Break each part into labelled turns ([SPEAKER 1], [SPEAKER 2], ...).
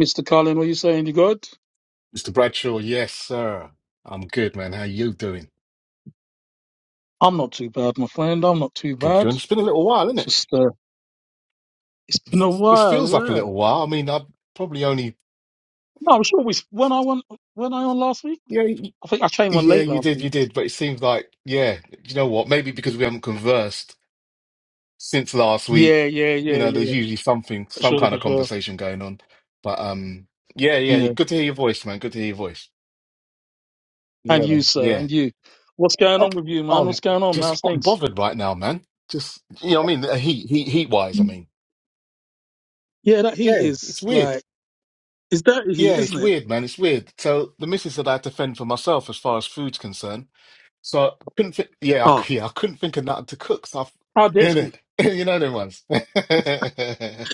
[SPEAKER 1] Mr. Colin, what are you saying? You good?
[SPEAKER 2] Mr. Bradshaw, yes, sir. I'm good, man. How you doing?
[SPEAKER 1] I'm not too bad, my friend. I'm not too
[SPEAKER 2] Good,
[SPEAKER 1] bad.
[SPEAKER 2] good. It's been a little while, isn't it?
[SPEAKER 1] Just uh, it's been a
[SPEAKER 2] It's- This
[SPEAKER 1] while,
[SPEAKER 2] feels like a
[SPEAKER 1] yeah.
[SPEAKER 2] little while. I mean, I probably only
[SPEAKER 1] No, I'm sure we when I went, when I on last week.
[SPEAKER 2] yeah, y-
[SPEAKER 1] I think I came on
[SPEAKER 2] yeah,
[SPEAKER 1] late
[SPEAKER 2] you
[SPEAKER 1] last
[SPEAKER 2] did, you
[SPEAKER 1] week.
[SPEAKER 2] did. But it seems like yeah, you know what? Maybe because we haven't conversed since last week.
[SPEAKER 1] Yeah, yeah,
[SPEAKER 2] You
[SPEAKER 1] yeah,
[SPEAKER 2] know, there's
[SPEAKER 1] yeah.
[SPEAKER 2] usually something,
[SPEAKER 1] For
[SPEAKER 2] some
[SPEAKER 1] sure,
[SPEAKER 2] kind
[SPEAKER 1] for
[SPEAKER 2] of
[SPEAKER 1] sure.
[SPEAKER 2] conversation going on. But um, yeah, yeah.
[SPEAKER 1] Yeah.
[SPEAKER 2] Good to hear your voice, man. Good to hear your voice.
[SPEAKER 1] And
[SPEAKER 2] Yeah,
[SPEAKER 1] you,
[SPEAKER 2] man.
[SPEAKER 1] sir,
[SPEAKER 2] Yeah.
[SPEAKER 1] and you. What's going
[SPEAKER 2] Oh,
[SPEAKER 1] on with you, man?
[SPEAKER 2] oh
[SPEAKER 1] What's going on?
[SPEAKER 2] just
[SPEAKER 1] Nice
[SPEAKER 2] hot and
[SPEAKER 1] things.
[SPEAKER 2] bothered right now, man. Just you know what I mean? Heat, heat, heat wise. I mean,
[SPEAKER 1] Yeah, that heat
[SPEAKER 2] yeah, it's
[SPEAKER 1] is
[SPEAKER 2] weird.
[SPEAKER 1] like it's dirty
[SPEAKER 2] Yeah,
[SPEAKER 1] heat,
[SPEAKER 2] it's
[SPEAKER 1] isn't it?
[SPEAKER 2] weird, man. It's weird. So the missus that I had to fend for myself as far as food's concerned. So I couldn't think. Yeah, I,
[SPEAKER 1] Oh,
[SPEAKER 2] c- yeah, I couldn't think of nothing to cook. So
[SPEAKER 1] how
[SPEAKER 2] I,
[SPEAKER 1] dare
[SPEAKER 2] in
[SPEAKER 1] she?
[SPEAKER 2] it, you know them ones.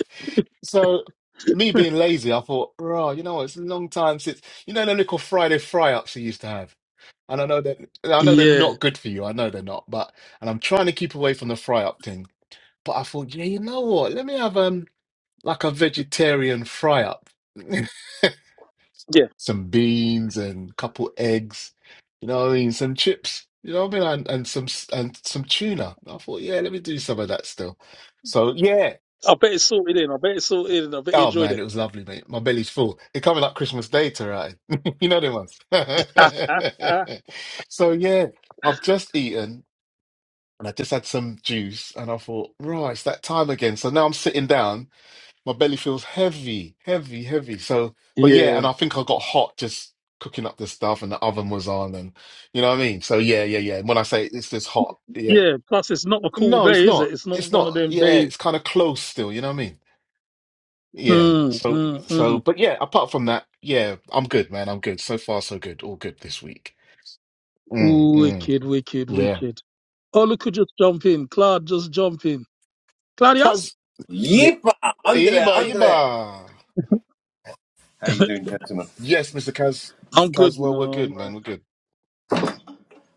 [SPEAKER 2] so me being lazy, I thought, oh, you know what? It's a long time since you know the little Friday fry-ups they used to have. And I know that I know they're
[SPEAKER 1] Yeah.
[SPEAKER 2] not good for you. I know they're not, but and I'm trying to keep away from the fry-up thing. But I thought, yeah, you know what? Let me have um like a vegetarian fry-up.
[SPEAKER 1] Yeah.
[SPEAKER 2] some beans and a couple eggs, you know what I mean? Some chips, you know what I mean? And, and some and some tuna. I thought, yeah, let me do some of that still. So yeah.
[SPEAKER 1] I bet it's sorted in. I bet it's sorted in. I bet you
[SPEAKER 2] Oh
[SPEAKER 1] enjoyed
[SPEAKER 2] man, it was lovely, mate. My belly's full. It's coming like Christmas Day to right. You know them ones.
[SPEAKER 1] it.
[SPEAKER 2] So yeah, I've just eaten and I just had some juice and I thought, right, it's that time again. So now I'm sitting down my belly feels heavy, heavy, heavy. So, but yeah,
[SPEAKER 1] yeah.
[SPEAKER 2] and I think I got hot just cooking up the stuff, and the oven was on, and you know what I mean. So yeah, yeah, yeah. when I say it's just hot, yeah,
[SPEAKER 1] Yeah, plus it's not a cool
[SPEAKER 2] no, it's
[SPEAKER 1] day, is it?
[SPEAKER 2] not.
[SPEAKER 1] It's not
[SPEAKER 2] It's
[SPEAKER 1] one
[SPEAKER 2] not.
[SPEAKER 1] of them
[SPEAKER 2] Yeah,
[SPEAKER 1] days.
[SPEAKER 2] it's kind of close still. You know what I mean? Yeah.
[SPEAKER 1] Mm,
[SPEAKER 2] So,
[SPEAKER 1] mm,
[SPEAKER 2] so,
[SPEAKER 1] mm.
[SPEAKER 2] but yeah. Apart from that, yeah, I'm good, man. I'm good. So far, so good. All good this week. Mm,
[SPEAKER 1] Ooh,
[SPEAKER 2] mm,
[SPEAKER 1] wicked, wicked,
[SPEAKER 2] yeah.
[SPEAKER 1] wicked. Oh, look who just jump in. Claude just jump in. Claudius?
[SPEAKER 2] Kaz, yeah,
[SPEAKER 3] Yeepa! Andre,
[SPEAKER 2] Iba,
[SPEAKER 3] Andre!
[SPEAKER 2] Iba.
[SPEAKER 3] How you doing, gentlemen?
[SPEAKER 2] Yes, Mr. Kaz, Mr.
[SPEAKER 1] I'm good, you
[SPEAKER 2] Caswell, we're
[SPEAKER 1] know.
[SPEAKER 2] good,
[SPEAKER 1] I'm
[SPEAKER 2] man.
[SPEAKER 1] right.
[SPEAKER 2] We're good.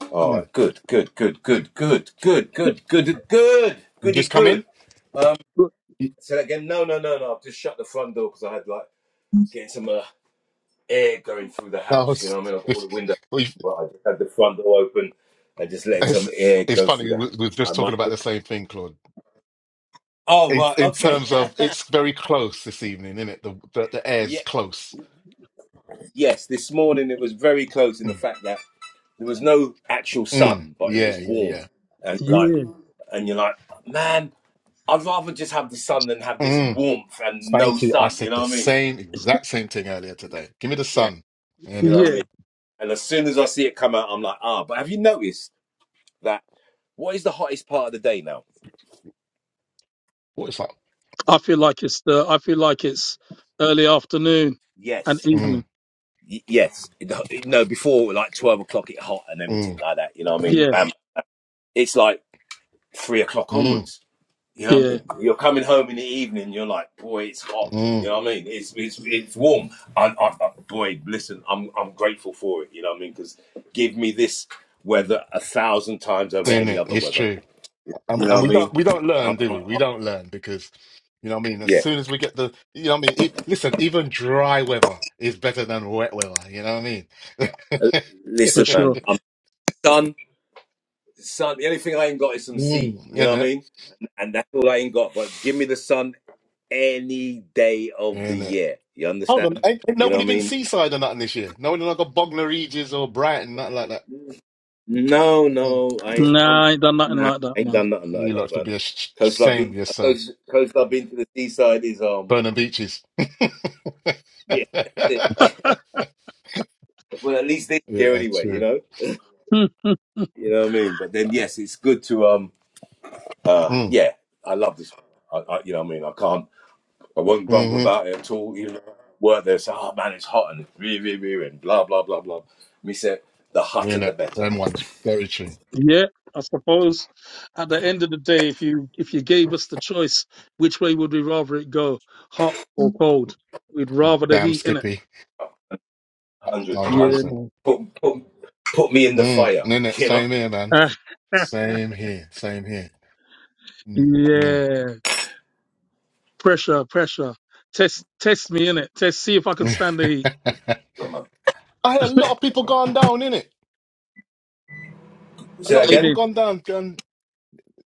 [SPEAKER 3] Oh,
[SPEAKER 2] Mm.
[SPEAKER 3] good, good, good, good, good, good, good, good, good,
[SPEAKER 2] You
[SPEAKER 3] goody,
[SPEAKER 2] just come
[SPEAKER 3] good.
[SPEAKER 2] in?
[SPEAKER 3] Um,
[SPEAKER 1] Look,
[SPEAKER 3] say that again. No, no, no, no. I've just shut the front door because I had like getting some uh, air going through the
[SPEAKER 2] No,
[SPEAKER 3] house. You know
[SPEAKER 2] it's,
[SPEAKER 3] what I mean? I've got all the windows,
[SPEAKER 2] we-
[SPEAKER 3] but I just had the front door open and just letting some
[SPEAKER 2] it's,
[SPEAKER 3] air
[SPEAKER 2] it's
[SPEAKER 3] go through
[SPEAKER 2] funny.
[SPEAKER 3] the
[SPEAKER 2] We
[SPEAKER 3] house.
[SPEAKER 2] we were
[SPEAKER 3] I
[SPEAKER 2] just
[SPEAKER 3] might.
[SPEAKER 2] talking about
[SPEAKER 3] Just...
[SPEAKER 2] the same thing, Claude.
[SPEAKER 3] Oh
[SPEAKER 2] It's
[SPEAKER 3] right,
[SPEAKER 2] in
[SPEAKER 3] okay.
[SPEAKER 2] terms of it's very close this evening, isn't it? The the, the
[SPEAKER 3] yeah,
[SPEAKER 2] air's close.
[SPEAKER 3] Yes, this morning it was very close in the
[SPEAKER 2] Mm,
[SPEAKER 3] fact that there was no actual
[SPEAKER 2] mm,
[SPEAKER 3] sun, but it was
[SPEAKER 2] yeah, yeah,
[SPEAKER 3] warm,
[SPEAKER 2] yeah.
[SPEAKER 3] and like,
[SPEAKER 1] Yeah,
[SPEAKER 3] and you're like, man, I'd rather just have the sun than have this
[SPEAKER 2] Mm,
[SPEAKER 3] warmth and no
[SPEAKER 2] thank you. I
[SPEAKER 3] sun. You
[SPEAKER 2] said
[SPEAKER 3] know
[SPEAKER 2] the
[SPEAKER 3] what I mean?
[SPEAKER 2] same exact same thing earlier today. Give me the
[SPEAKER 3] Yeah,
[SPEAKER 2] sun,
[SPEAKER 3] you know
[SPEAKER 2] innit?
[SPEAKER 3] what I
[SPEAKER 1] yeah.
[SPEAKER 3] mean. And as soon as I see it come out, I'm like, ah. But have you noticed that? What is the hottest part of the day now?
[SPEAKER 2] What is that?
[SPEAKER 1] I feel like it's the, I feel like it's early afternoon and
[SPEAKER 3] Yes,
[SPEAKER 1] evening.
[SPEAKER 2] Mm,
[SPEAKER 3] Y- yes. It- No, before like twelve o'clock, it hot and everything
[SPEAKER 2] mm,
[SPEAKER 3] like that. You know what I mean?
[SPEAKER 1] Yeah,
[SPEAKER 3] Bam. It's like three o'clock
[SPEAKER 2] mm,
[SPEAKER 3] onwards You know what
[SPEAKER 1] yeah,
[SPEAKER 3] I mean? You're coming home in the evening. You're like, boy, it's hot. You
[SPEAKER 2] mm,
[SPEAKER 3] know what I mean? It's it's it's warm. I, I, I, boy, listen, I'm I'm grateful for it. You know what I mean? Because give me this weather a thousand times over any
[SPEAKER 2] innit?
[SPEAKER 3] other
[SPEAKER 2] It's
[SPEAKER 3] weather.
[SPEAKER 2] true. and,
[SPEAKER 3] You know
[SPEAKER 2] and
[SPEAKER 3] what I
[SPEAKER 2] we don't
[SPEAKER 3] mean?
[SPEAKER 2] we don't
[SPEAKER 3] I,
[SPEAKER 2] learn, do
[SPEAKER 3] I,
[SPEAKER 2] we? We
[SPEAKER 3] I,
[SPEAKER 2] don't learn because you know what I mean. As
[SPEAKER 3] yeah.
[SPEAKER 2] soon as we get the you know what I mean. E listen, even dry weather is better than wet weather. You know what I mean?
[SPEAKER 3] Uh,
[SPEAKER 1] for
[SPEAKER 3] Listen,
[SPEAKER 1] sure.
[SPEAKER 3] man. I'm sun. Sun. The only thing I ain't got is some sea.
[SPEAKER 2] mm,
[SPEAKER 3] You know
[SPEAKER 2] isn't
[SPEAKER 3] what I
[SPEAKER 2] it?
[SPEAKER 3] mean? And that's all I ain't got. But give me the sun any day of the
[SPEAKER 2] Isn't it?
[SPEAKER 3] year. You
[SPEAKER 2] Hold on,
[SPEAKER 3] understand?
[SPEAKER 2] ain't, ain't
[SPEAKER 3] You know what
[SPEAKER 2] nobody
[SPEAKER 3] I
[SPEAKER 2] been
[SPEAKER 3] mean?
[SPEAKER 2] seaside or nothing this year. No one not got Bognor Regis or Brighton, nothing like that.
[SPEAKER 3] No,
[SPEAKER 2] Mm-mm.
[SPEAKER 3] no, I, I'm,
[SPEAKER 1] Nah, I ain't done nothing
[SPEAKER 3] nah,
[SPEAKER 1] like that,
[SPEAKER 3] I ain't
[SPEAKER 1] man.
[SPEAKER 3] done nothing
[SPEAKER 2] You
[SPEAKER 3] like that,
[SPEAKER 2] lot should
[SPEAKER 3] man.
[SPEAKER 2] be ash-
[SPEAKER 3] Coast I've
[SPEAKER 2] ashamed of
[SPEAKER 3] been,
[SPEAKER 2] yourself.
[SPEAKER 3] coast, coastal I've been to the seaside is, um,
[SPEAKER 2] Burning beaches. yeah,
[SPEAKER 3] yeah, that's it. Well, at least this year anyway, you
[SPEAKER 2] true.
[SPEAKER 3] know,
[SPEAKER 1] Hmm.
[SPEAKER 3] you know what I mean. But then, yes, it's good to, um, uh,
[SPEAKER 2] Mm,
[SPEAKER 3] yeah, I love this. I, I, you know what I mean. I can't, I won't grumble
[SPEAKER 2] mm-hmm.
[SPEAKER 3] about it at all. You know, work there, say, oh man, it's hot and it's really, really, really, and blah blah blah blah. Me say, the hotter
[SPEAKER 2] Isn't
[SPEAKER 3] the
[SPEAKER 2] it?
[SPEAKER 3] better.
[SPEAKER 2] Them ones. Very true.
[SPEAKER 1] Yeah, I suppose at the end of the day, if you if you gave us the choice, which way would we rather it go, hot or cold? We'd rather the
[SPEAKER 2] Damn
[SPEAKER 1] heat, innit?
[SPEAKER 2] Skippy.
[SPEAKER 3] Hundred,
[SPEAKER 2] Hundred
[SPEAKER 3] hundred.
[SPEAKER 1] Yeah,
[SPEAKER 2] percent.
[SPEAKER 1] man.
[SPEAKER 3] Put, put, put me in the
[SPEAKER 2] Mm,
[SPEAKER 3] fire.
[SPEAKER 2] innit?
[SPEAKER 3] You know.
[SPEAKER 2] Same here, man. Same here. Same here. Mm, mm.
[SPEAKER 1] yeah, pressure, pressure. Test test me, innit? Test see if I could stand the heat.
[SPEAKER 2] I had a lot of people gone down, innit? A
[SPEAKER 3] Say
[SPEAKER 2] lot
[SPEAKER 3] that
[SPEAKER 2] of
[SPEAKER 1] I
[SPEAKER 3] again.
[SPEAKER 2] people
[SPEAKER 1] mean,
[SPEAKER 2] gone down, gone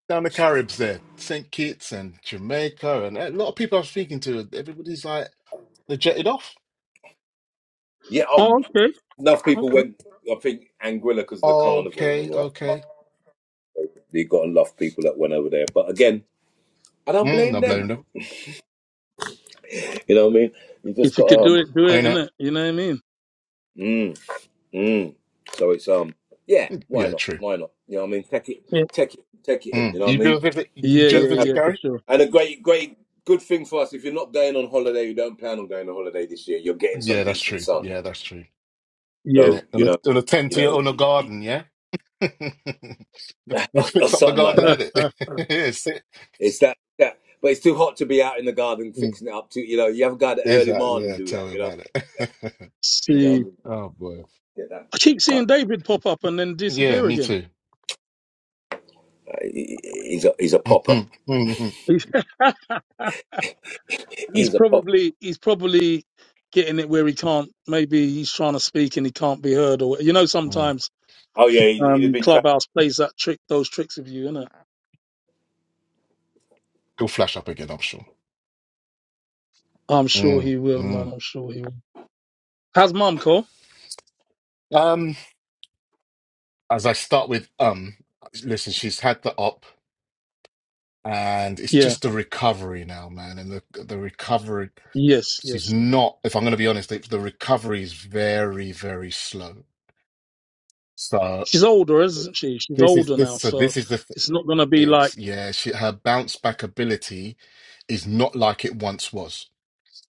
[SPEAKER 2] down the Caribs there, Saint Kitts and Jamaica, and a lot of people I'm speaking to. Everybody's like, they jetted off.
[SPEAKER 3] Yeah, oh,
[SPEAKER 1] oh, okay,
[SPEAKER 3] enough people
[SPEAKER 1] okay.
[SPEAKER 3] went. I think Anguilla because of the carnival and
[SPEAKER 2] Okay,
[SPEAKER 3] all that.
[SPEAKER 2] okay.
[SPEAKER 3] You got enough people that went over there. But again, I don't
[SPEAKER 2] Mm,
[SPEAKER 3] blame
[SPEAKER 2] not blame
[SPEAKER 3] them.
[SPEAKER 2] them.
[SPEAKER 3] You know what I mean? You just
[SPEAKER 1] If you could
[SPEAKER 3] got
[SPEAKER 1] do
[SPEAKER 3] um,
[SPEAKER 1] it, do
[SPEAKER 2] You
[SPEAKER 1] it,
[SPEAKER 2] know,
[SPEAKER 1] innit? You know what I mean?
[SPEAKER 3] mm, mm. So it's um, yeah. Why
[SPEAKER 2] yeah,
[SPEAKER 3] not?
[SPEAKER 2] true.
[SPEAKER 3] Why not? You know what I mean? Take it,
[SPEAKER 1] Yeah,
[SPEAKER 3] take it, take it in. You
[SPEAKER 2] Mm.
[SPEAKER 3] know what I
[SPEAKER 2] You do a
[SPEAKER 3] mean?
[SPEAKER 2] visit. You
[SPEAKER 1] yeah,
[SPEAKER 2] do a
[SPEAKER 1] yeah,
[SPEAKER 3] The-
[SPEAKER 1] yeah
[SPEAKER 2] visit,
[SPEAKER 1] for
[SPEAKER 2] Gary.
[SPEAKER 1] sure.
[SPEAKER 3] and a great, great, good thing for us. If you're not going on holiday, you don't plan on going on holiday this year. You're getting some
[SPEAKER 2] Yeah, that's
[SPEAKER 3] decent
[SPEAKER 2] true.
[SPEAKER 3] sun.
[SPEAKER 2] Yeah, that's true.
[SPEAKER 1] Yeah.
[SPEAKER 3] So
[SPEAKER 2] Innit?
[SPEAKER 3] you
[SPEAKER 2] And a,
[SPEAKER 3] know,
[SPEAKER 2] and a tent
[SPEAKER 3] you
[SPEAKER 2] to your
[SPEAKER 3] know,
[SPEAKER 2] own
[SPEAKER 3] you, you-
[SPEAKER 2] garden. Yeah. It
[SPEAKER 3] or
[SPEAKER 2] fix up the
[SPEAKER 3] something like
[SPEAKER 2] garden,
[SPEAKER 3] that.
[SPEAKER 2] did it? yeah, sit.
[SPEAKER 3] It's that, that, but it's too hot to be out in the garden
[SPEAKER 2] Mm,
[SPEAKER 3] fixing it up. Too, you know, you have a guy that early
[SPEAKER 2] Exactly.
[SPEAKER 3] morning
[SPEAKER 2] Yeah,
[SPEAKER 3] do that.
[SPEAKER 2] tell me
[SPEAKER 3] You know,
[SPEAKER 2] about it.
[SPEAKER 3] you know, I
[SPEAKER 1] see,
[SPEAKER 3] mean,
[SPEAKER 2] oh boy.
[SPEAKER 3] get that.
[SPEAKER 1] I keep
[SPEAKER 3] fuck
[SPEAKER 1] seeing
[SPEAKER 3] up.
[SPEAKER 1] David pop up and then
[SPEAKER 2] Yeah,
[SPEAKER 1] disappear
[SPEAKER 2] me
[SPEAKER 1] again.
[SPEAKER 2] too.
[SPEAKER 3] He- he- He's a he's a popper.
[SPEAKER 2] mm.
[SPEAKER 1] he's
[SPEAKER 3] He's a popper.
[SPEAKER 1] probably he's probably getting it where he can't. Maybe he's trying to speak and he can't be heard, or you know,
[SPEAKER 2] He'll
[SPEAKER 1] sometimes
[SPEAKER 3] Oh yeah, he- he'd
[SPEAKER 1] um,
[SPEAKER 3] be trapped.
[SPEAKER 1] clubhouse plays that trick, those tricks of you, innit?
[SPEAKER 2] flash up again, I'm sure.
[SPEAKER 1] I'm sure
[SPEAKER 2] Mm,
[SPEAKER 1] he will, man.
[SPEAKER 2] mm.
[SPEAKER 1] I'm sure he will. How's mum, Cole?
[SPEAKER 2] Um, as I start with um, listen, she's had the op, and it's
[SPEAKER 1] Yeah,
[SPEAKER 2] just the recovery now, man. And the the recovery,
[SPEAKER 1] yes,
[SPEAKER 2] she's
[SPEAKER 1] yes.
[SPEAKER 2] not. If I'm going to be honest, the, the recovery is very, very slow. So
[SPEAKER 1] She's older, isn't she? She's
[SPEAKER 2] this is
[SPEAKER 1] older
[SPEAKER 2] this.
[SPEAKER 1] now,
[SPEAKER 2] So
[SPEAKER 1] so
[SPEAKER 2] this is the.
[SPEAKER 1] it's not gonna be like
[SPEAKER 2] Ex yeah, she, her bounce back ability is not like it once was.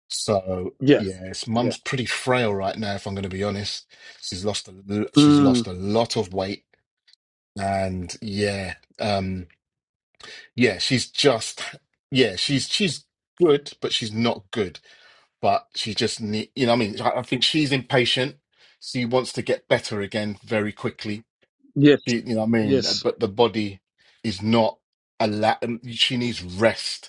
[SPEAKER 2] So
[SPEAKER 1] yeah,
[SPEAKER 2] yes,
[SPEAKER 1] yeah,
[SPEAKER 2] mum's pretty frail right now, if I'm going to be honest. She's lost a, l- she's
[SPEAKER 1] mm,
[SPEAKER 2] lost a lot of weight, and yeah, um, yeah, she's just yeah, she's she's good, but she's not good. But she just need, you know, what I mean, I, I think she's impatient. She wants to get better again very quickly.
[SPEAKER 1] yes,
[SPEAKER 2] She, you know, what I mean,
[SPEAKER 1] yes,
[SPEAKER 2] but the body is not a lot. She needs rest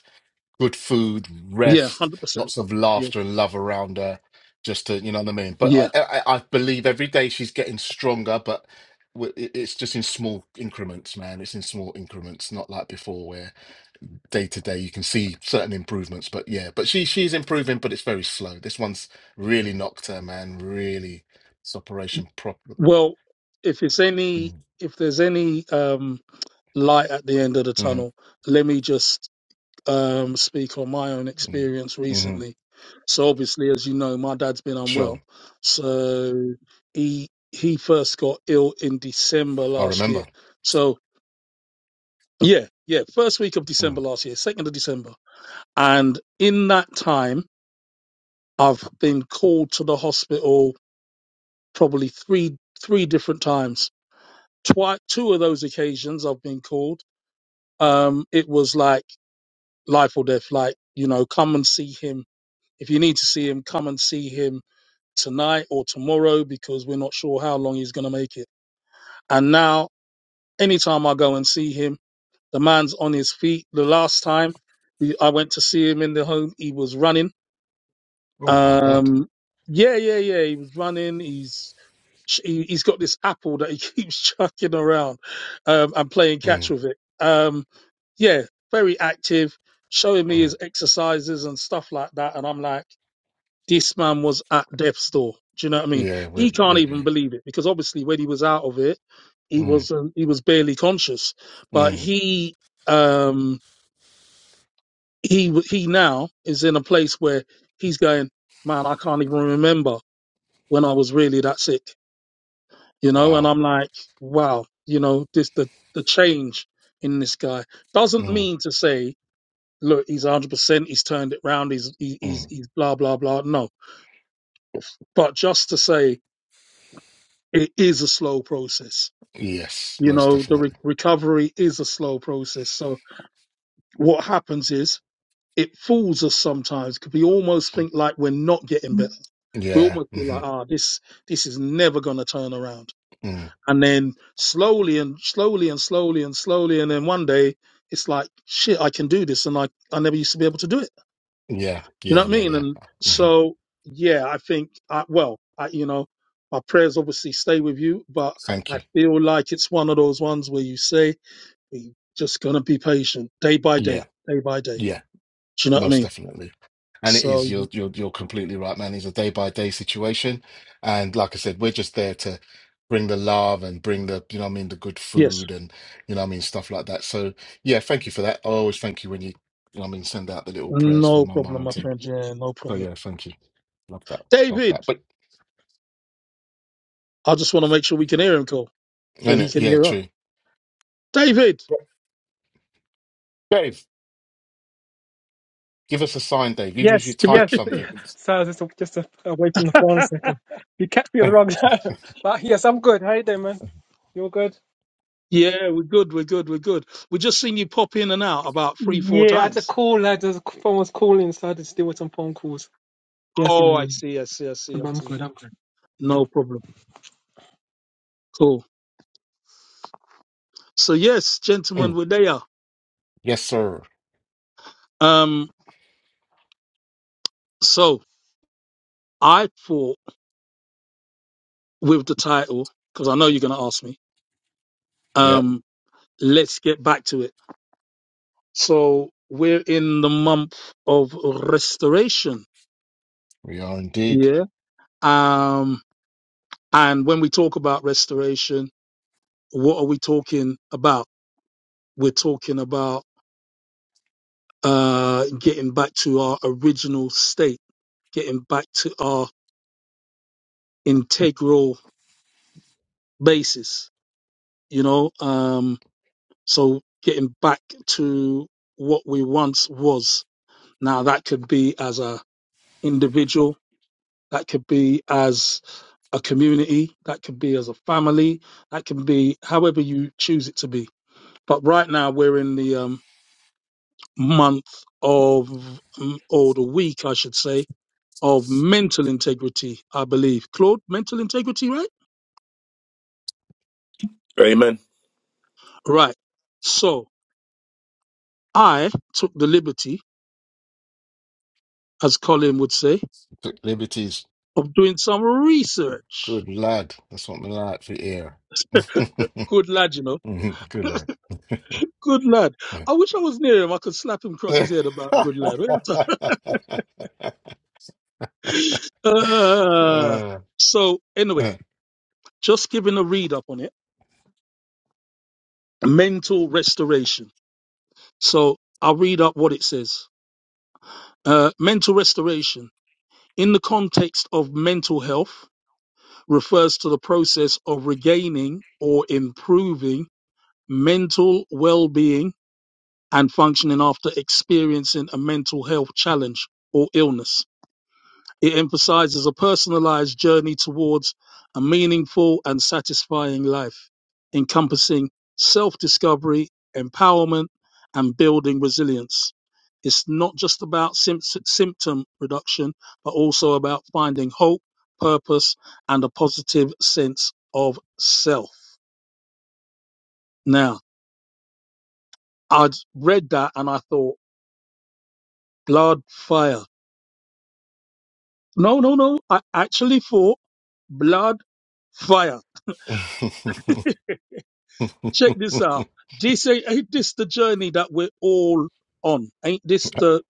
[SPEAKER 2] good food,
[SPEAKER 1] yeah,
[SPEAKER 2] rest,
[SPEAKER 1] hundred percent,
[SPEAKER 2] lots of
[SPEAKER 1] yeah,
[SPEAKER 2] laughter and love around her. Just to, you know what I mean. But I,
[SPEAKER 1] yeah.
[SPEAKER 2] I, I believe every day she's getting stronger, but w- it- it's just in small increments, man. It's in small increments, not like before, where day to day you can see certain improvements. But yeah, but she she's improving, but it's very slow. This one's really knocked her, man. Really, it's operation problem.
[SPEAKER 1] Well, if it's any, if there's any. um light at the end of the
[SPEAKER 2] Mm,
[SPEAKER 1] tunnel. Let me just um, speak on my own
[SPEAKER 2] hmm
[SPEAKER 1] experience
[SPEAKER 2] hmm
[SPEAKER 1] recently. So obviously, as you know, my dad's been unwell.
[SPEAKER 2] Sure,
[SPEAKER 1] So he he first got ill in December
[SPEAKER 2] I
[SPEAKER 1] last year.
[SPEAKER 2] remember.
[SPEAKER 1] So yeah, yeah, first week of December
[SPEAKER 2] Mm.
[SPEAKER 1] last year, second of December, and in that time, I've been called to the hospital probably three three different times. Twi- two of those occasions I've been called. Um, it was like life or death. Like, you know, come and see him. If you need to see him, come and see him tonight or tomorrow because we're not sure how long he's going to make it. And now, anytime I go and see him, the man's on his feet. The last time we- I went to see him in the home, he was running.
[SPEAKER 2] Oh my god.
[SPEAKER 1] Um, yeah, yeah, yeah. He was running. He's ch- he- he's got this apple that he keeps chucking around um, and playing catch
[SPEAKER 2] Mm,
[SPEAKER 1] with it. Um, yeah, very active, showing me
[SPEAKER 2] mm.
[SPEAKER 1] his exercises and stuff like that. And I'm like, this man was at death's door. Do you know what I mean?
[SPEAKER 2] Yeah,
[SPEAKER 1] He
[SPEAKER 2] with
[SPEAKER 1] can't
[SPEAKER 2] with
[SPEAKER 1] even
[SPEAKER 2] you.
[SPEAKER 1] believe it because obviously when he was out of it, he
[SPEAKER 2] Mm.
[SPEAKER 1] was um, he was barely conscious. But
[SPEAKER 2] Mm,
[SPEAKER 1] he um, he w- he now is in a place where he's going, man, I can't even remember when I was really that sick you know, and
[SPEAKER 2] wow.
[SPEAKER 1] I'm like, wow, you know, this the the change in this guy doesn't
[SPEAKER 2] Mm,
[SPEAKER 1] mean to say, look, he's 100, percent he's turned it round, he's he, he's
[SPEAKER 2] mm.
[SPEAKER 1] he's blah blah blah. No, but just to say, it is a slow process.
[SPEAKER 2] Yes,
[SPEAKER 1] You
[SPEAKER 2] most
[SPEAKER 1] know, the re-
[SPEAKER 2] definitely.
[SPEAKER 1] recovery is a slow process. So what happens is it fools us sometimes because we almost think like we're not getting better. We
[SPEAKER 2] Yeah.
[SPEAKER 1] almost feel
[SPEAKER 2] hmm
[SPEAKER 1] like, ah, this this is never going to turn around
[SPEAKER 2] Mm,
[SPEAKER 1] And then slowly and slowly and slowly and slowly, and then one day it's like, shit, I can do this, and I I never used to be able to do it.
[SPEAKER 2] yeah.
[SPEAKER 1] You know
[SPEAKER 2] Yeah.
[SPEAKER 1] what I
[SPEAKER 2] Yeah.
[SPEAKER 1] mean?
[SPEAKER 2] Yeah.
[SPEAKER 1] And
[SPEAKER 2] hmm
[SPEAKER 1] so yeah, I think I, well, I, you know, my prayers obviously stay with you, but
[SPEAKER 2] Thank
[SPEAKER 1] I
[SPEAKER 2] you.
[SPEAKER 1] feel like it's one of those ones where you say we just gonna be patient, day by day,
[SPEAKER 2] Yeah.
[SPEAKER 1] day by day.
[SPEAKER 2] Yeah.
[SPEAKER 1] Do you know what I
[SPEAKER 2] Most
[SPEAKER 1] mean?
[SPEAKER 2] definitely. And it is,
[SPEAKER 1] So
[SPEAKER 2] you're, you're, you're completely right, man. It's a day by day situation. And like I said, we're just there to bring the love and bring the, you know what I mean, the good
[SPEAKER 1] yes,
[SPEAKER 2] food and, you know what I mean, stuff like that. So yeah, thank you for that. I always thank you when you, you know what I mean, send out the little prayers for
[SPEAKER 1] no
[SPEAKER 2] my mum
[SPEAKER 1] problem, my
[SPEAKER 2] and thing.
[SPEAKER 1] friend. Yeah, no
[SPEAKER 2] So
[SPEAKER 1] problem.
[SPEAKER 2] yeah, thank you. Love that. Love
[SPEAKER 1] David,
[SPEAKER 2] that. But,
[SPEAKER 1] I just want to make sure we can hear him, call, or
[SPEAKER 2] and
[SPEAKER 1] he
[SPEAKER 2] it,
[SPEAKER 1] can
[SPEAKER 2] yeah,
[SPEAKER 1] hear us.
[SPEAKER 2] true.
[SPEAKER 1] David.
[SPEAKER 2] Dave, give us a sign, Dave. Even if you
[SPEAKER 4] Yes, yes.
[SPEAKER 2] type something, give us.
[SPEAKER 4] Sorry, I was just just uh, away from the phone a second. You catch me at the wrong time. But yes, I'm good. How you doing, man? You're good.
[SPEAKER 1] Yeah, we're good. We're good. We're good. We're just seeing you pop in and out about three, four
[SPEAKER 4] Yeah, I had a
[SPEAKER 1] times.
[SPEAKER 4] call. I just phone was calling, so I had to deal with some phone calls. Yes,
[SPEAKER 1] Oh, I
[SPEAKER 4] man.
[SPEAKER 1] see. I see. I see. I
[SPEAKER 4] But I'm
[SPEAKER 1] see.
[SPEAKER 4] good. I'm good.
[SPEAKER 1] No problem. Cool. So yes, gentlemen,
[SPEAKER 2] Mm.
[SPEAKER 1] we're there.
[SPEAKER 2] Yes, sir.
[SPEAKER 1] Um, so I thought with the title, because I know you're going to ask me.
[SPEAKER 2] Yep,
[SPEAKER 1] Um, let's get back to it. So we're in the month of restoration.
[SPEAKER 2] we are indeed.
[SPEAKER 1] Yeah. Um, and when we talk about restoration, what are we talking about? We're talking about uh, getting back to our original state, getting back to our integral basis, you know, um, so getting back to what we once was. Now that could be as a individual, that could be as a community, that could be as a family, that can be however you choose it to be. But right now we're in the um, month of, mm, or the week, I should say, of mental integrity, I believe. Claude, mental integrity, right?
[SPEAKER 3] Amen.
[SPEAKER 1] Right. So I took the liberty, as Colin would say,
[SPEAKER 2] Took liberties.
[SPEAKER 1] of doing some research.
[SPEAKER 2] Good lad. That's what we like to hear.
[SPEAKER 1] Good lad, you know.
[SPEAKER 2] Mhm. Good lad.
[SPEAKER 1] Good lad. I wish I was near him. I could slap him across his head about good lad. Uh,
[SPEAKER 2] Uh,
[SPEAKER 1] so anyway,
[SPEAKER 2] uh.
[SPEAKER 1] just giving a read up on it. Mental restoration. So I'll read up what it says. Uh, mental restoration in the context of mental health refers to the process of regaining or improving mental well being and functioning after experiencing a mental health challenge or illness. It emphasizes a personalized journey towards a meaningful and satisfying life, encompassing self discovery, empowerment, and building resilience. It's not just about symp- symptom reduction, but also about finding hope, purpose, and a positive sense of self. Now, I'd read that and I thought, blood fire. No, no, no. I actually thought blood fire. Check this out. This ain't, ain't this the journey that we're all on? Ain't this the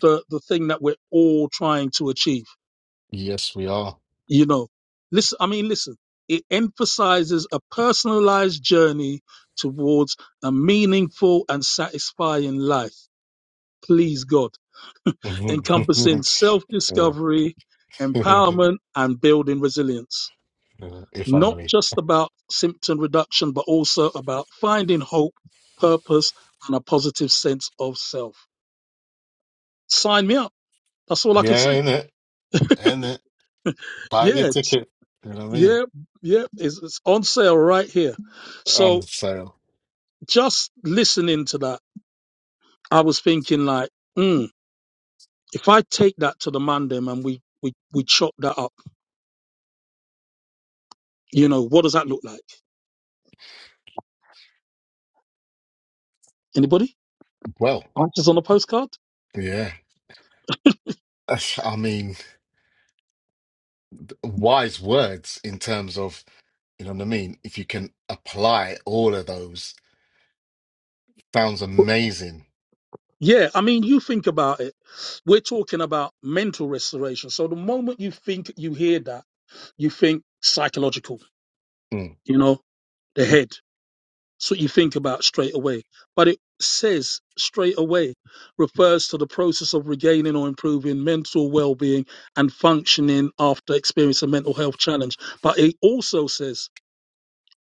[SPEAKER 1] the the thing that we're all trying to achieve?
[SPEAKER 2] Yes, we are.
[SPEAKER 1] you know listen i mean listen it emphasizes a personalized journey towards a meaningful and satisfying life please god encompassing
[SPEAKER 2] Uh,
[SPEAKER 1] self-discovery empowerment and building resilience
[SPEAKER 2] If
[SPEAKER 1] not
[SPEAKER 2] only.
[SPEAKER 1] just about symptom reduction but also about finding hope purpose and a positive sense of self sign me up that's all i could
[SPEAKER 2] Yeah,
[SPEAKER 1] say
[SPEAKER 2] in it, in it. Buy
[SPEAKER 1] yeah
[SPEAKER 2] your
[SPEAKER 1] it's-
[SPEAKER 2] ticket. You know what I mean?
[SPEAKER 1] yeah yeah it's, it's on sale right here so
[SPEAKER 2] On sale.
[SPEAKER 1] just listening to that, I was thinking like, mm, if I take that to the man them and we we we chop that up, you know, what does that look like? Anybody?
[SPEAKER 2] Well,
[SPEAKER 1] Answers on a postcard?
[SPEAKER 2] yeah. I mean, wise words in terms of, you know what I mean? If you can apply all of those, sounds amazing.
[SPEAKER 1] Yeah, I mean, you think about it. We're talking about mental restoration. So the moment you think you hear that, you think psychological,
[SPEAKER 2] Mm,
[SPEAKER 1] you know, the head. That's what you think about straight away. But it says straight away refers to the process of regaining or improving mental well being and functioning after experiencing a mental health challenge. But it also says,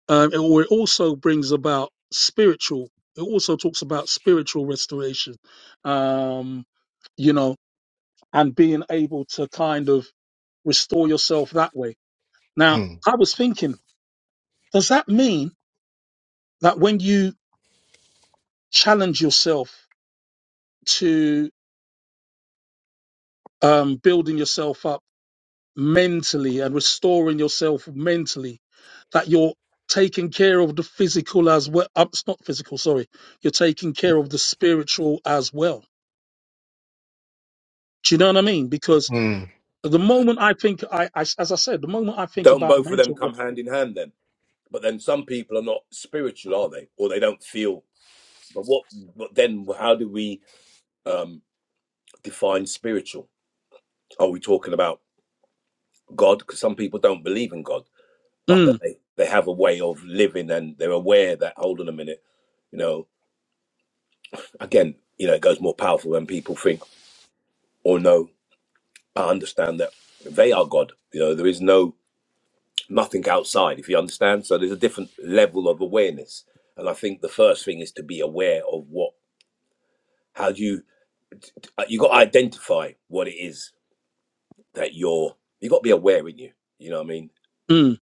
[SPEAKER 1] um, it- or it also brings about spiritual, it also talks about spiritual restoration, um, you know, and being able to kind of restore yourself that way. Now,
[SPEAKER 2] mm,
[SPEAKER 1] I was thinking, does that mean that when you challenge yourself to um, building yourself up mentally and restoring yourself mentally, that you're taking care of the physical as well. Um, it's not physical, sorry. You're taking care of the spiritual as well. Do you know what I mean? Because
[SPEAKER 2] mm,
[SPEAKER 1] the moment I think, I, I as I said, the moment I think
[SPEAKER 3] Don't
[SPEAKER 1] about
[SPEAKER 3] both of them
[SPEAKER 1] mental,
[SPEAKER 3] come
[SPEAKER 1] res-
[SPEAKER 3] hand in hand then? But then some people are not spiritual, are they? Or they don't feel. But what? But then, how do we um, define spiritual? Are we talking about God? Because some people don't believe in God, but
[SPEAKER 1] mm,
[SPEAKER 3] that they they have a way of living and they're aware that. Hold on a minute. You know, again, you know, it goes more powerful when people think or know, I understand that they are God. You know, there is no nothing outside, if you understand. So there's a different level of awareness. And I think the first thing is to be aware of what, how do you, uh, you got to identify what it is that you're, you got to be aware in you. You know what I mean?
[SPEAKER 1] mm,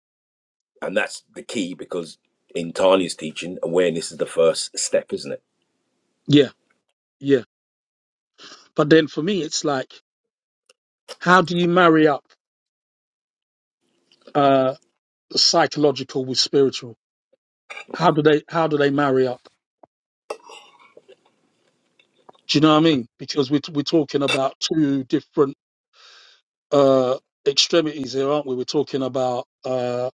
[SPEAKER 3] And that's the key because in Tanya's teaching, awareness is the first step, isn't it?
[SPEAKER 1] yeah, yeah. But then for me, it's like, how do you marry up uh, psychological with spiritual? How do they? How do they marry up? Do you know what I mean? Because we're, we're talking about two different uh, extremities here, aren't we? We're talking about uh,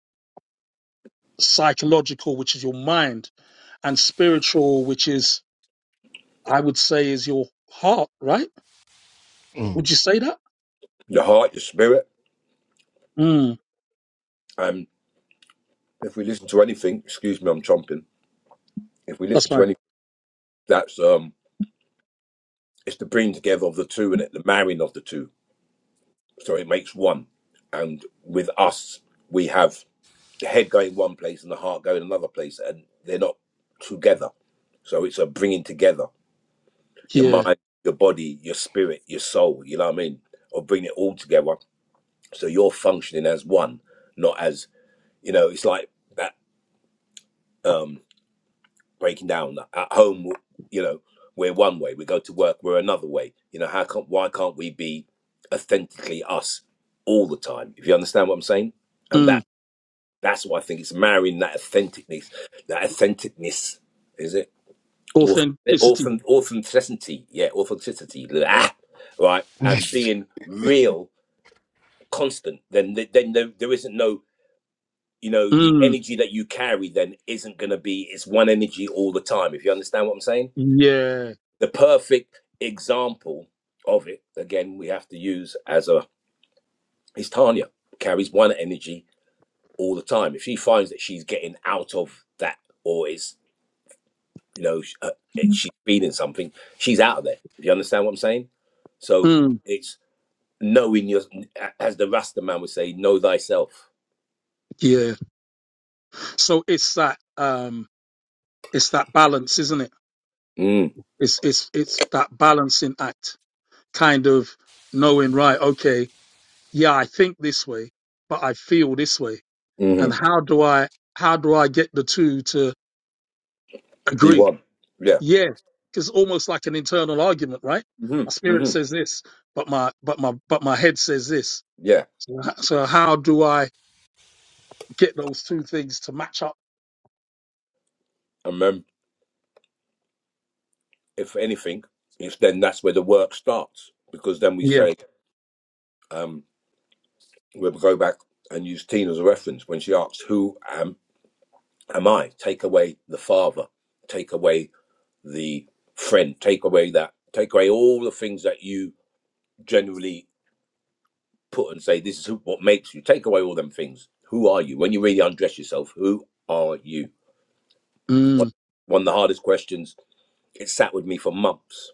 [SPEAKER 1] psychological, which is your mind, and spiritual, which is, I would say, is your heart, right?
[SPEAKER 2] mm.
[SPEAKER 1] Would you say that?
[SPEAKER 3] Your heart, your spirit.
[SPEAKER 1] Mm,
[SPEAKER 3] And if we listen to anything, excuse me, I'm chomping. If we
[SPEAKER 1] that's
[SPEAKER 3] listen to
[SPEAKER 1] mine.
[SPEAKER 3] anything, that's, um, It's the bringing together of the two and the marrying of the two. So it makes one. And with us, we have the head going one place and the heart going another place, and they're not together. So it's a bringing together your
[SPEAKER 1] Yeah.
[SPEAKER 3] mind, your body, your spirit, your soul. You know what I mean? Or bring it all together so you're functioning as one, not as you know. It's like that. Um, breaking down at home you know we're one way we go to work we're another way you know how can why can't we be authentically us all the time if you understand what i'm saying and
[SPEAKER 1] Mm,
[SPEAKER 3] that that's why i think it's marrying that authenticness that authenticness is it Auth-
[SPEAKER 1] authenticity.
[SPEAKER 3] authen- authenticity yeah authenticity ah, right and being real constant then then there, there isn't no you know the
[SPEAKER 1] Mm,
[SPEAKER 3] energy that you carry then isn't going to be it's one energy all the time if you understand what i'm saying
[SPEAKER 1] yeah.
[SPEAKER 3] the perfect example of it again we have to use as a is tanya carries one energy all the time if she finds that she's getting out of that or is you know sh- uh, she's feeding something she's out of there if you understand what i'm saying so
[SPEAKER 1] Mm,
[SPEAKER 3] it's knowing your as the rasta man would say know thyself
[SPEAKER 1] yeah. So it's that um it's that balance, isn't it?
[SPEAKER 3] mm,
[SPEAKER 1] It's it's it's that balancing act, kind of knowing, right, okay. yeah, I think this way, but I feel this way.
[SPEAKER 3] hmm
[SPEAKER 1] And how do I, how do I get the two to
[SPEAKER 3] be
[SPEAKER 1] agree?
[SPEAKER 3] one yeah
[SPEAKER 1] Yeah. It's almost like an internal argument, right?
[SPEAKER 3] hmm
[SPEAKER 1] My spirit
[SPEAKER 3] hmm
[SPEAKER 1] says this, but my, but my, but my head says this.
[SPEAKER 3] yeah
[SPEAKER 1] So, h- so how do I get those two things to match up?
[SPEAKER 3] and then if anything it's then that's where the work starts because then we
[SPEAKER 1] Yeah.
[SPEAKER 3] say um we'll go back and use Tina as a reference when she asks, "Who am am I?" Take away the father, take away the friend, take away that, take away all the things that you generally put and say, "This is who, what makes you." Take away all them things. Who are you? When you really undress yourself, who are you? One,
[SPEAKER 1] Mm,
[SPEAKER 3] one of the hardest questions. It sat with me for months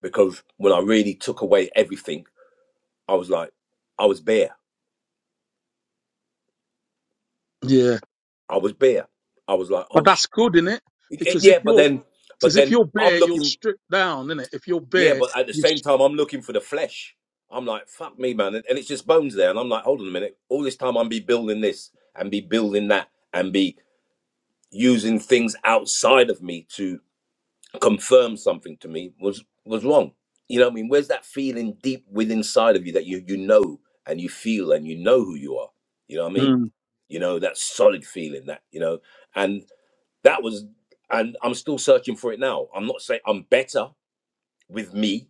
[SPEAKER 3] because when I really took away everything, I was like, I was bare.
[SPEAKER 1] yeah.
[SPEAKER 3] I was bare. I was like,
[SPEAKER 1] But
[SPEAKER 3] oh, sh-.
[SPEAKER 1] that's good, innit?
[SPEAKER 3] It- it-
[SPEAKER 1] Because if
[SPEAKER 3] yeah. But
[SPEAKER 1] you're,
[SPEAKER 3] then, but
[SPEAKER 1] because if
[SPEAKER 3] then
[SPEAKER 1] you're
[SPEAKER 3] I'm
[SPEAKER 1] bare, you're
[SPEAKER 3] looking.
[SPEAKER 1] stripped down, innit? If you're
[SPEAKER 3] Yeah,
[SPEAKER 1] bare,
[SPEAKER 3] but at the
[SPEAKER 1] you.
[SPEAKER 3] same time, I'm looking for the flesh. I'm like, fuck me, man. And, and it's just bones there. And I'm like, hold on a minute. All this time, I'm be building this and be building that and be using things outside of me to confirm something to me was was wrong. You know what I mean? Where's that feeling deep within inside of you that you you know and you feel and you know who you are? You know what I mean?
[SPEAKER 1] Mm,
[SPEAKER 3] You know that solid feeling that you know, and that was, and I'm still searching for it now. I'm not saying I'm better with me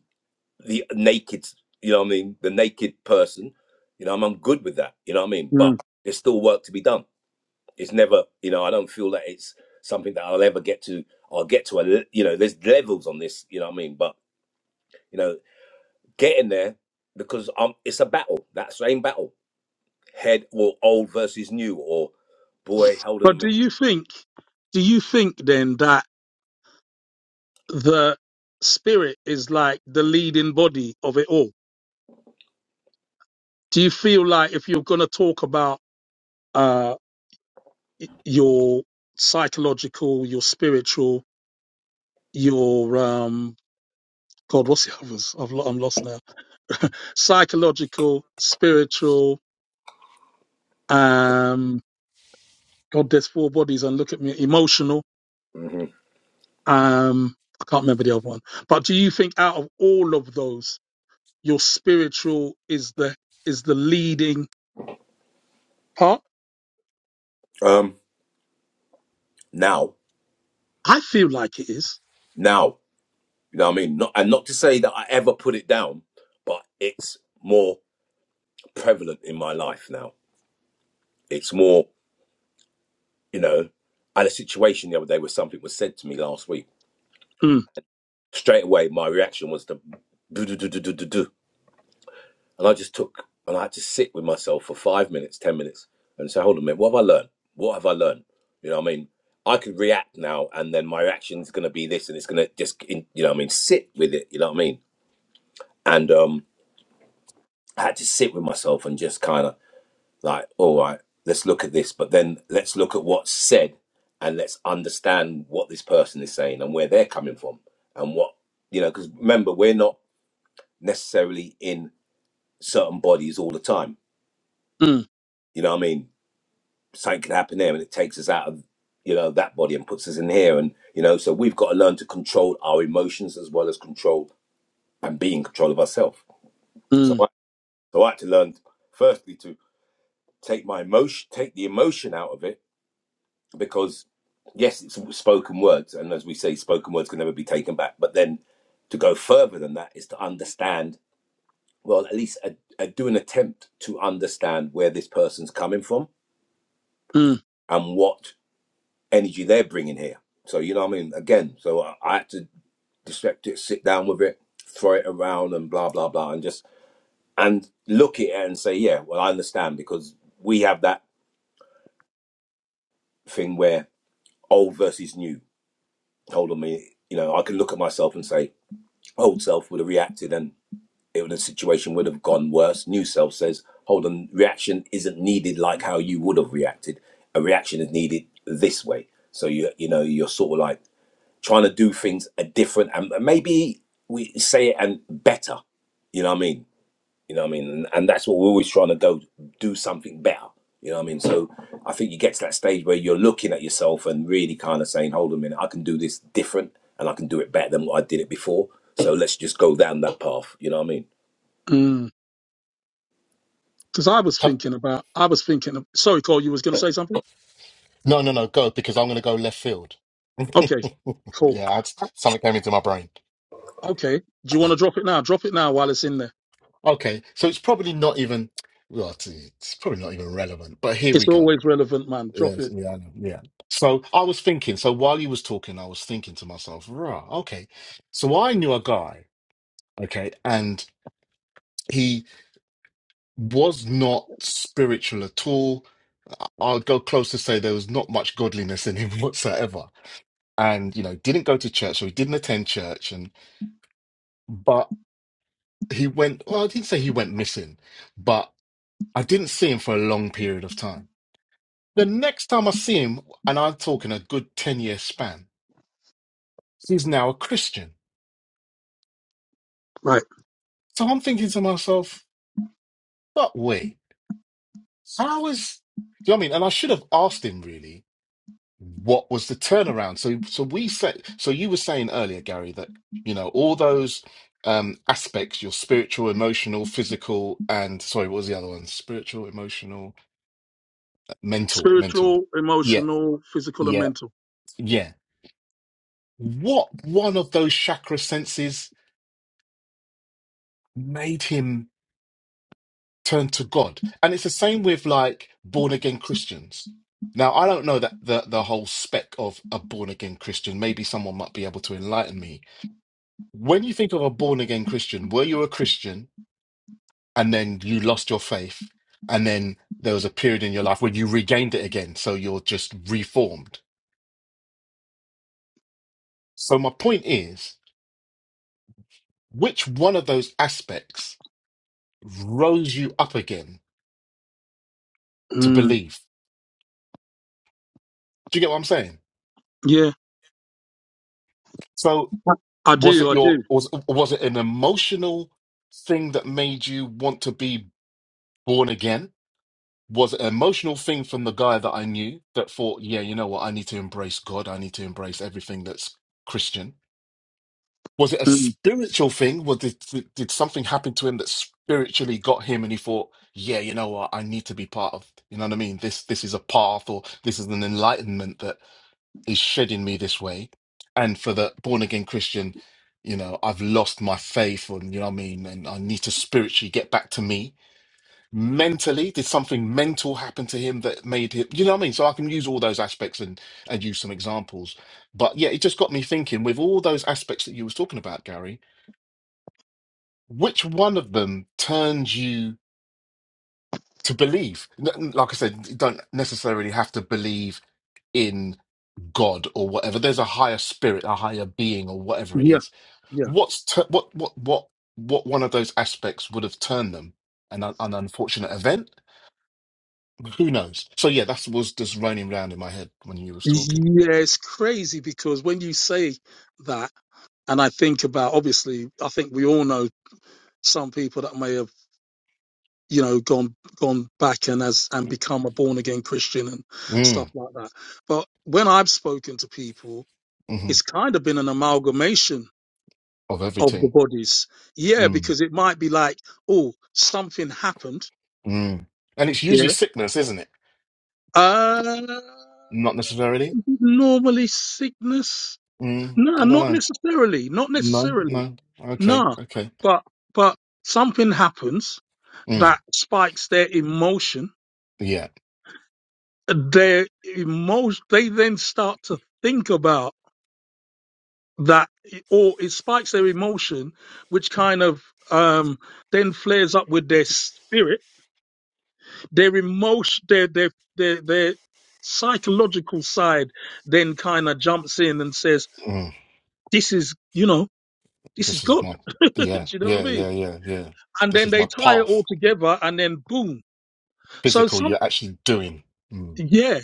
[SPEAKER 3] the naked, you know what I mean, the naked person, you know, I'm, I'm good with that, you know what I mean? But
[SPEAKER 1] mm.
[SPEAKER 3] there's still work to be done. It's never, you know, I don't feel that it's something that I'll ever get to, I'll get to a, le- you know, there's levels on this, you know what I mean? But, you know, getting there because um, it's a battle, that same battle, head or old versus new or boy, hold on a
[SPEAKER 1] But do
[SPEAKER 3] minute.
[SPEAKER 1] you think? Do you think then that? the spirit is like the leading body of it all. Do you feel like if you're going to talk about uh, your psychological, your spiritual, your um, God, what's the others? I've lo- I'm lost now. Psychological, spiritual, um, God, there's four bodies, and look at me, emotional.
[SPEAKER 3] hmm
[SPEAKER 1] Um, I can't remember the other one. But do you think out of all of those, your spiritual is the is the leading part?
[SPEAKER 3] Um, now,
[SPEAKER 1] I feel like it is.
[SPEAKER 3] now, you know what I mean? Not, and not to say that I ever put it down, but it's more prevalent in my life now It's more, you know, I had a situation the other day where something was said to me last week.
[SPEAKER 1] Mm,
[SPEAKER 3] Straight away, my reaction was to do, do, do, do, do, do, do. And I just took, and I had to sit with myself for five minutes, 10 minutes, and say, hold on a minute, what have I learned? What have I learned? You know what I mean? I could react now, and then my reaction is going to be this, and it's going to just, you know what I mean? Sit with it, you know what I mean? And um, I had to sit with myself and just kind of like, all right, let's look at this, but then let's look at what's said and let's understand what this person is saying and where they're coming from and what, you know, because remember, we're not necessarily in certain bodies all the time.
[SPEAKER 1] mm,
[SPEAKER 3] You know what I mean? Something could happen there and it takes us out of, you know, that body and puts us in here. And, you know, so we've got to learn to control our emotions as well as control and be in control of ourselves. So
[SPEAKER 1] mm,
[SPEAKER 3] I, so I had to learn, firstly, to take my emotion, take the emotion out of it because yes, it's spoken words, and as we say, spoken words can never be taken back. But then to go further than that is to understand, well, at least a, a, do an attempt to understand where this person's coming from
[SPEAKER 1] mm,
[SPEAKER 3] and what energy they're bringing here. So you know what I mean? Again, so I, I had to dissect it, sit down with it, throw it around, and blah blah blah, and just and look at it and say, yeah, well, I understand because we have that thing where old versus new. Hold on, me, you know, I can look at myself and say. old self would have reacted and it would, the situation would have gone worse. New self says, hold on, reaction isn't needed like how you would have reacted. A reaction is needed this way. So you you know you're sort of like trying to do things a different and maybe we say it and better. You know what I mean? You know what I mean? And, and that's what we're always trying to go do something better. You know what I mean? So I think you get to that stage where you're looking at yourself and really kind of saying, hold on a minute, I can do this different and I can do it better than what I did it before. So let's just go down that path. You know what I mean?
[SPEAKER 1] mm. Because I was
[SPEAKER 2] Can,
[SPEAKER 1] thinking about, I was thinking. Of, sorry, Cole, you was going to say something?
[SPEAKER 2] No, no, no, go because I'm going to go left field.
[SPEAKER 1] Okay, cool.
[SPEAKER 2] yeah, I just, something came into my brain.
[SPEAKER 1] Okay, do you want to drop it now? Drop it now while it's in there.
[SPEAKER 2] Okay, so it's probably not even well, it's, it's probably not even relevant. But here
[SPEAKER 1] It's
[SPEAKER 2] we go.
[SPEAKER 1] always relevant, man. Drop
[SPEAKER 2] Yes,
[SPEAKER 1] it.
[SPEAKER 2] yeah, I know, yeah. So I was thinking. So while you was talking, I was thinking to myself, right, okay. So I knew a guy, okay, and he was not spiritual at all. I'll go close to say there was not much godliness in him whatsoever. And you know, didn't go to church, so he didn't attend church, and but. he went well i didn't say he went missing but i didn't see him for a long period of time the next time i see him and i'm talking a good 10 year span he's now a christian
[SPEAKER 1] Right.
[SPEAKER 2] so i'm thinking to myself but wait how is do you know what i mean and i should have asked him really what was the turnaround so so we said so you were saying earlier gary that you know all those um aspects your spiritual emotional physical and sorry what was the other one spiritual emotional uh, mental mental
[SPEAKER 1] Spiritual,
[SPEAKER 2] yeah
[SPEAKER 1] emotional, physical, and
[SPEAKER 2] yeah
[SPEAKER 1] mental.
[SPEAKER 2] Yeah. What one of those chakra senses made him turn to God? And it's the same with like born again Christians. Now, I don't know that the, the whole spec of a born again Christian. Maybe someone might be able to enlighten me. When you think of a born again Christian, were you a Christian and then you lost your faith and then there was a period in your life when you regained it again? So you're just reformed. So my point is, which one of those aspects rose you up again? to
[SPEAKER 1] Mm,
[SPEAKER 2] believe. Do you get what I'm saying?
[SPEAKER 1] yeah,
[SPEAKER 2] So
[SPEAKER 1] I
[SPEAKER 2] was
[SPEAKER 1] do.
[SPEAKER 2] it
[SPEAKER 1] I
[SPEAKER 2] your
[SPEAKER 1] do.
[SPEAKER 2] was was it an emotional thing that made you want to be born again? Was it an emotional thing from the guy that I knew that thought, yeah, you know what, I need to embrace God, I need to embrace everything that's Christian? Was it a
[SPEAKER 1] Mm,
[SPEAKER 2] spiritual thing? Was did, did did something happen to him that spiritually got him and he thought, yeah, you know what, I need to be part of, you know what I mean? This this is a path or this is an enlightenment that. is shedding me this way. And for the born again Christian, you know, I've lost my faith, and you know what I mean, and I need to spiritually get back to me. Mentally, did something mental happen to him that made him, you know what I mean? So I can use all those aspects and and use some examples. But yeah, it just got me thinking with all those aspects that you was talking about, Gary, which one of them turns you to believe? N- Like I said, you don't necessarily have to believe in. God or whatever. There's a higher spirit, a higher being, or whatever it
[SPEAKER 1] yeah,
[SPEAKER 2] is.
[SPEAKER 1] yeah,
[SPEAKER 2] What's tu- what what what what one of those aspects would have turned them? An un- an unfortunate event. Who knows? So yeah, that was just running round in my head when you was talking.
[SPEAKER 1] yeah. It's crazy because when you say that, and I think about, obviously, I think we all know some people that may have you know gone gone back and as and become a born again Christian and stuff
[SPEAKER 2] Mm,
[SPEAKER 1] like that. But when I've spoken to people,
[SPEAKER 2] hmm
[SPEAKER 1] it's kind of been an amalgamation
[SPEAKER 2] Of
[SPEAKER 1] of the
[SPEAKER 2] everything.
[SPEAKER 1] bodies. Yeah,
[SPEAKER 2] Mm,
[SPEAKER 1] because it might be like, oh, something happened.
[SPEAKER 2] mm. And it's usually
[SPEAKER 1] Yeah.
[SPEAKER 2] sickness, isn't it?
[SPEAKER 1] Uh,
[SPEAKER 2] Not necessarily.
[SPEAKER 1] normally sickness.
[SPEAKER 2] Mm,
[SPEAKER 1] No,
[SPEAKER 2] I don't
[SPEAKER 1] not
[SPEAKER 2] know.
[SPEAKER 1] necessarily. Not
[SPEAKER 2] No,
[SPEAKER 1] necessarily.
[SPEAKER 2] no. Okay,
[SPEAKER 1] Nah.
[SPEAKER 2] okay.
[SPEAKER 1] But but something happens
[SPEAKER 2] Mm,
[SPEAKER 1] that spikes their emotion
[SPEAKER 2] yeah.
[SPEAKER 1] they most they then start to think about that or it spikes their emotion which kind of um then flares up with their spirit their emotion their their their, their psychological side then kind of jumps in and says
[SPEAKER 2] Mm,
[SPEAKER 1] this is you know this is
[SPEAKER 2] this is
[SPEAKER 1] good
[SPEAKER 2] my.
[SPEAKER 1] do
[SPEAKER 2] Yeah,
[SPEAKER 1] you know what i
[SPEAKER 2] yeah,
[SPEAKER 1] mean
[SPEAKER 2] yeah, yeah, yeah.
[SPEAKER 1] and
[SPEAKER 2] This
[SPEAKER 1] then
[SPEAKER 2] is
[SPEAKER 1] they
[SPEAKER 2] my
[SPEAKER 1] tie it
[SPEAKER 2] path.
[SPEAKER 1] all together and then boom so
[SPEAKER 2] physical
[SPEAKER 1] some
[SPEAKER 2] you're actually doing. Mm.
[SPEAKER 1] yeah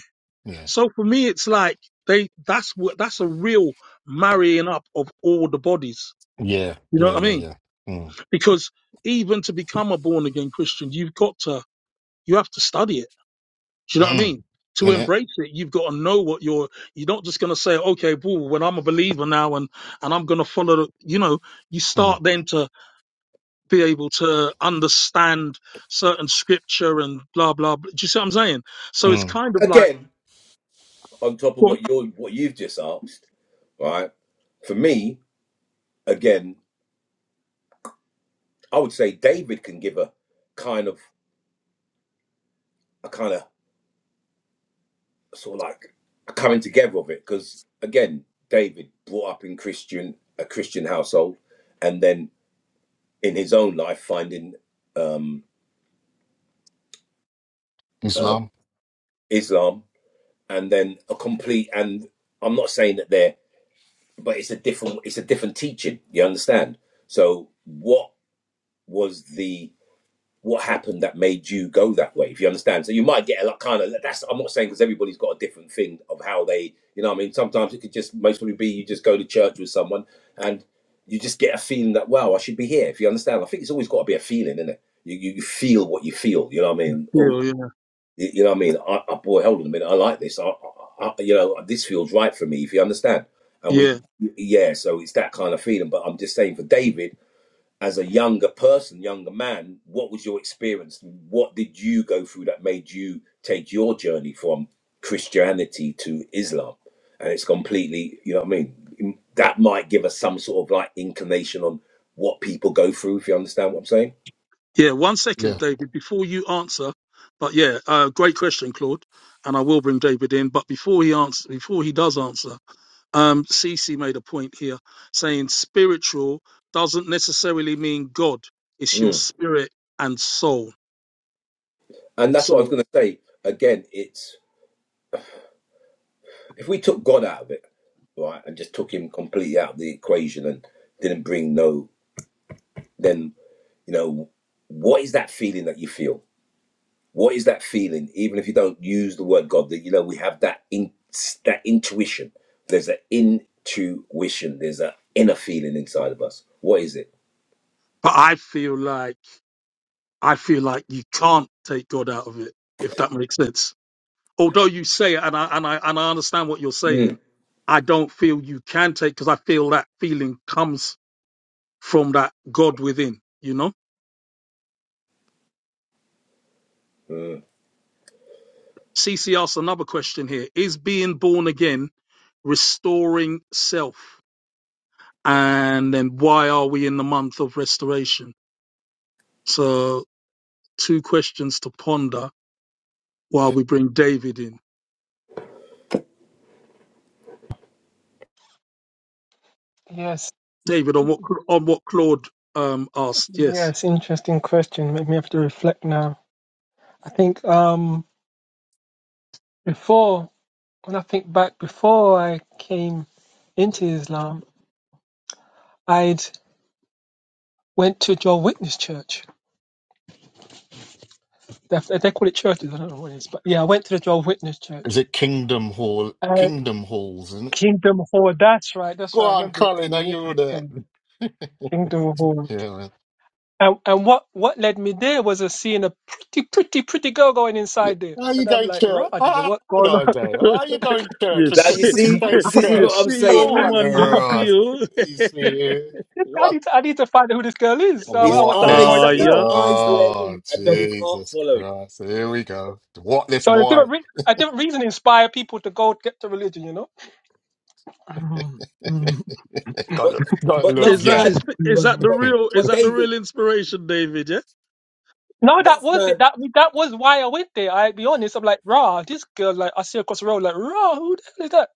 [SPEAKER 2] Yeah.
[SPEAKER 1] So for me, it's like they that's what that's a real marrying up of all the bodies.
[SPEAKER 2] Yeah.
[SPEAKER 1] You know
[SPEAKER 2] Yeah.
[SPEAKER 1] what I
[SPEAKER 2] Yeah.
[SPEAKER 1] mean?
[SPEAKER 2] Yeah. Mm.
[SPEAKER 1] Because even to become a born again Christian, you've got to you have to study it. Do you know what I
[SPEAKER 2] Mm.
[SPEAKER 1] mean? To
[SPEAKER 2] In it.
[SPEAKER 1] embrace it, you've got to know what you're. You're not just going to say, "Okay, well, when I'm a believer now, and and I'm going to follow." the-" You know, you
[SPEAKER 2] Mm.
[SPEAKER 1] start then to be able to understand certain scripture and blah blah. blah. Do you see what I'm saying? So it's
[SPEAKER 2] Mm.
[SPEAKER 1] kind of like,
[SPEAKER 3] Again, on top of
[SPEAKER 1] go on.
[SPEAKER 3] what you're what you've just asked, right? For me, again, I would say David can give a kind of a kind of sort of like a coming together of it because again david brought up in christian a christian household and then in his own life finding um uh,
[SPEAKER 2] Islam.
[SPEAKER 3] islam and then a complete and i'm not saying that they're but it's a different it's a different teaching you understand so what was the what happened that made you go that way if you understand so you might get a lot kind of that's i'm not saying because everybody's got a different thing of how they you know what i mean sometimes it could just mostly be you just go to church with someone and you just get a feeling that wow i should be here if you understand i think it's always got to be a feeling isn't it you, you you feel what you feel you know what i mean oh
[SPEAKER 1] yeah, yeah,
[SPEAKER 3] you, you know what i mean I, I boy hold on a minute i like this I, I, I you know this feels right for me if you understand and
[SPEAKER 1] yeah.
[SPEAKER 3] we yeah so it's that kind of feeling but i'm just saying for david as a younger person, younger man, what was your experience? What did you go through that made you take your journey from Christianity to Islam? And it's completely, you know what I mean? That might give us some sort of like inclination on what people go through, if you understand what I'm saying.
[SPEAKER 1] Yeah, one second,
[SPEAKER 2] Yeah.
[SPEAKER 1] David, before you answer. But yeah, uh, great question, Claude. And I will bring David in. But before he answers, before he does answer, um, Cece made a point here saying spiritual doesn't necessarily mean God. It's your
[SPEAKER 3] Mm.
[SPEAKER 1] spirit and soul.
[SPEAKER 3] And that's what I was
[SPEAKER 1] So,
[SPEAKER 3] going to say. Again, it's if we took God out of it, right, and just took him completely out of the equation and didn't bring no, then, you know, what is that feeling that you feel? What is that feeling? Even if you don't use the word God, that you know we have that in that intuition. There's an intuition. There's an inner feeling inside of us. What is it?
[SPEAKER 1] but I feel like I feel like you can't take God out of it, if that makes sense. Although you say it, and I and I and I understand what you're saying,
[SPEAKER 3] Mm.
[SPEAKER 1] I don't feel you can take because I feel that feeling comes from that God within, you know?
[SPEAKER 3] Mm.
[SPEAKER 1] CC asks another question here. Is being born again restoring self? And then why are we in the month of restoration? So two questions to ponder while we bring David in.
[SPEAKER 4] Yes,
[SPEAKER 1] David, on what on what Claude um asked, yes.
[SPEAKER 4] yes. Interesting question. Make me have to reflect now. I think um before when I think back before I came into Islam, I'd went to Joel Witness Church. They they call it churches. I don't know what it is, but yeah, I went to the Joel Witness Church
[SPEAKER 2] Is it Kingdom Hall?
[SPEAKER 4] Uh,
[SPEAKER 2] Kingdom Halls, isn't it?
[SPEAKER 4] Kingdom Hall. That's right. That's
[SPEAKER 2] Go
[SPEAKER 4] right. I
[SPEAKER 2] on,
[SPEAKER 4] remember it
[SPEAKER 2] Colin,
[SPEAKER 4] in
[SPEAKER 2] are you there?
[SPEAKER 4] Wolverhampton.
[SPEAKER 2] yeah,
[SPEAKER 4] Kingdom Hall.
[SPEAKER 2] man.
[SPEAKER 4] And and what what led me there was a seeing a pretty pretty pretty girl going
[SPEAKER 2] Yeah.
[SPEAKER 4] inside there,
[SPEAKER 2] Are you
[SPEAKER 4] and I'm
[SPEAKER 2] going to
[SPEAKER 4] like, right,
[SPEAKER 2] church?
[SPEAKER 4] I don't know
[SPEAKER 2] Oh,
[SPEAKER 4] what's going
[SPEAKER 2] no,
[SPEAKER 4] on.
[SPEAKER 2] Dave. Are you going to
[SPEAKER 1] You
[SPEAKER 2] church with
[SPEAKER 3] Now
[SPEAKER 2] t-
[SPEAKER 3] you
[SPEAKER 1] see,
[SPEAKER 3] see,
[SPEAKER 2] today's
[SPEAKER 3] this is
[SPEAKER 1] you
[SPEAKER 2] skirt?
[SPEAKER 3] what I'm
[SPEAKER 1] see what
[SPEAKER 3] saying.
[SPEAKER 2] Oh, what
[SPEAKER 1] woman do to
[SPEAKER 2] earth?
[SPEAKER 1] you.
[SPEAKER 2] You see,
[SPEAKER 4] I
[SPEAKER 2] what?
[SPEAKER 4] need to I need to find out who this girl is. So I, I
[SPEAKER 3] His
[SPEAKER 4] was
[SPEAKER 2] What
[SPEAKER 4] starting to
[SPEAKER 2] this?
[SPEAKER 4] go going
[SPEAKER 1] Ah,
[SPEAKER 3] eyes,
[SPEAKER 4] that
[SPEAKER 3] his
[SPEAKER 1] yeah.
[SPEAKER 3] eyes
[SPEAKER 4] church.
[SPEAKER 3] led,
[SPEAKER 2] Oh,
[SPEAKER 3] and then his heart
[SPEAKER 2] Jesus
[SPEAKER 3] followed.
[SPEAKER 2] Christ. Here we go. What this
[SPEAKER 4] So the
[SPEAKER 2] boy?
[SPEAKER 4] different re- a different reason inspire people to go get to religion, you know. Mhm.
[SPEAKER 2] Got
[SPEAKER 3] But
[SPEAKER 2] to, got to
[SPEAKER 3] but
[SPEAKER 2] look,
[SPEAKER 1] Is
[SPEAKER 3] enough
[SPEAKER 1] that
[SPEAKER 2] yeah.
[SPEAKER 1] is,
[SPEAKER 3] man,
[SPEAKER 1] is
[SPEAKER 3] but
[SPEAKER 1] that
[SPEAKER 4] Mhm.
[SPEAKER 1] the
[SPEAKER 3] but
[SPEAKER 1] real is
[SPEAKER 3] but
[SPEAKER 1] that the real
[SPEAKER 3] David,
[SPEAKER 1] inspiration, David? Yeah.
[SPEAKER 4] No, that
[SPEAKER 3] enough
[SPEAKER 4] was it.
[SPEAKER 3] man.
[SPEAKER 4] That that was why I went there. I be honest. I'm like, rah, this girl. Like, I see her across the road. Like, rah, who the hell is that?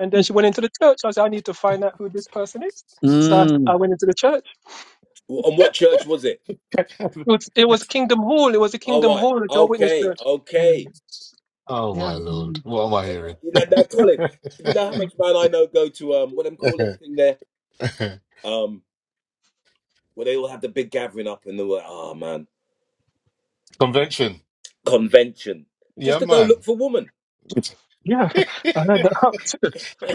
[SPEAKER 4] And then she went into the church. I said, I need to find out who this person is. So I,
[SPEAKER 1] Mm.
[SPEAKER 4] went into the church.
[SPEAKER 3] And what church was it?
[SPEAKER 4] It was, it was Kingdom Hall. It was a
[SPEAKER 3] All
[SPEAKER 4] Kingdom
[SPEAKER 3] right,
[SPEAKER 4] Hall, a Jehovah's Witness
[SPEAKER 3] okay,
[SPEAKER 4] church. Mm,
[SPEAKER 3] okay.
[SPEAKER 2] oh
[SPEAKER 4] Yeah,
[SPEAKER 2] my lord,
[SPEAKER 4] mm,
[SPEAKER 2] what am I
[SPEAKER 3] All right.
[SPEAKER 2] hearing?
[SPEAKER 3] You know, now Colin, you know how much man I know go to um what them call them thing there. um, where they all had the big gathering up and they were, oh man,
[SPEAKER 2] Convention,
[SPEAKER 3] convention, just
[SPEAKER 2] yeah,
[SPEAKER 3] to go look
[SPEAKER 2] man.
[SPEAKER 3] for woman.
[SPEAKER 4] yeah. I heard that.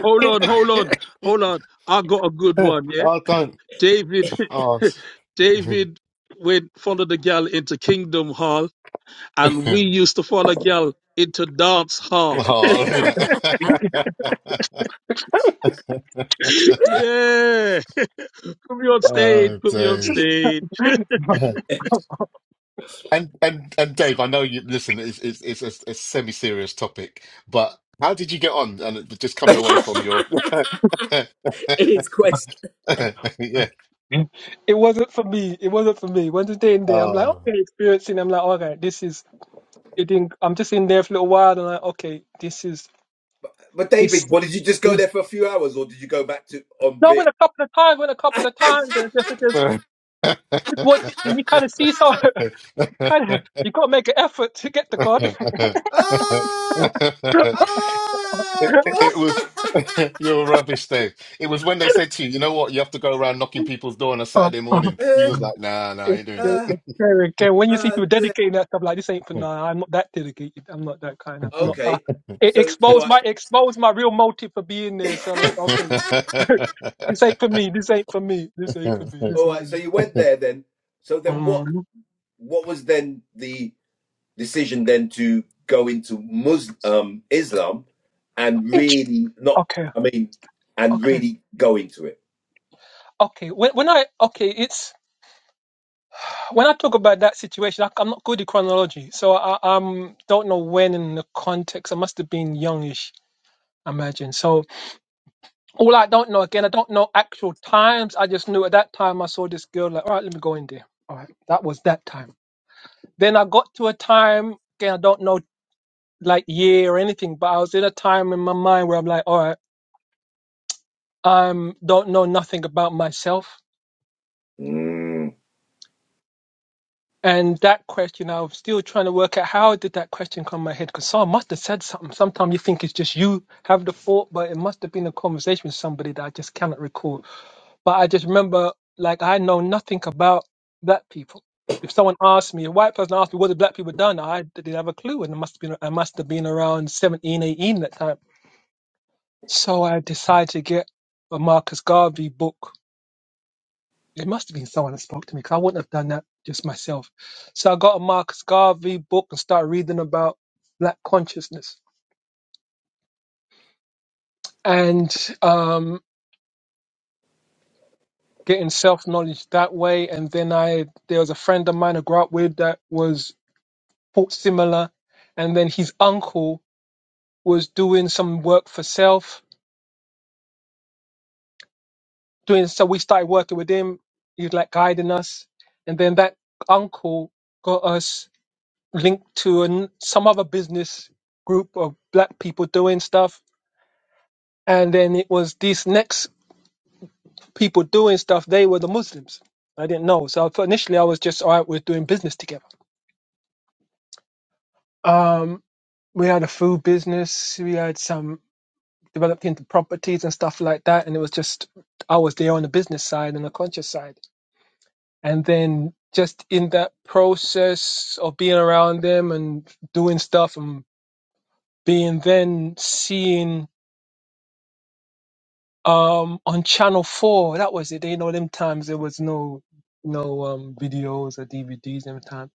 [SPEAKER 1] Hold on, hold on, hold on. I got a good
[SPEAKER 2] I
[SPEAKER 1] one, yeah?
[SPEAKER 2] don't.
[SPEAKER 1] David
[SPEAKER 2] Oh,
[SPEAKER 1] David went follow the gal into Kingdom Hall and we used to follow gal into dance hall.
[SPEAKER 2] oh, isn't it?
[SPEAKER 1] yeah. Put me on stage,
[SPEAKER 2] oh,
[SPEAKER 1] put me on
[SPEAKER 2] days.
[SPEAKER 1] stage.
[SPEAKER 2] And and and Dave, I know you listen. It's it's it's a, a semi-serious topic, but how did you get on? And it- just coming away from your yeah.
[SPEAKER 3] His quest,
[SPEAKER 4] it wasn't for me. It wasn't for me. Once day in there, I'm like,
[SPEAKER 2] Oh.
[SPEAKER 4] okay, experiencing. I'm like, all right, this is. It didn't. I'm just in there for a little while. And I'm like, okay, this is
[SPEAKER 3] But
[SPEAKER 4] this.
[SPEAKER 3] David, what did you just go there for a few hours, or did you go back to on
[SPEAKER 4] No, I
[SPEAKER 3] Vic?
[SPEAKER 4] went a couple of times, went a couple of times, and just, it just,
[SPEAKER 2] it,
[SPEAKER 4] just what you kind of see, so kind of you got to make an effort to get to God.
[SPEAKER 3] ah,
[SPEAKER 2] it
[SPEAKER 3] ah,
[SPEAKER 2] was
[SPEAKER 3] boy.
[SPEAKER 2] you're rubbish, Dave. It was when they said to you, you know what, you have to go around knocking people's door on a
[SPEAKER 4] Oh,
[SPEAKER 2] Saturday
[SPEAKER 4] oh.
[SPEAKER 2] morning. You
[SPEAKER 3] uh,
[SPEAKER 2] was like, nah, nah, I
[SPEAKER 4] it's,
[SPEAKER 2] ain't doing
[SPEAKER 4] it's
[SPEAKER 3] uh,
[SPEAKER 4] it's scary. Okay, when you see
[SPEAKER 3] uh,
[SPEAKER 4] people
[SPEAKER 3] yeah.
[SPEAKER 4] dedicating that stuff, like this ain't for no, I'm not that dedicated. I'm not that kind of. I'm not. Uh,
[SPEAKER 3] okay,
[SPEAKER 2] that.
[SPEAKER 4] it
[SPEAKER 3] so
[SPEAKER 4] exposed
[SPEAKER 3] all
[SPEAKER 4] my exposed my real motive for being there.
[SPEAKER 3] right,
[SPEAKER 4] So like, okay, this ain't for me. This ain't for me. This ain't for me.
[SPEAKER 2] Mhm.
[SPEAKER 4] This
[SPEAKER 3] all
[SPEAKER 4] ain't.
[SPEAKER 3] right. So you went there then. So then,
[SPEAKER 4] For me.
[SPEAKER 3] what?
[SPEAKER 4] Mm.
[SPEAKER 3] What was then the? decision then to go into Muslim um, Islam and
[SPEAKER 4] It's-
[SPEAKER 3] really not,
[SPEAKER 4] Okay.
[SPEAKER 3] I mean, and
[SPEAKER 4] Okay.
[SPEAKER 3] really go into it.
[SPEAKER 4] Okay. When, when I okay, it's when I talk about that situation, I, I'm not good at chronology, so I um don't know when in the context. I must have been youngish, I imagine. So all I don't know again, I don't know actual times. I just knew at that time I saw this girl. Like, all right, let me go in there. All right, that was that time. Then I got to a time again. I don't know like year or anything, but I was in a time in my mind where I'm like, all right, I um, don't know nothing about myself.
[SPEAKER 3] Mm.
[SPEAKER 4] And that question, I'm still trying to work out how did that question come in my head? Because someone must have said something. Sometimes you think it's just you have the thought, but it must have been a conversation with somebody that I just cannot recall. But I just remember, like, I know nothing about black people. If someone asked me, a white person asked me, what have black people done? I didn't have a clue. And it must have been, I must have been around 17, 18 that time. So I decided to get a Marcus Garvey book it must have been someone that spoke to me because I wouldn't have done that just myself. So I got a Marcus Garvey book and started reading about black consciousness and um, getting self knowledge that way. And then I there was a friend of mine I grew up with that was thought similar, and then his uncle was doing some work for self. Doing so, we started working with him. He was like guiding us, and then that uncle got us linked to an, some other business group of black people doing stuff. And then it was these next people doing stuff, they were the Muslims. I didn't know. So initially I was just, all right, we're doing business together. Um, we had a food business, we had some developed into properties and stuff like that. And it was just, I was there on the business side and the conscious side. And then just in that process of being around them and doing stuff and being then seeing Um, on Channel Four, that was it. You know, them times there was no no um videos or DVDs. Them time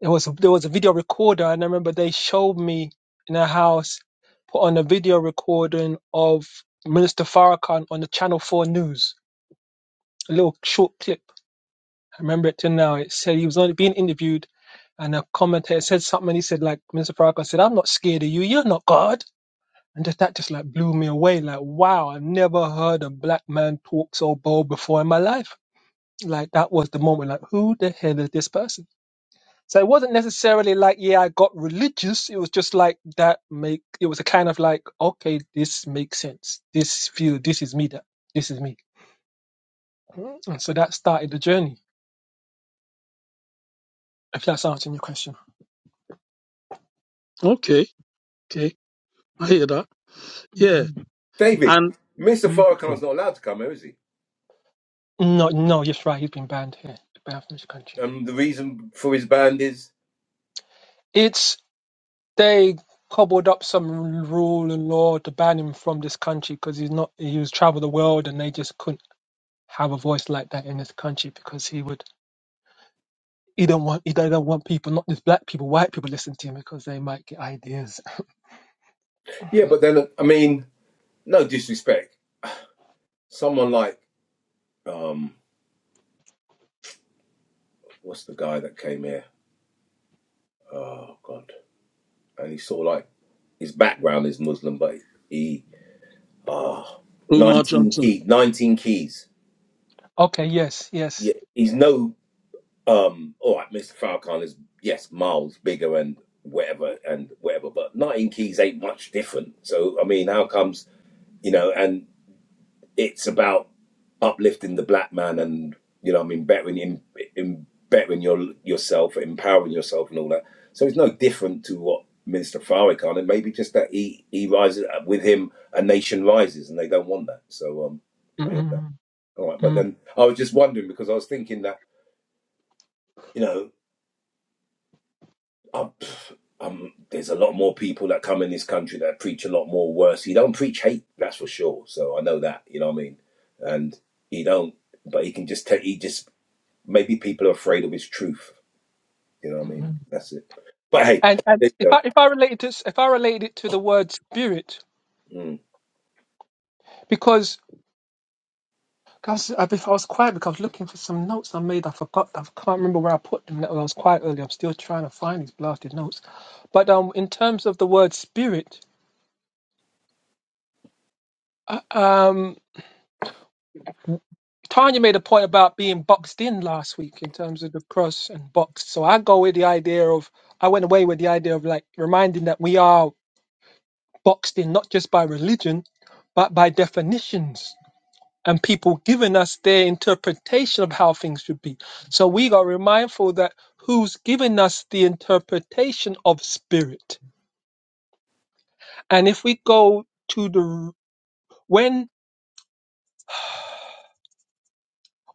[SPEAKER 4] it was there was a video recorder, and I remember they showed me in a house put on a video recording of Minister Farrakhan on the Channel Four news. A little short clip. I remember it till now. It said he was only being interviewed, and a commentator said something. And He said like Minister Farrakhan said, "I'm not scared of you. You're not God." And just that just like blew me away. Like, wow, I've never heard a black man talk so bold before in my life. Like that was the moment, like, who the hell is this person? So it wasn't necessarily like, yeah, I got religious. It was just like that make it was a kind of like, okay, this makes sense. This feel this is me that this is me. Mm, And so that started the journey. If that's answering your question.
[SPEAKER 1] okay, okay. I hear that. Yeah.
[SPEAKER 4] Mm,
[SPEAKER 3] David,
[SPEAKER 1] And
[SPEAKER 3] Mr.
[SPEAKER 4] mm.
[SPEAKER 3] Farrakhan's not allowed to come here, is he?
[SPEAKER 4] No, no, yes, right. He's been banned here, banned from this country.
[SPEAKER 3] Um, the reason for his band is
[SPEAKER 4] It's they cobbled up some rule and law to ban him from this country because he's not he was travel the world and they just couldn't have a voice like that in this country because he would he don't want he don't want people not just black people white people listen to him because they might get ideas
[SPEAKER 3] yeah, but then I mean, no disrespect. Someone like um, what's the guy that came here? Oh God, and he saw like his background is Muslim, but he, ah.
[SPEAKER 1] Umar
[SPEAKER 3] 19
[SPEAKER 1] Johnson.
[SPEAKER 3] key, 19 keys.
[SPEAKER 4] okay yes
[SPEAKER 3] Yeah,
[SPEAKER 4] yes
[SPEAKER 3] he's no um all right, Mr. Falcon is yes, miles bigger and whatever and whatever, but 19 keys ain't much different. So I mean, how comes, you know, and it's about uplifting the black man and you know, I mean, bettering in, in bettering your yourself, empowering yourself and all that. So it's no different to what Minister Farrakhan and maybe just that he he rises uh, with him a nation rises and they don't want that. So um
[SPEAKER 4] mm
[SPEAKER 3] I hear that.
[SPEAKER 4] mm
[SPEAKER 3] All right, but
[SPEAKER 4] mm
[SPEAKER 3] then I was just wondering because I was thinking that you know, um, um, there's a lot more people that come in this country that preach a lot more worse. He don't preach hate, that's for sure. So I know that, you know what I mean. And he don't, but he can just tell. He just maybe people are afraid of his truth. You know what I mean?
[SPEAKER 4] mm.
[SPEAKER 3] That's it. But hey,
[SPEAKER 4] and
[SPEAKER 3] there
[SPEAKER 4] and if
[SPEAKER 3] you
[SPEAKER 4] I if I related to if I related it to the word spirit
[SPEAKER 3] go. Mm.
[SPEAKER 4] because 'Cause I, if I was quiet because I was looking for some notes I made. I forgot. I can't remember where I put them. That was- I was quiet earlier. I'm still trying to find these blasted notes. But um, in terms of the word spirit, um, Tanya made a point about being boxed in last week in terms of the cross and boxed. So I go with the idea of I went away with the idea of like reminding that we are boxed in not just by religion, but by definitions and people giving us their interpretation of how things should be. So we got to be mindful that who's giving us the interpretation of spirit. And if we go to the when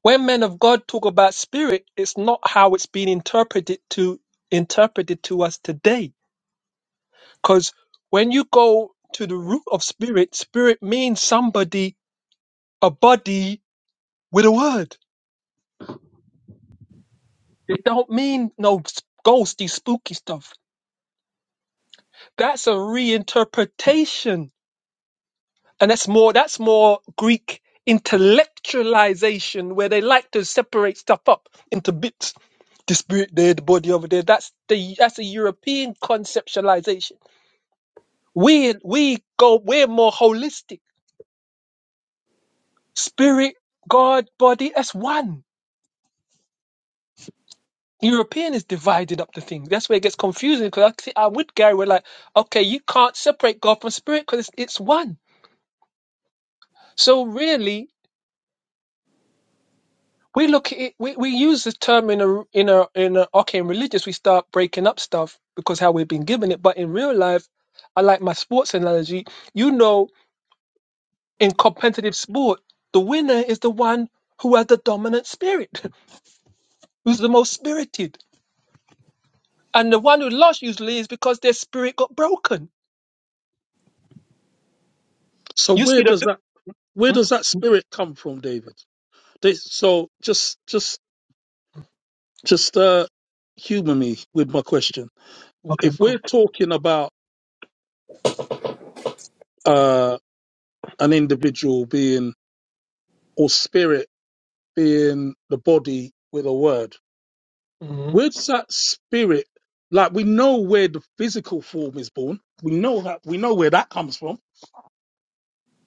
[SPEAKER 4] when men of God talk about spirit, it's not how it's been interpreted to interpreted to us today. Because when you go to the root of spirit, spirit means somebody, a body with a word. It don't mean no s- ghosty, spooky stuff That's a reinterpretation. And that's more that's more Greek intellectualization where they like to separate stuff up into bits. The spirit there, the body over there. That's the that's a European conceptualization. We we go we're more holistic. Spirit, God, body, that's one. European is divided up the thing. That's where it gets confusing because I, see- I'm with Gary. We're like, okay, you can't separate God from spirit because it's, it's one. So really, We look i we, we use the term in a in a in a arcane religious we start breaking up stuff because how we've been given it. But in real life, I like my sports analogy. You know, in competitive sport, the winner is the one who has the dominant spirit, who's the most spirited, and the one who lost usually is because their spirit got broken.
[SPEAKER 1] So
[SPEAKER 4] You
[SPEAKER 1] where
[SPEAKER 4] see the
[SPEAKER 1] does that where
[SPEAKER 4] Mm,
[SPEAKER 1] does that spirit come from, David? They, so just just just uh humor me with my question.
[SPEAKER 4] okay,
[SPEAKER 1] If
[SPEAKER 4] cool.
[SPEAKER 1] we're talking about uh, an individual being or spirit being the body with a word.
[SPEAKER 4] Mhm.
[SPEAKER 1] Where does that spirit? Like we know where the physical form is born. We know that we know where that comes from.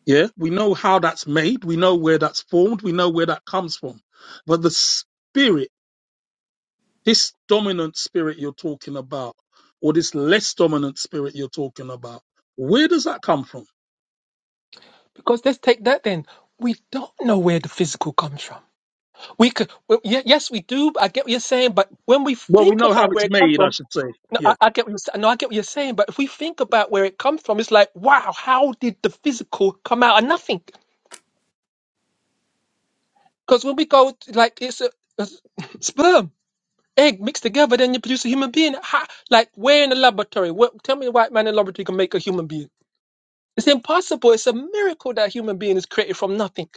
[SPEAKER 1] Yeah, we know how that's made. We know where that's formed. We know where that comes from. But the spirit, this dominant spirit you're talking about, or this less dominant spirit you're talking about, where does that come from?
[SPEAKER 4] Because let's take that then. We don't know where the physical comes from. We could, well, ye- yes, we do. I get what you're saying, but when we
[SPEAKER 1] Well, we
[SPEAKER 4] think
[SPEAKER 1] know how
[SPEAKER 4] about where
[SPEAKER 1] it's
[SPEAKER 4] it comes
[SPEAKER 1] made, I
[SPEAKER 4] from,
[SPEAKER 1] should say.
[SPEAKER 4] no,
[SPEAKER 1] Yeah.
[SPEAKER 4] I, I get what you're, sa- no, I get what you're saying. But if we think about where it comes from, it's like, wow, how did the physical come out of nothing? Because when we go to, like it's a, a s- sperm, egg mixed together, then you produce a human being. How, like where in the laboratory? What, tell me, a white man in the laboratory can make a human being? It's impossible. It's a miracle that a human being is created from nothing.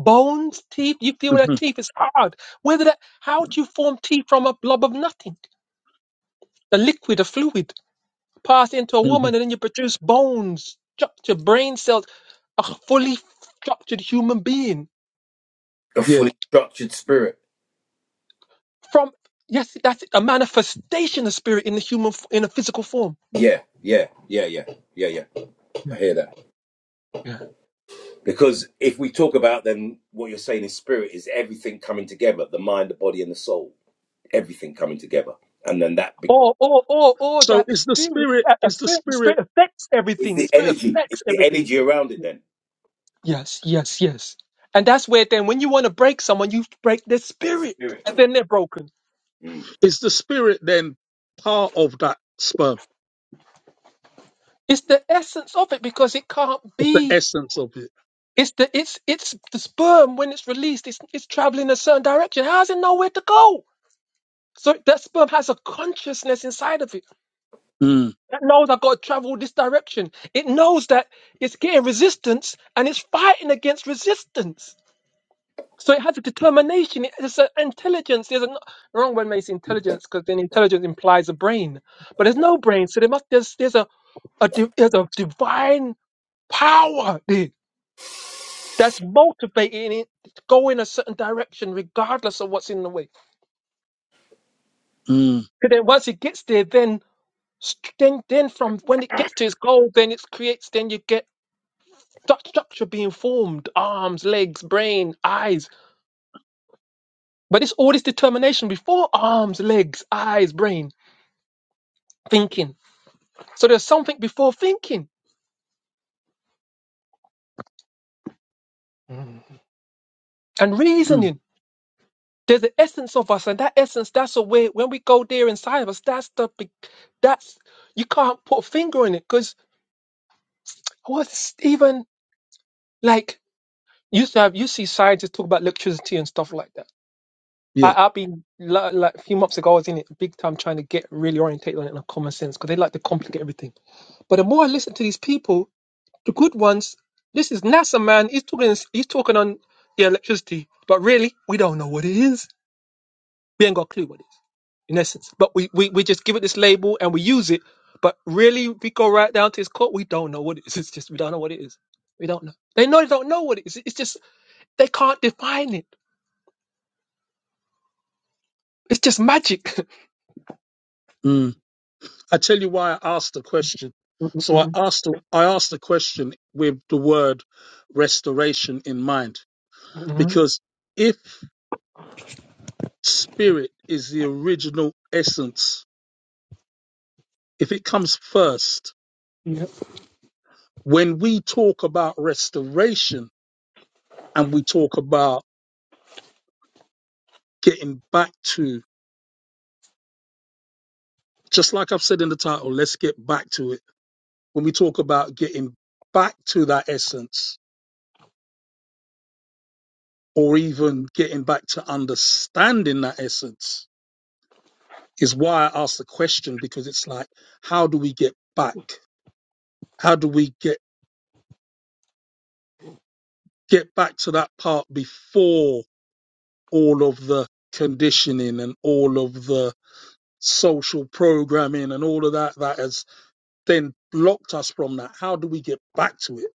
[SPEAKER 4] Bones, teeth. You feel that
[SPEAKER 1] hmm
[SPEAKER 4] teeth is hard. Whether that, how do you form teeth from a blob of nothing? The liquid, the fluid, pass into a
[SPEAKER 1] hmm
[SPEAKER 4] woman, and then you produce bones, structured brain cells, a fully structured human being.
[SPEAKER 3] A
[SPEAKER 1] Yeah.
[SPEAKER 3] fully structured spirit.
[SPEAKER 4] From yes, that's it, a manifestation of spirit in the human f- in a physical form.
[SPEAKER 3] Yeah, yeah, yeah, yeah, yeah, yeah.
[SPEAKER 4] Yeah.
[SPEAKER 3] I hear that.
[SPEAKER 4] Yeah.
[SPEAKER 3] Because if we talk about then what you're saying is spirit is everything coming together, the mind, the body, and the soul everything coming together. And then that be-
[SPEAKER 4] Or or or or
[SPEAKER 1] So
[SPEAKER 4] that
[SPEAKER 1] is the
[SPEAKER 4] spirit,
[SPEAKER 1] spirit
[SPEAKER 4] that a
[SPEAKER 1] is the
[SPEAKER 4] spirit, the spirit
[SPEAKER 1] spirit
[SPEAKER 4] affects
[SPEAKER 3] is
[SPEAKER 4] everything. The
[SPEAKER 3] the
[SPEAKER 4] spirit
[SPEAKER 3] energy.
[SPEAKER 4] affects
[SPEAKER 3] It's the
[SPEAKER 4] everything.
[SPEAKER 3] energy around it. Then
[SPEAKER 4] Yes, yes, yes. And that's where then when you want to break someone, you break their
[SPEAKER 3] there's
[SPEAKER 4] spirit,
[SPEAKER 3] spirit.
[SPEAKER 4] and then they're broken.
[SPEAKER 3] Mm.
[SPEAKER 1] is the spirit then part of that sperm?
[SPEAKER 4] It's the essence of it because it can't
[SPEAKER 1] It's the
[SPEAKER 4] be.
[SPEAKER 1] essence of it.
[SPEAKER 4] It's the it's it's the sperm when it's released, it's it's traveling a certain direction. How does it know where to go? So that sperm has a consciousness inside of it
[SPEAKER 1] Mm,
[SPEAKER 4] that knows I've got to travel this direction. It knows that it's getting resistance and it's fighting against resistance. So it has a determination. It has an intelligence. There's a no, wrong one makes intelligence because then intelligence implies a brain, but there's no brain. So there must there's there's a, a di- there's a divine power there that's motivating it to go in a certain direction regardless of what's in the way.
[SPEAKER 1] mm,
[SPEAKER 4] Because then once it gets there, then st- then then from when it gets to its goal, then it creates. Then you get stru- structure being formed: arms, legs, brain, eyes. But it's all this determination before arms, legs, eyes, brain, thinking. So there's something before thinking Mm. and
[SPEAKER 1] mm,
[SPEAKER 4] reasoning. There's the essence of us, and that essence, that's a way. When we go there inside of us, that's the big- that's you can't put a finger on it because. What's even like used to have you see scientists talk about electricity and stuff like that.
[SPEAKER 1] yeah.
[SPEAKER 4] I, I've been li- like a few months ago, I was in it big time trying to get really orientated on it in a common sense because they like to complicate everything. But the more I listen to these people, the good ones, this is NASA man. He's talking. He's talking on the electricity, but really we don't know what it is. We ain't got a clue what it is, in essence. But we, we, we just give it this label and we use it. But really, if we go right down to its core, we don't know what it is. It's just, we don't know what it is. We don't know. They know they don't know what it is. It's just, they can't define it. It's just magic.
[SPEAKER 1] Mm. I tell you why I asked the question. So I
[SPEAKER 4] Mm-mm-mm.
[SPEAKER 1] asked the, I asked the question with the word restoration in mind
[SPEAKER 4] Mhm.
[SPEAKER 1] because if spirit is the original essence, if it comes first,
[SPEAKER 4] Yep.
[SPEAKER 1] when we talk about restoration and we talk about getting back to Just like I've said in the title, let's get back to it. When we talk about getting back to that essence, or even getting back to understanding that essence, is why I asked the question because it's like, how do we get back? How do we get get back to that part before all of the conditioning and all of the social programming and all of that that has then blocked us from that? How do we get back to it?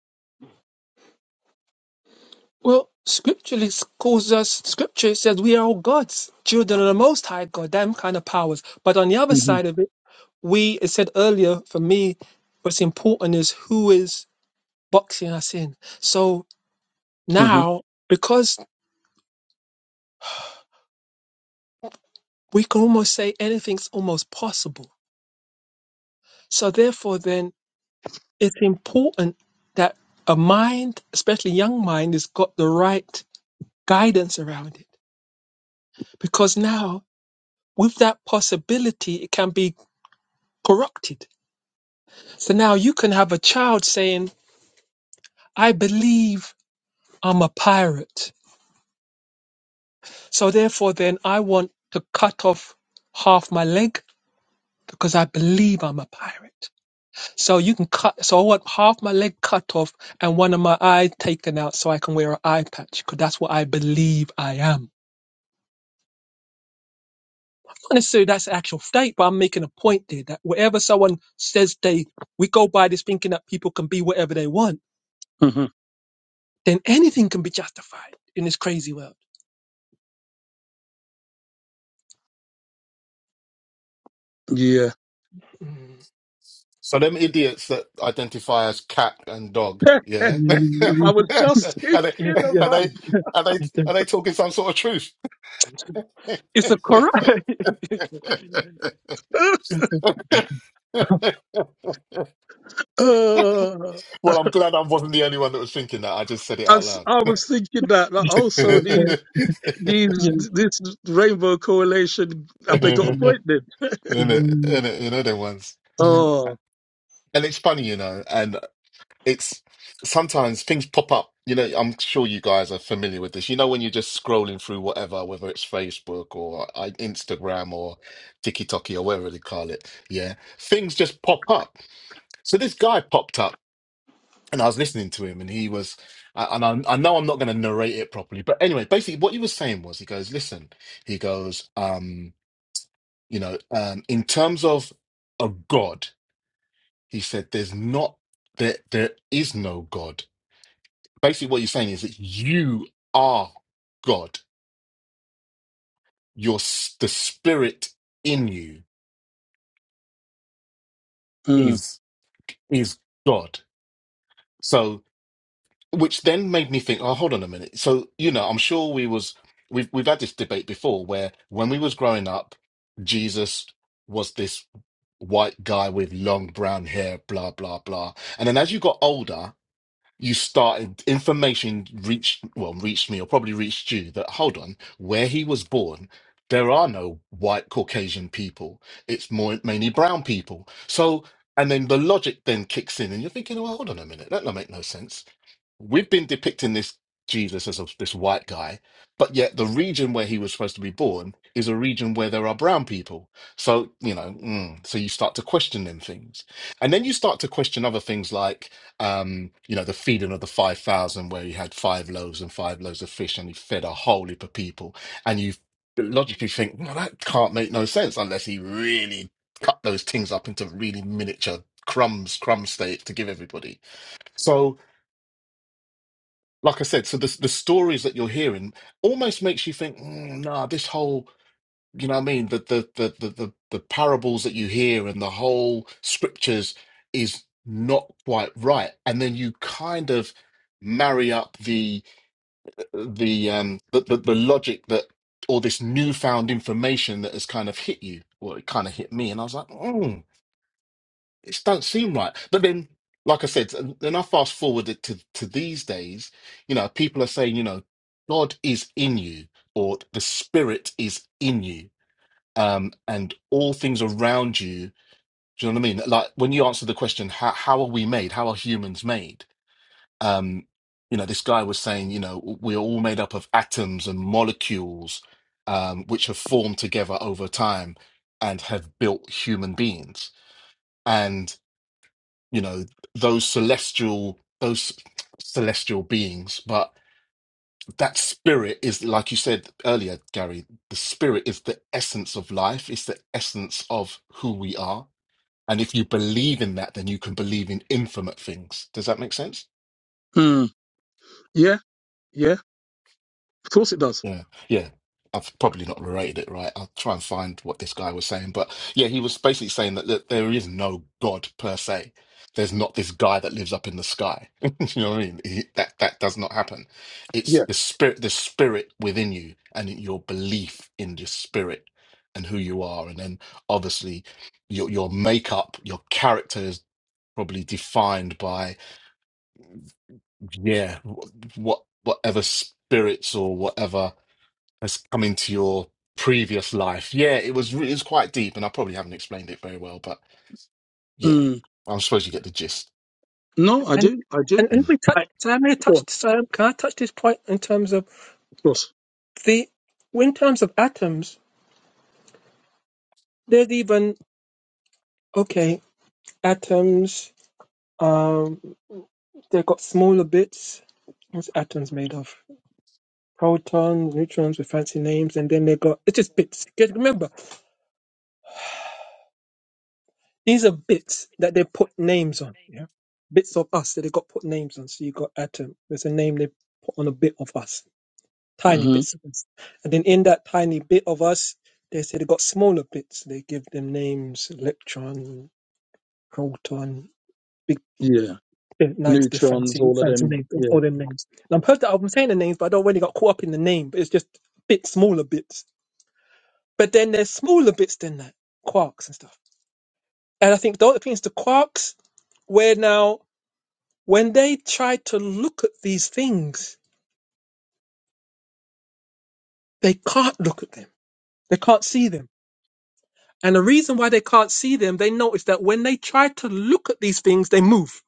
[SPEAKER 4] Well, scripturally s- calls us, scripture says we are all God's children of the Most High God, them kind of powers. But on the other side
[SPEAKER 1] hmm
[SPEAKER 4] of it, we, as said earlier, for me, what's important is who is boxing us in. So
[SPEAKER 1] hmm
[SPEAKER 4] Now, because we can almost say anything's almost possible. So therefore then it's important that a mind, especially young mind, has got the right guidance around it. Because now with that possibility it can be corrupted. So now you can have a child saying, I believe I'm a pirate. So therefore then I want to cut off half my leg because I believe I'm a pirate. So you can cut. So I want half my leg cut off and one of my eye taken out, so I can wear an eye patch because that's what I believe I am. Not necessarily that's the actual state, but I'm making a point there that wherever someone says they, we go by this thinking that people can be whatever they want,
[SPEAKER 1] hmm
[SPEAKER 4] then anything can be justified in this crazy world.
[SPEAKER 1] Yeah.
[SPEAKER 4] Mm.
[SPEAKER 2] So them idiots that identify as cat and dog, yeah,
[SPEAKER 1] I
[SPEAKER 4] Mm,
[SPEAKER 1] was just
[SPEAKER 2] are they
[SPEAKER 4] Yes,
[SPEAKER 1] thinking
[SPEAKER 4] yes,
[SPEAKER 2] are
[SPEAKER 1] about.
[SPEAKER 4] yes.
[SPEAKER 2] they are they
[SPEAKER 4] yes, yes.
[SPEAKER 2] are they talking some sort of truth?
[SPEAKER 4] It's a correct. it's a, no,
[SPEAKER 1] Uh,
[SPEAKER 2] well, I'm glad I wasn't the only one that was thinking that. I just said it
[SPEAKER 1] I,
[SPEAKER 2] out
[SPEAKER 1] s-
[SPEAKER 2] loud.
[SPEAKER 1] I was thinking that like, also these
[SPEAKER 4] no,
[SPEAKER 2] Innit?
[SPEAKER 1] these
[SPEAKER 4] yes,
[SPEAKER 1] this rainbow coalition have they
[SPEAKER 4] yes,
[SPEAKER 1] got
[SPEAKER 4] yes.
[SPEAKER 1] appointed?
[SPEAKER 2] Innit? You know them ones,
[SPEAKER 4] Mm,
[SPEAKER 1] Oh,
[SPEAKER 2] and it's funny, you know. and. it's sometimes things pop up. You know, I'm sure you guys are familiar with this. You know, when you're just scrolling through whatever, whether it's Facebook or uh, Instagram or TikTok or whatever they call it, yeah, things just pop up. So this guy popped up, and I was listening to him, and he was, I- and I, I know I'm not going to narrate it properly, but anyway, basically what he was saying was, he goes, listen, he goes, um, you know, um, in terms of a God, he said, there's not, there, there is no God basically what you're saying is that you are God. Your s- the spirit in you
[SPEAKER 1] mm,
[SPEAKER 2] is is God. So which then made me think, oh, hold on a minute. So you know, I'm sure we was we've we've had this debate before where when we was growing up, Jesus was this white guy with long brown hair, blah blah blah. And then as you got older. you started information reached well reached me or probably reached you that hold on where he was born there are no white caucasian people it's more mainly brown people so and then the logic then kicks in and you're thinking well hold on a minute that don't make no sense we've been depicting this Jesus as a, this white guy, but yet the region where he was supposed to be born is a region where there are brown people. So, you know, mm, so you start to question them things. And then you start to question other things like, um, you know, the feeding of the 5,000, where he had five loaves and five loaves of fish and he fed a whole heap of people. And you logically think, well, that can't make no sense unless he really cut those things up into really miniature crumbs, crumb state to give everybody. So, like I said, so the the stories that you're hearing almost makes you think, mm, nah, this whole, you know what I mean, the the the the the, the parables that you hear and the whole scriptures is not quite right. And then you kind of marry up the the um the the, the logic that or this newfound information that has kind of hit you. Well, it kind of hit me, and I was like, "Hmm, it don't seem right. But then, like I said, and then I fast forward it to to these days. You know, people are saying, you know, God is in you, or the Spirit is in you, um, and all things around you. Do you know what I mean? Like when you answer the question, how how are we made? How are humans made? Um, you know, this guy was saying, you know, we're all made up of atoms and molecules, um, which have formed together over time and have built human beings you know those celestial those celestial beings but that spirit is like you said earlier gary the spirit is the essence of life it's the essence of who we are and if you believe in that then you can believe in infinite things does that make sense
[SPEAKER 1] mm, yeah, yeah. Of course it does.
[SPEAKER 2] Yeah, yeah. I've probably not related it right. I'll try and find what this guy was saying. But yeah, he was basically saying that, that there is no God per se. There's not this guy that lives up in the sky. you know what I mean? He, that that does not happen. It's
[SPEAKER 1] Yeah.
[SPEAKER 2] the spirit, the spirit within you, and your belief in the spirit and who you are, and then obviously your your makeup, your character is probably defined by yeah, wh- what whatever spirits or whatever has come into your previous life. Yeah, it was re- it was quite deep, and I probably haven't explained it very well, but yeah,
[SPEAKER 1] Mm,
[SPEAKER 2] I suppose you get the gist.
[SPEAKER 1] no, I
[SPEAKER 4] And
[SPEAKER 1] do, I do.
[SPEAKER 4] and if
[SPEAKER 2] Mm.
[SPEAKER 4] we touch,
[SPEAKER 1] I
[SPEAKER 4] so i may
[SPEAKER 1] well,
[SPEAKER 4] touch. So i can I touch this point in terms of
[SPEAKER 1] of course.
[SPEAKER 4] the, in terms of atoms? There's even okay atoms. Um, they've got smaller bits. What's atoms made of? Protons, neutrons with fancy names, and then they got it's just bits. Because remember, these are bits that they put names on. Yeah, bits of us that they got put names on. So you got atom. There's a name they put on a bit of us tiny
[SPEAKER 1] hmm
[SPEAKER 4] bits of us. And then in that tiny bit of us, they say they got smaller bits. They give them names: electron, proton, big,
[SPEAKER 1] Yeah.
[SPEAKER 4] big nice, they
[SPEAKER 1] Neutrons,
[SPEAKER 4] fancy,
[SPEAKER 1] all of
[SPEAKER 4] fancy
[SPEAKER 1] them.
[SPEAKER 4] names,
[SPEAKER 1] Yeah.
[SPEAKER 4] all them names. And I'm perfect. I'm saying the names, but I don't really got caught up in the name. But it's just bit smaller bits. But then there's smaller bits than that, quarks and stuff. And I think the other thing is the quarks, where now when they try to look at these things, they can't look at them. They can't see them And the reason why they can't see them, they notice that when they try to look at these things, they move.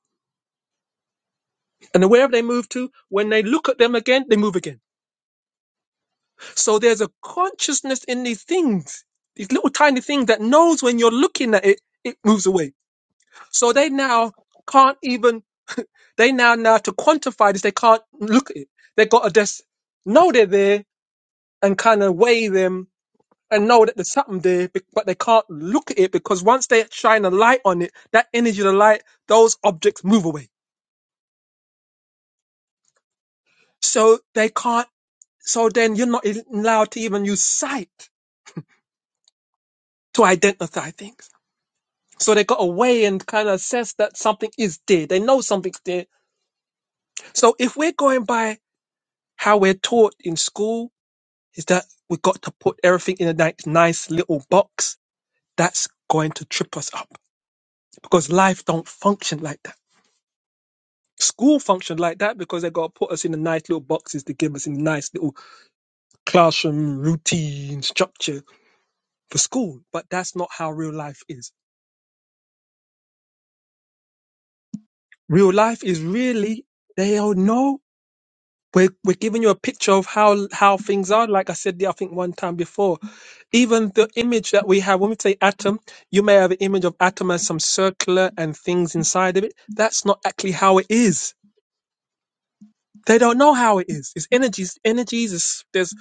[SPEAKER 4] And wherever they move to, when they look at them again, they move again. So there's a consciousness in these things, these little tiny things that knows when you're looking at it, it moves away. So they now can't even, they now, now to quantify this, they can't look at it. They got to just know they're there and kind of weigh them and know that there's something there, be- but they can't look at it because once they shine a light on it, that energy of the light, those objects move away. So they can't, so then you're not e- allowed to even use sight to identify things. So they got away and kind of assess that something is there. They know something's there. So if we're going by how we're taught in school, is that we've got to put everything in a ni- nice little box. That's going to trip us up because life don't function like that School functioned like that because they got to put us in the nice little boxes to give us a nice little classroom routine structure for school. But that's not how real life is. Real life is really, they all know. We're, we're giving you a picture of how, how things are. Like I said, I think one time before, even the image that we have when we say atom you may have an image of atom as some circular and things inside of it that's not actually how it is They don't know how it is. It's energies, energies. It's, there's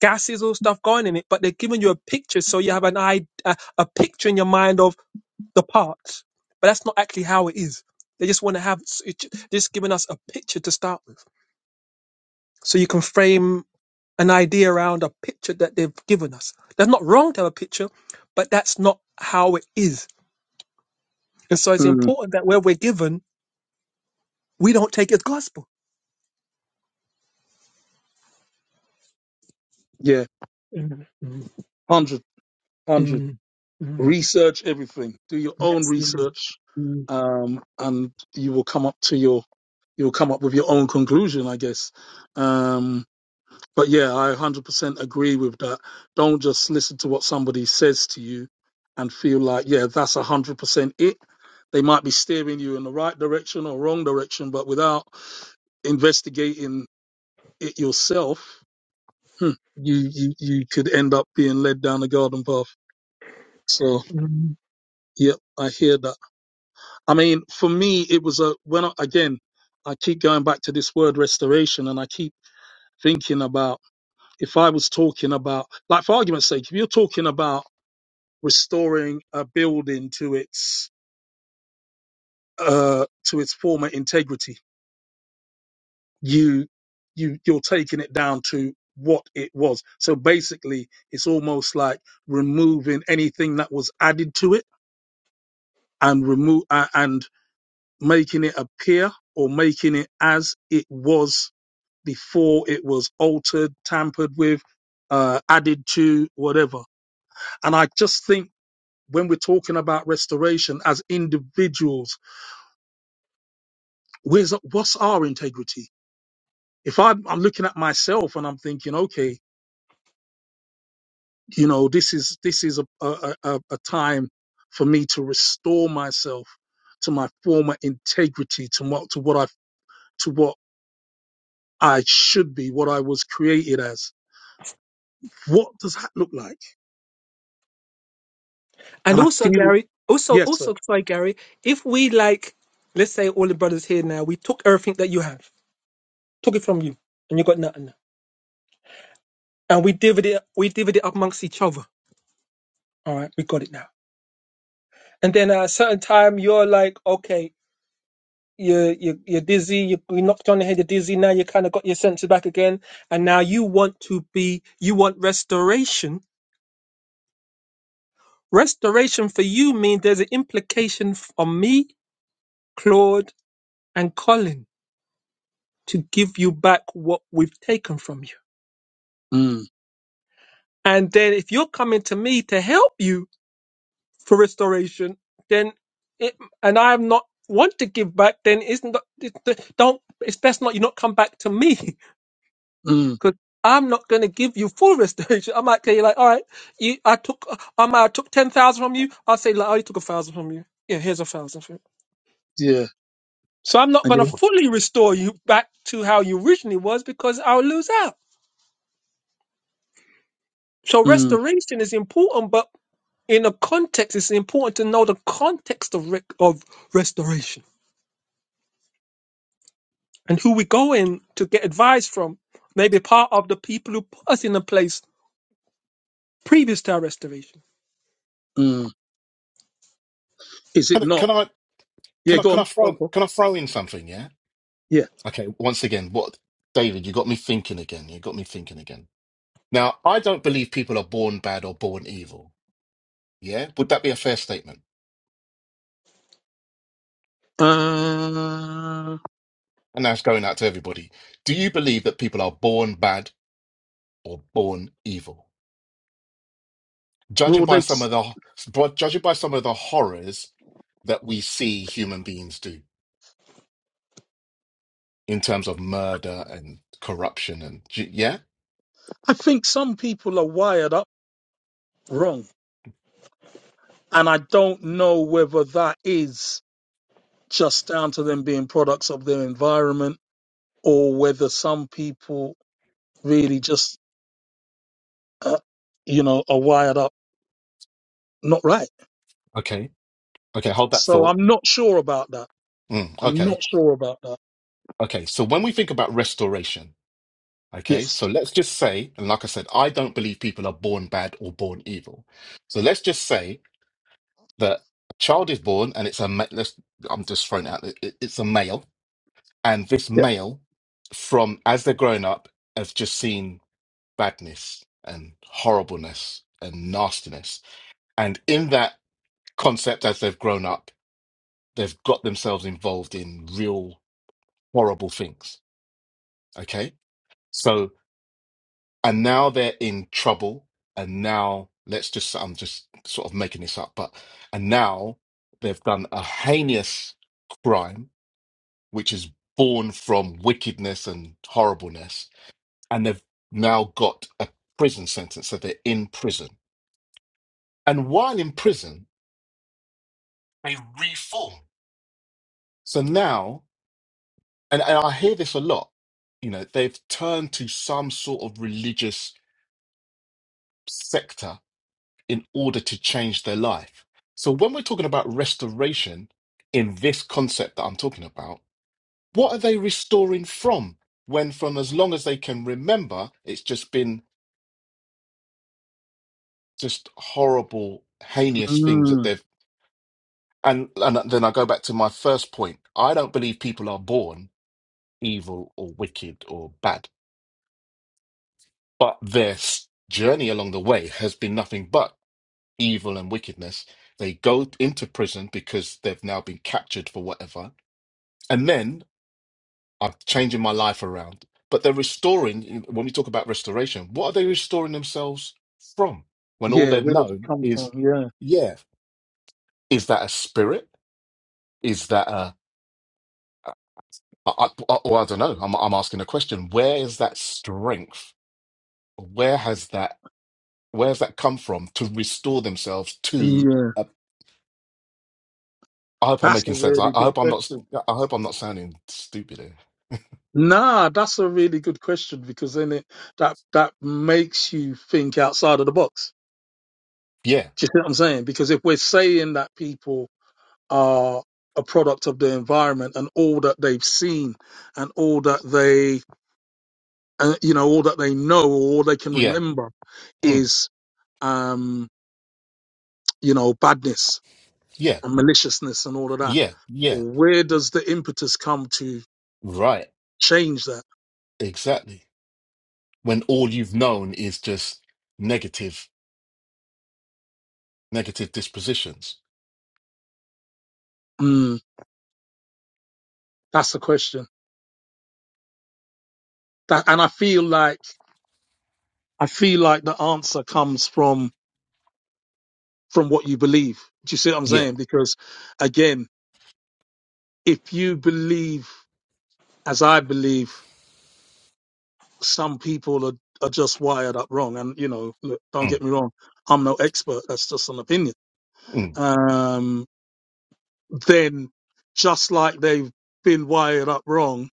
[SPEAKER 4] gases or stuff going in it, but they're giving you a picture, so you have an id- a, a picture in your mind of the parts. But that's not actually how it is. They just want to have s- it ju- just giving us a picture to start with, so you can frame an idea around a picture that they've given us. That's not wrong to have a picture, but that's not how it is. And so it's
[SPEAKER 1] Mm,
[SPEAKER 4] important that where we're given, we don't take it as gospel.
[SPEAKER 1] yeah.
[SPEAKER 4] Mm, mm,
[SPEAKER 1] 100, 100.
[SPEAKER 4] mm, mm.
[SPEAKER 1] Research everything. Do your own
[SPEAKER 4] Yes.
[SPEAKER 1] research,
[SPEAKER 4] yeah.
[SPEAKER 1] um, and you will come up to your you'll come up with your own conclusion, I guess. Um, but yeah, I 100% agree with that. Don't just listen to what somebody says to you and feel like, yeah, that's 100% it. They might be steering you in the right direction or wrong direction, but without investigating it yourself, hmm, you, you, you could end up being led down the garden path. So,
[SPEAKER 4] Mm.
[SPEAKER 1] yep, I hear that. I mean, for me, it was a when I, again, I keep going back to this word restoration, and I keep thinking about if I was talking about, like, for argument's sake, if you're talking about restoring a building to its uh, to its former integrity, you you you're taking it down to what it was. So basically, it's almost like removing anything that was added to it and remove uh, and making it appear or making it as it was before it was altered, tampered with, uh, added to, whatever. And I just think when we're talking about restoration as individuals, where's, what's our integrity? If I'm, I'm looking at myself and I'm thinking, okay, you know, this is this is a, a, a, a time for me to restore myself to my former integrity, to what to what I to what I should be, what I was created as. What does that look like?
[SPEAKER 4] And
[SPEAKER 1] And I
[SPEAKER 4] also,
[SPEAKER 1] feel
[SPEAKER 4] Gary, also,
[SPEAKER 1] yes, sir.
[SPEAKER 4] also, sorry, Gary, if we like, let's say all the brothers here now, we took everything that you have, took it from you, and you got nothing, and we divided it, we divided it up amongst each other. All right, we got it now. And then at a certain time, you're like, okay, you're you're, you're dizzy, you, you knocked on the head, you're dizzy. Now you kind of got your senses back again, and now you want to be, you want restoration. Restoration for you means there's an implication on me, Claude, and Colin to give you back what we've taken from you.
[SPEAKER 1] Mm,
[SPEAKER 4] And then if you're coming to me to help you for restoration, then it, and I am not want to give back, then isn't that, it- it- don't it's best not you not come back to me
[SPEAKER 1] mm.
[SPEAKER 4] because I'm not going to give you full restoration. I might tell you like, all right, you I took I might have took ten thousand from you. I'll say like, oh, you took a thousand from you. Yeah, here's a thousand. for you."
[SPEAKER 1] Yeah.
[SPEAKER 4] So I'm not
[SPEAKER 1] And
[SPEAKER 4] going to
[SPEAKER 1] you
[SPEAKER 4] fully restore you back to how you originally was because I'll lose out. So
[SPEAKER 1] mm,
[SPEAKER 4] restoration is important, but in a context, it's important to know the context of rec- of restoration and who we go in to get advice from. Maybe part of the people who put us in a place previous to our restoration.
[SPEAKER 1] mm. Is it
[SPEAKER 2] Can, I-
[SPEAKER 1] not?
[SPEAKER 2] can I
[SPEAKER 1] Yeah,
[SPEAKER 2] can I
[SPEAKER 1] go
[SPEAKER 2] can I
[SPEAKER 1] on. Go on,
[SPEAKER 2] throw
[SPEAKER 1] go on.
[SPEAKER 2] can I throw in something? Yeah.
[SPEAKER 1] Yeah.
[SPEAKER 2] Okay. Once again, what David? You got me thinking again. You got me thinking again. Now, I don't believe people are born bad or born evil. Yeah, would that be a fair statement?
[SPEAKER 1] Uh,
[SPEAKER 2] And that's going out to everybody. Do you believe that people are born bad or born evil? Judging
[SPEAKER 1] well,
[SPEAKER 2] by
[SPEAKER 1] they,
[SPEAKER 2] some of the judging by some of the horrors that we see human beings do in terms of murder and corruption and yeah,
[SPEAKER 1] I think some people are wired up wrong. And I don't know whether that is just down to them being products of their environment or whether some people really just, uh, you know, are wired up not right.
[SPEAKER 2] okay, okay, hold that
[SPEAKER 1] So
[SPEAKER 2] thought.
[SPEAKER 1] I'm not sure about that.
[SPEAKER 2] Mm,
[SPEAKER 1] I'm
[SPEAKER 2] okay,
[SPEAKER 1] not sure about that.
[SPEAKER 2] okay. So when we think about restoration, okay,
[SPEAKER 1] Yes.
[SPEAKER 2] so let's just say, and like I said, I don't believe people are born bad or born evil. So let's just say that a child is born and it's a ma- let's I'm just throwing it out. It, it's a male, and this
[SPEAKER 1] Yeah.
[SPEAKER 2] male, from as they're growing up, has just seen. badness and horribleness and nastiness. And in that concept, as they've grown up, they've got themselves involved in real horrible things. Okay. So, and now they're in trouble. And now let's just, I'm just sort of making this up, but, and now they've done a heinous crime, which is born from wickedness and horribleness. And they've now got a prison sentence. So they're in prison. And while in prison, They reform. So now, and, and I hear this a lot, you know, they've turned to some sort of religious sector in order to change their life. So when we're talking about restoration in this concept that I'm talking about, what are they restoring from? When from as long as they can remember, it's just been just horrible, heinous things that
[SPEAKER 1] Mm,
[SPEAKER 2] they've and and then I go back to my first point. I don't believe people are born evil or wicked or bad. But their s- journey along the way has been nothing but evil and wickedness. They go into prison because they've now been captured for whatever. And then I'm changing my life around. But they're restoring, when we talk about restoration, what are they restoring themselves from? When all
[SPEAKER 1] yeah.
[SPEAKER 2] they've
[SPEAKER 1] Where does it
[SPEAKER 2] known
[SPEAKER 1] come
[SPEAKER 2] is,
[SPEAKER 1] from? Yeah.
[SPEAKER 2] yeah, is that a spirit? Is that a I, I, or I don't know. I'm I'm asking a question. Where is that strength? Where has that Where has that come from to restore themselves to?
[SPEAKER 1] Yeah.
[SPEAKER 2] a? I hope I'm
[SPEAKER 1] That's a
[SPEAKER 2] making sense. I,
[SPEAKER 1] really
[SPEAKER 2] I
[SPEAKER 1] good
[SPEAKER 2] hope I'm not.
[SPEAKER 1] question.
[SPEAKER 2] I hope I'm not sounding stupid here.
[SPEAKER 1] Nah, that's a really good question because then it that that makes you think outside of the box.
[SPEAKER 2] Yeah,
[SPEAKER 1] Do you see what I'm saying? Because if we're saying that people are a product of their environment and all that they've seen and all that they uh, you know all that they know or all they can
[SPEAKER 2] yeah,
[SPEAKER 1] remember
[SPEAKER 2] mm,
[SPEAKER 1] is um you know badness
[SPEAKER 2] yeah,
[SPEAKER 1] and maliciousness and all of that
[SPEAKER 2] yeah, yeah.
[SPEAKER 1] where does the impetus come to
[SPEAKER 2] Right,
[SPEAKER 1] change that
[SPEAKER 2] exactly. When all you've known is just negative, negative dispositions.
[SPEAKER 1] mm, that's the question That, and I feel like I feel like the answer comes from from what you believe. Do you see what I'm
[SPEAKER 2] Yeah.
[SPEAKER 1] saying? Because again, if you believe as I believe, some people are are just wired up wrong. And you know, look, don't get
[SPEAKER 2] Mm,
[SPEAKER 1] me wrong, I'm no expert. That's just an opinion.
[SPEAKER 2] mm,
[SPEAKER 1] Um, then just like they've been wired up wrong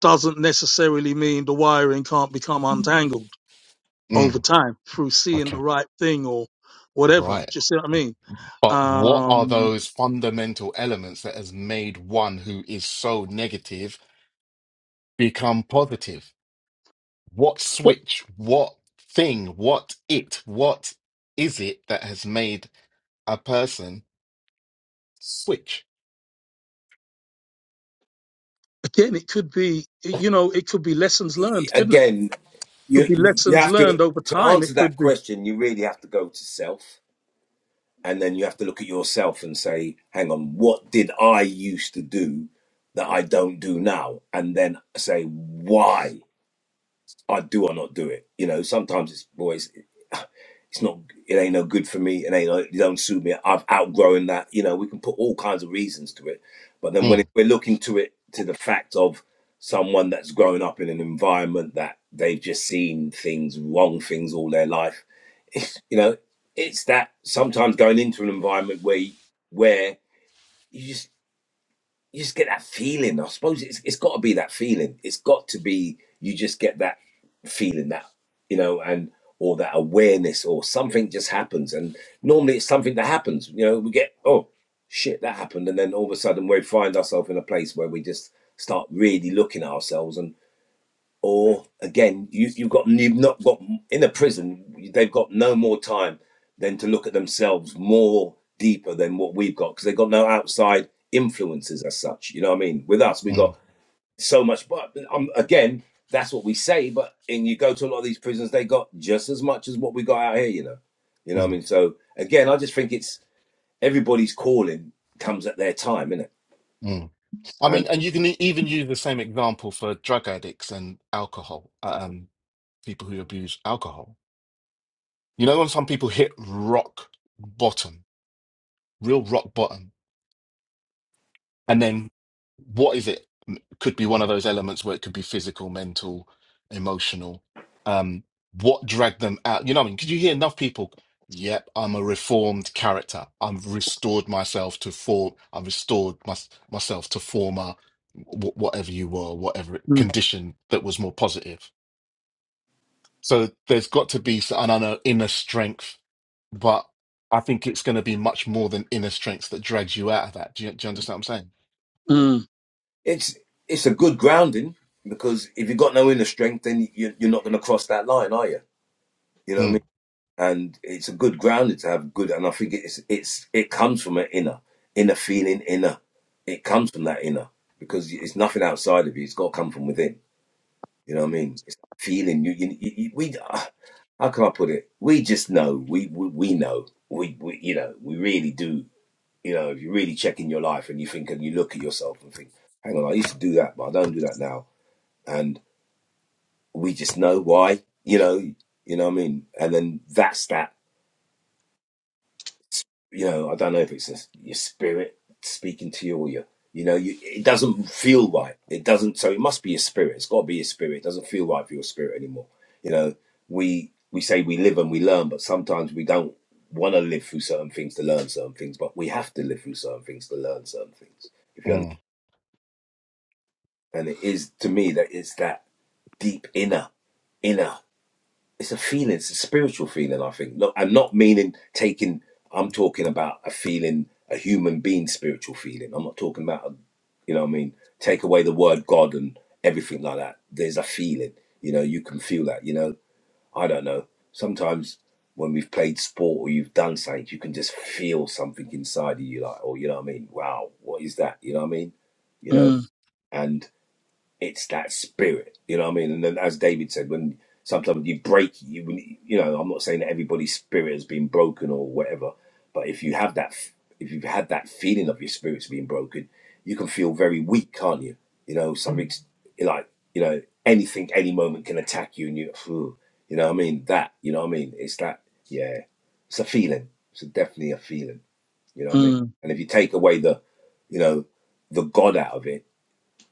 [SPEAKER 1] doesn't necessarily mean the wiring can't become untangled over
[SPEAKER 2] mm.
[SPEAKER 1] time through seeing
[SPEAKER 2] Okay.
[SPEAKER 1] the right thing or whatever. Do
[SPEAKER 2] Right.
[SPEAKER 1] you see what I mean?
[SPEAKER 2] But what are
[SPEAKER 1] Um,
[SPEAKER 2] those fundamental elements that has made one who is so negative become positive? What
[SPEAKER 1] but
[SPEAKER 2] switch? What thing? What it? What is it that has made a person switch.
[SPEAKER 1] again, it could be, you know, it could be lessons
[SPEAKER 3] Y-
[SPEAKER 1] learned, couldn't it?
[SPEAKER 3] Again,
[SPEAKER 1] Could
[SPEAKER 3] you
[SPEAKER 1] be
[SPEAKER 3] you
[SPEAKER 1] lessons
[SPEAKER 3] have to
[SPEAKER 1] learned over
[SPEAKER 3] to
[SPEAKER 1] time. It
[SPEAKER 3] answer that
[SPEAKER 1] could be.
[SPEAKER 3] question. You really have to go to self, and then you have to look at yourself and say, "Hang on, what did I used to do that I don't do now?" And then say, "Why I do I not do it?" You know, sometimes it's boys. it's not it ain't no good for me it ain't no, it don't suit me i've outgrown that you know we can put all kinds of reasons to it but then when
[SPEAKER 2] Mm,
[SPEAKER 3] we're looking to it to the fact of someone that's grown up in an environment that they've just seen things wrong things all their life you know it's that sometimes going into an environment where where you, just you just get that feeling. I suppose it's it's got to be that feeling. It's got to be you just get that feeling that you know, and or that awareness or something just happens. And normally it's something that happens. You know, we get oh shit that happened, and then all of a sudden we find ourselves in a place where we just start really looking at ourselves and or again, you, you've got you've not got in a prison. They've got no more time than to look at themselves more deeper than what we've got because they've got no outside influences as such. You know what I mean? With us, we
[SPEAKER 2] mm,
[SPEAKER 3] got so much. But um, again, that's what we say. But and you go to a lot of these prisons, they got just as much as what we got out here. You know, you know what I
[SPEAKER 2] mm,
[SPEAKER 3] mean? So again, I just think it's everybody's calling comes at their time, innit?
[SPEAKER 2] mm. I mean, and you can e- even use the same example for drug addicts and alcohol, uh, um, people who abuse alcohol. You know, when some people hit rock bottom, real rock bottom, And then what is it? M- Could be one of those elements where it could be physical, mental, emotional. Um, what dragged them out? You know what I mean? Because you hear enough people, yep, I'm a reformed character. I've restored myself to form, I've restored my, myself to former w- whatever you were, whatever
[SPEAKER 1] Mm,
[SPEAKER 2] condition that was more positive. So there's got to be s- an inner inner strength, but I think it's going to be much more than inner strength that drags you out of that. Do you, do you understand what I'm
[SPEAKER 1] mm,
[SPEAKER 3] it's it's a good grounding because if you've got no inner strength, then you, you're not going to cross that line, are you? You know what I
[SPEAKER 2] saying?
[SPEAKER 3] mean? And it's a good grounding to have good. And I think it's it's it comes from an inner inner feeling, inner. It comes from that inner because it's nothing outside of you. It's got to come from within. You know what I mean? It's feeling. You, you, you you- we. ah, How can I put it? We just know. We we, we know. We, we you know we really do. You know if you really check in your life and you think and you look at yourself and think, hang on, I used to do that, but I don't do that now and we just know why, you know, you know what I mean? And then that's that, you know, I don't know if it's just your spirit speaking to you or your, you know, you, it doesn't feel right. It doesn't, so it must be your spirit. It's got to be your spirit. It doesn't feel right for your spirit anymore. You know, we, we say we live and we learn, but sometimes we don't want to live through certain things to learn certain things, but we have to live through certain things to learn certain things. If
[SPEAKER 2] Mm,
[SPEAKER 3] you
[SPEAKER 2] mm.
[SPEAKER 3] understand, it is to me that it's that deep inner, inner it's a feeling, it's a spiritual feeling, I think. Not, I'm not meaning taking, I'm talking about a feeling, a human being spiritual feeling. I'm not talking about, a, you know what I mean? Take away the word God and everything like that. There's a feeling, you know, you can feel that, you know? I don't know. Sometimes when we've played sport or you've done something, you can just feel something inside of you, like, oh, you know what I mean? Wow, what is that? You know what I mean? You know,
[SPEAKER 1] mm,
[SPEAKER 3] and it's that spirit, you know what I mean? And then, as David said, when sometimes you break, you when you you know, I'm not saying that everybody's spirit has been broken or whatever, but if you have that, f- if you've had that feeling of your spirit's being broken, you can feel very weak, can't you? You know,
[SPEAKER 4] Mm.
[SPEAKER 3] something's like you know anything, any moment can attack you, and you, phew, you know what I mean? That, you know what I mean? It's that, yeah, it's a feeling. It's definitely a feeling, you know what I mean?
[SPEAKER 1] mm.
[SPEAKER 3] And if you take away the, you know, the God out of it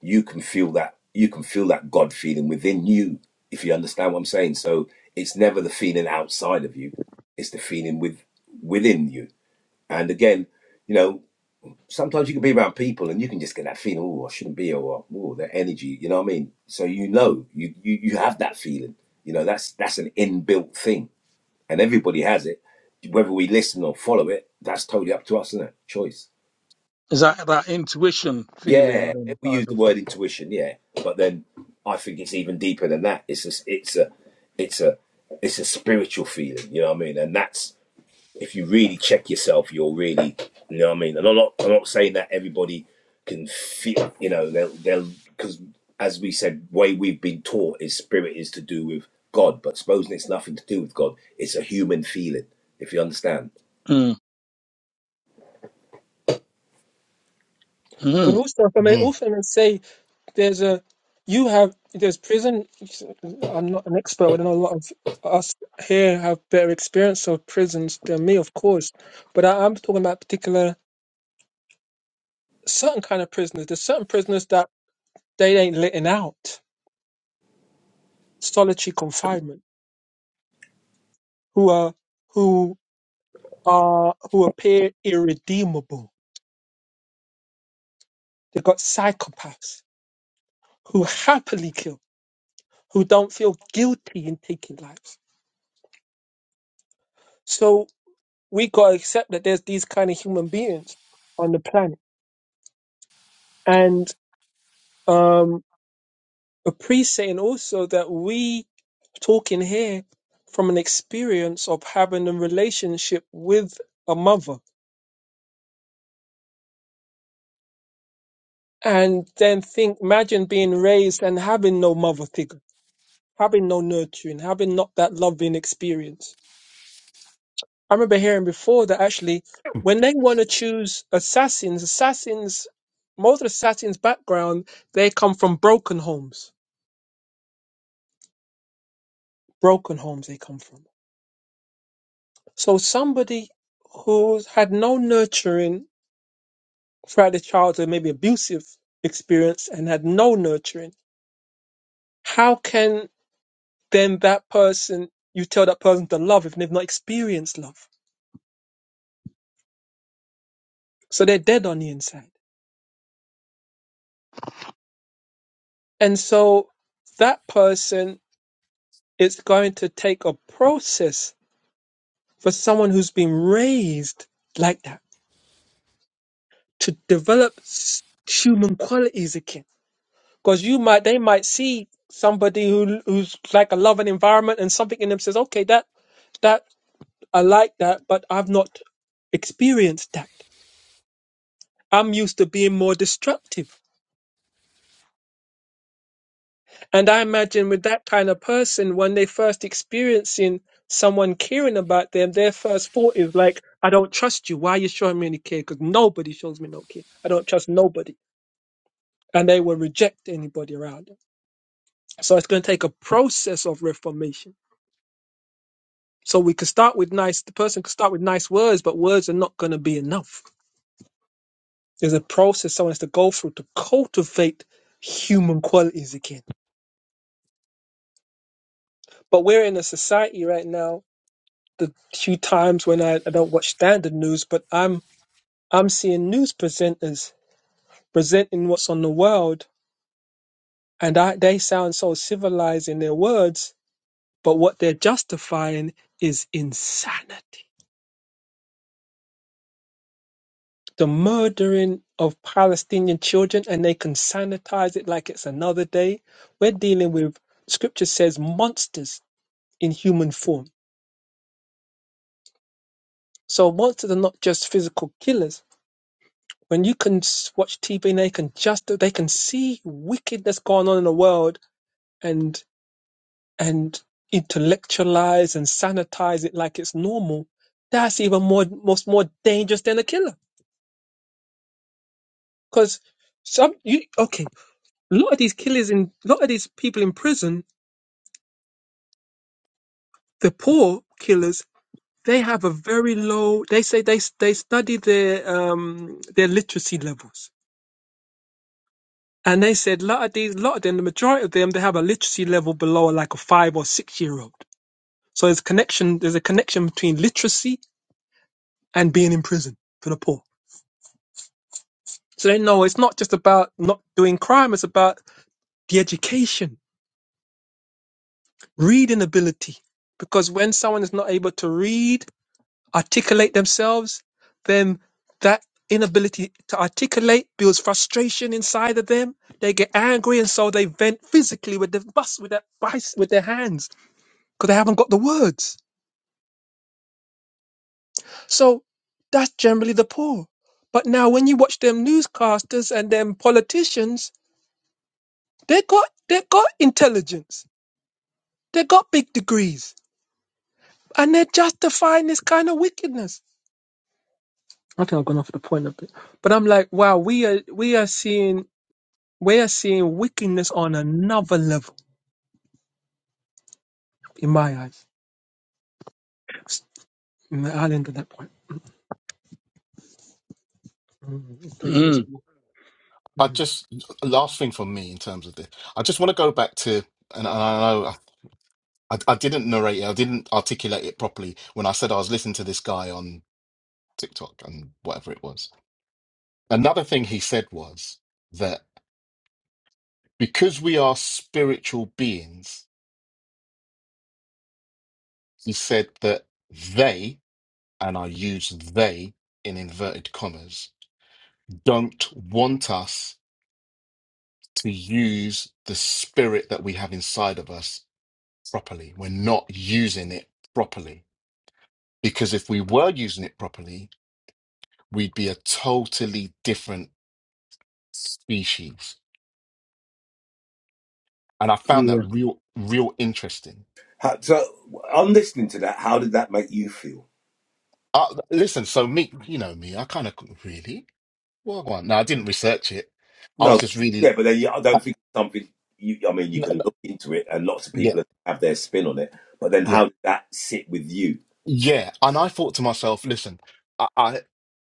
[SPEAKER 3] you can feel that you can feel that God feeling within you, if you understand what I'm saying. So it's never the feeling outside of you, it's the feeling with within you. And again, you know, sometimes you can be around people and you can just get that feeling, oh, I shouldn't be here, or oh, their energy, you know what I mean? So you know, you you you have that feeling. You know, that's that's an inbuilt thing. And everybody has it. Whether we listen or follow it, that's totally up to us, isn't it? Choice.
[SPEAKER 1] Is that that intuition feeling
[SPEAKER 3] Yeah,
[SPEAKER 1] and
[SPEAKER 3] we use
[SPEAKER 1] kind
[SPEAKER 3] the
[SPEAKER 1] of?
[SPEAKER 3] word intuition, yeah, but then I think it's even deeper than that. It's a, it's a, it's a, it's a spiritual feeling. You know what I mean? And that's if you really check yourself, you'll really, you know what I mean. And I'm not, I'm not saying that everybody can feel. You know, they'll, they'll, because as we said, way we've been taught is spirit is to do with God, but supposing it's nothing to do with God, it's a human feeling. If you understand.
[SPEAKER 1] Mm,
[SPEAKER 4] But
[SPEAKER 1] mm,
[SPEAKER 4] also, if I may
[SPEAKER 2] Mm.
[SPEAKER 4] often say, there's a you have there's prison. I'm not an expert. but I know a lot of us here have better experience of prisons than me, of course. But I, I'm talking about particular certain kind of prisoners. There's certain prisoners that they ain't letting out solitary confinement who are who are who appear irredeemable. They've got psychopaths who happily kill, who don't feel guilty in taking lives. So we gotta accept that there's these kind of human beings on the planet. And um appreciating also that we talking here from an experience of having a relationship with a mother and then think imagine being raised and having no mother figure having no nurturing, having not that loving experience. I remember hearing before that actually, when they want to choose assassins, assassins, most assassins' background, they come from broken homes. Broken homes they come from. So somebody who had no nurturing throughout their childhood, maybe abusive experience, and had no nurturing, how can then that person, you tell that person to love if they've not experienced love? So they're dead on the inside. And so that person is going to take a process for someone who's been raised like that to develop s- human qualities again. Because you might, they might see somebody who who's like a loving environment and something in them says, okay, that that I like that, but I've not experienced that. I'm used to being more destructive. And I imagine with that kind of person, when they first experiencing someone caring about them, their first thought is like, I don't trust you. Why are you showing me any care? Because nobody shows me no care. I don't trust nobody. And they will reject anybody around them. So it's going to take a process of reformation. So we could start with nice, the person could start with nice words, but words are not going to be enough. There's a process someone has to go through to cultivate human qualities again. But we're in a society right now the few times when I, I don't watch standard news, but I'm I'm seeing news presenters presenting what's on the world, and I, they sound so civilized in their words, but what they're justifying is insanity. The murdering of Palestinian children, and they can sanitize it like it's another day. We're dealing with scripture says monsters in human form. So monsters are not just physical killers When you can s- watch TV and they can just they can see wickedness going on in the world and and intellectualize and sanitize it like it's normal, that's even more most more dangerous than a killer. Because some you okay, a lot of these killers in a lot of these people in prison, the poor killers, they have a very low. They say they s- they study their um their literacy levels And they said a lot of these, lot of them, the majority of them, they have a literacy level below like a five or six year old. So there's connection, there's a connection between literacy and being in prison for the poor. So they know it's not just about not doing crime, it's about the education, reading ability. Because when someone is not able to read, articulate themselves, then that inability to articulate builds frustration inside of them. They get angry and so they vent physically with the bus with their bice with their hands because they haven't got the words. So that's generally the poor. But now when you watch them newscasters and them politicians, they got they got intelligence. They got big degrees. And they're justifying this kind of wickedness. I think I've gone off the point of it. But I'm like, wow, we are we are seeing we are seeing wickedness on another level in my eyes. S- I'll end at that point. Mm, it takes a little
[SPEAKER 1] mm.
[SPEAKER 4] while.
[SPEAKER 2] I
[SPEAKER 4] Mm.
[SPEAKER 2] just last thing for me in terms of this, I just want to go back to, and, and I know I, I didn't narrate it, I didn't articulate it properly when I said I was listening to this guy on TikTok and whatever it was. Another thing he said was that because we are spiritual beings, he said that they, and I use they in inverted commas, don't want us to use the spirit that we have inside of us properly. We're not using it properly. Because if we were using it properly, we'd be a totally different species. And I found that
[SPEAKER 1] Yeah.
[SPEAKER 2] real, real interesting.
[SPEAKER 3] How, so, on listening to that, how did that make you feel?
[SPEAKER 2] Uh, listen, so me, you know me, I kind of really, well, go on. No, I didn't research it. I
[SPEAKER 3] No,
[SPEAKER 2] was just really,
[SPEAKER 3] yeah, but then you, I
[SPEAKER 2] I-
[SPEAKER 3] don't think something. You, I mean, you
[SPEAKER 2] no,
[SPEAKER 3] can
[SPEAKER 2] no,
[SPEAKER 3] look into it, and lots of
[SPEAKER 2] yeah,
[SPEAKER 3] people have their spin on it. But then,
[SPEAKER 2] yeah,
[SPEAKER 3] how did that sit with you?
[SPEAKER 2] yeah. And I thought to myself, listen, I. I,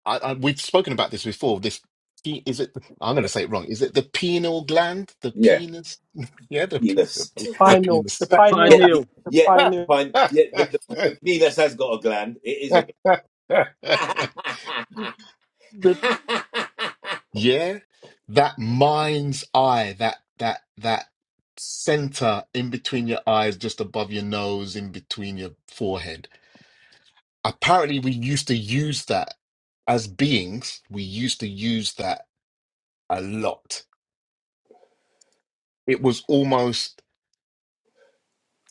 [SPEAKER 2] I, I, we've spoken about this before. This pe- is it. I'm going to say it wrong. Is it the penile gland? The
[SPEAKER 3] Yeah,
[SPEAKER 2] penis? Yeah, the pe- the,
[SPEAKER 3] penis.
[SPEAKER 2] pe- the
[SPEAKER 4] Pioneer, the
[SPEAKER 2] penis.
[SPEAKER 1] Hi,
[SPEAKER 4] pioneer,
[SPEAKER 3] Yeah, y-
[SPEAKER 1] Neil.
[SPEAKER 4] the
[SPEAKER 3] yeah. The
[SPEAKER 4] pioneer.
[SPEAKER 3] pine, yeah, the, the, the penis has got a gland. It is a.
[SPEAKER 2] The-
[SPEAKER 3] gland.
[SPEAKER 2] yeah, that mind's eye. That that that center in between your eyes, just above your nose, in between your forehead. Apparently, we used to use that as beings. We used to use that a lot. It was almost.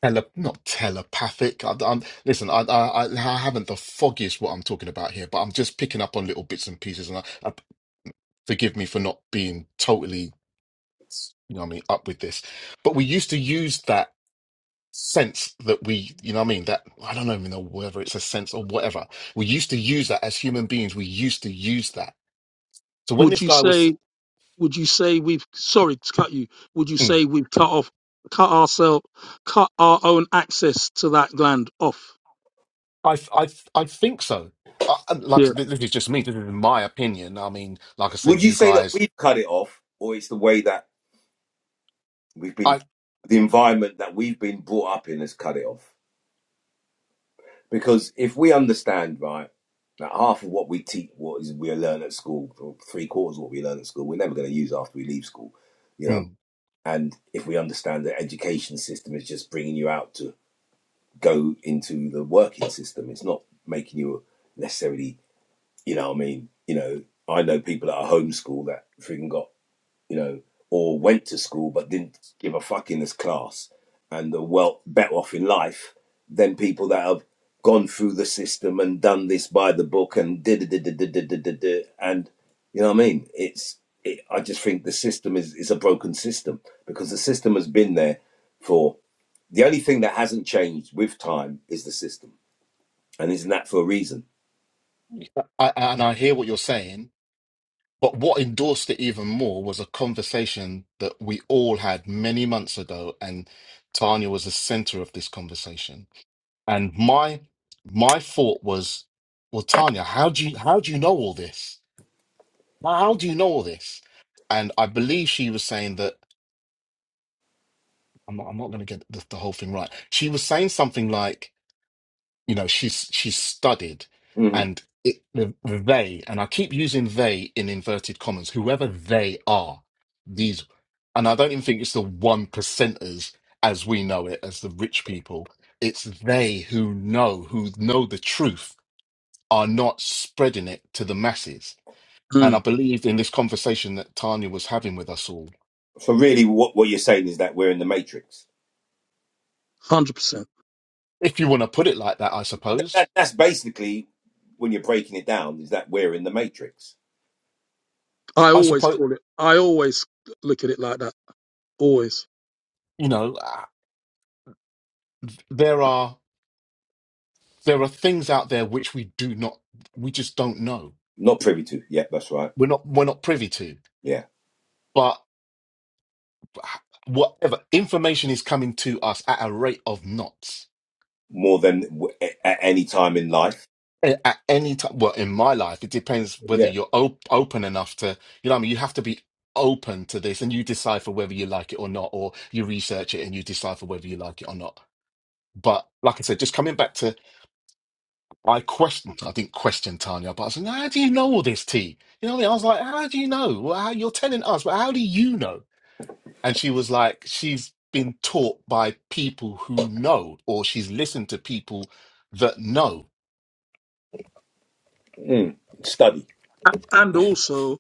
[SPEAKER 2] tele, not telepathic. I, I'm, listen, I, I, I haven't the foggiest what I'm talking about here, but I'm just picking up on little bits and pieces. And I, I, forgive me for not being totally, you know what I mean, up with this. But we used to use that sense that we, you know what I mean, that I don't even know whether it's a sense or whatever. We used to use that as human beings. We used to use that. So when
[SPEAKER 1] Would
[SPEAKER 2] this
[SPEAKER 1] you
[SPEAKER 2] guy was,
[SPEAKER 1] say? Would you say we've? Sorry to cut you. Would you
[SPEAKER 2] Mm.
[SPEAKER 1] say we've cut off, cut ourselves, cut our own access to that gland off?
[SPEAKER 2] I, I, I think so. I, I- like
[SPEAKER 1] Yeah.
[SPEAKER 2] this is just me. This is my opinion. I mean, like I
[SPEAKER 3] Would
[SPEAKER 2] said,
[SPEAKER 3] you
[SPEAKER 2] you
[SPEAKER 3] say that
[SPEAKER 2] guys,
[SPEAKER 3] we've cut it off, or it's the way that we've been,
[SPEAKER 2] I.
[SPEAKER 3] the environment that we've been brought up in has cut it off? Because if we understand, right, that half of what we teach, what is we learn at school, or three quarters of what we learn at school, we're never going to use after we leave school, you
[SPEAKER 2] hmm,
[SPEAKER 3] know. And if we understand that education system is just bringing you out to go into the working system, it's not making you necessarily, you know, what I mean, you know, I know people that are homeschool that freaking got you know, or went to school but didn't give a fuck in this class and are well better off in life than people that have gone through the system and done this by the book and did it. and you know what I mean? It's it, I just think the system is is a broken system because the system has been there for the only thing that hasn't changed with time is the system, and isn't that for a reason?
[SPEAKER 2] I, and I hear what you're saying, but what endorsed it even more was a conversation that we all had many months ago, and Tanya was the center of this conversation. And my my thought was, well, Tanya, how do you how do you know all this? How do you know all this? And I believe she was saying that I'm not, I'm not going to get the, the whole thing right. She was saying something like. you know she's she's studied
[SPEAKER 3] hmm
[SPEAKER 2] and it, the, the they and i keep using they in inverted commas whoever they are these and i don't even think it's the one percenters as we know it as the rich people it's they who know who know the truth are not spreading it to the masses and
[SPEAKER 1] mm,
[SPEAKER 2] i believed in this conversation that tanya was having with us all
[SPEAKER 3] So really, what what you're saying is that we're in the matrix.
[SPEAKER 1] Hundred percent.
[SPEAKER 2] if you want to put it like that i suppose
[SPEAKER 3] that, that's basically when you're breaking it down is that we're in the matrix
[SPEAKER 1] I
[SPEAKER 2] i
[SPEAKER 1] always
[SPEAKER 2] suppose
[SPEAKER 1] call it. I always look at it like that always.
[SPEAKER 2] you know uh, there are there are things out there which we do not we just don't know
[SPEAKER 3] not privy to yeah that's right
[SPEAKER 2] we're not we're not privy to
[SPEAKER 3] yeah
[SPEAKER 2] but whatever information is coming to us at a rate of knots
[SPEAKER 3] more than w- a- at any time in life
[SPEAKER 2] A- at any time well in my life it depends whether
[SPEAKER 3] yeah
[SPEAKER 2] you're op- open enough to you know what i mean you have to be open to this and you decipher whether you like it or not or you research it and you decipher whether you like it or not but like i said just coming back to I questioned, I didn't question Tanya, but I said, how do you know all this, T? You know what I mean? I was like, how do you know? Well, how, you're telling us, but how do you know? And she was like, she's been taught by people who know, or she's listened to people that know.
[SPEAKER 3] mm. study
[SPEAKER 1] A- And also,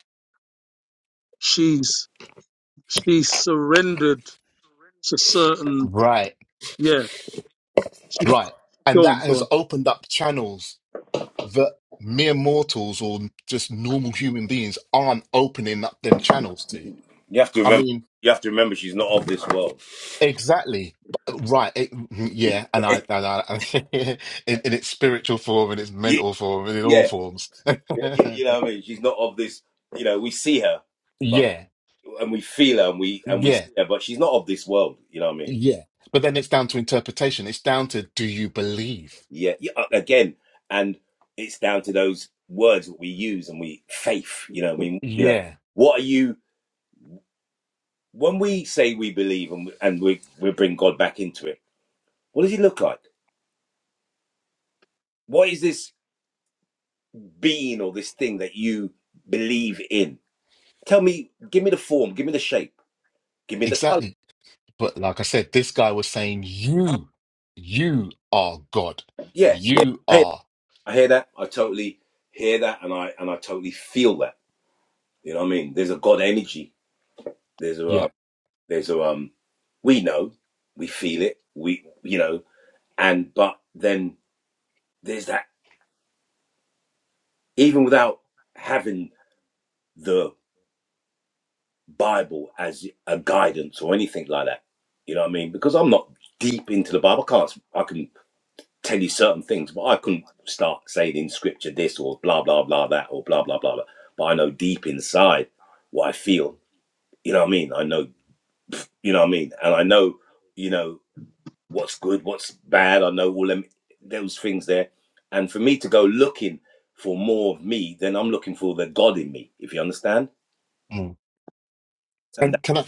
[SPEAKER 1] she's she surrendered to certain.
[SPEAKER 2] Right,
[SPEAKER 1] Yeah, she,
[SPEAKER 2] right. And
[SPEAKER 1] go on,
[SPEAKER 2] that
[SPEAKER 1] go
[SPEAKER 2] has
[SPEAKER 1] on.
[SPEAKER 2] opened up channels that mere mortals or just normal human beings aren't opening up them channels to.
[SPEAKER 3] You have to
[SPEAKER 2] I
[SPEAKER 3] remember.
[SPEAKER 2] mean,
[SPEAKER 3] You have to remember she's not of this world.
[SPEAKER 2] Exactly. But- Right. It, yeah. And I, and I, in, in its spiritual form, in its
[SPEAKER 3] Y-
[SPEAKER 2] mental form, and in all
[SPEAKER 3] yeah
[SPEAKER 2] forms.
[SPEAKER 3] Y- you know what i mean she's not of this you know we see her but
[SPEAKER 2] Yeah.
[SPEAKER 3] and we feel her and we and we
[SPEAKER 2] Yeah.
[SPEAKER 3] see her but she's not of this world you know what i mean
[SPEAKER 2] Yeah. But then it's down to interpretation. It's down to do you believe?
[SPEAKER 3] yeah, yeah uh, again and it's down to those words that we use and we faith you know what i mean you know
[SPEAKER 2] Yeah.
[SPEAKER 3] what are you when we say we believe and, we, and we, we bring God back into it, what does he look like? What is this being or this thing that you believe in? Tell me, give me the form, give me the shape, give me the color.
[SPEAKER 2] Exactly. But like I said, this guy was saying, you, you are God.
[SPEAKER 3] Yeah, yeah.
[SPEAKER 2] You
[SPEAKER 3] I hear,
[SPEAKER 2] are.
[SPEAKER 3] I hear that. I totally hear that, and I and I totally feel that. You know what I mean? There's a God energy. There's a
[SPEAKER 2] yeah."
[SPEAKER 3] um, there's a um, we know, we feel it. We you know, and but then there's that even without having the Bible as a guidance or anything like that. You know what I mean? Because I'm not deep into the Bible. I can't. I can tell you certain things, but I couldn't start saying in Scripture this or blah blah blah that or blah blah blah. blah. But I know deep inside what I feel. You know what I mean? I know. You know what I mean? And I know. You know what's good, what's bad. I know all them those things there. And for me to go looking for more of me, then I'm looking for the God in me. If you understand,
[SPEAKER 2] Mm.
[SPEAKER 3] and that,
[SPEAKER 2] And can I?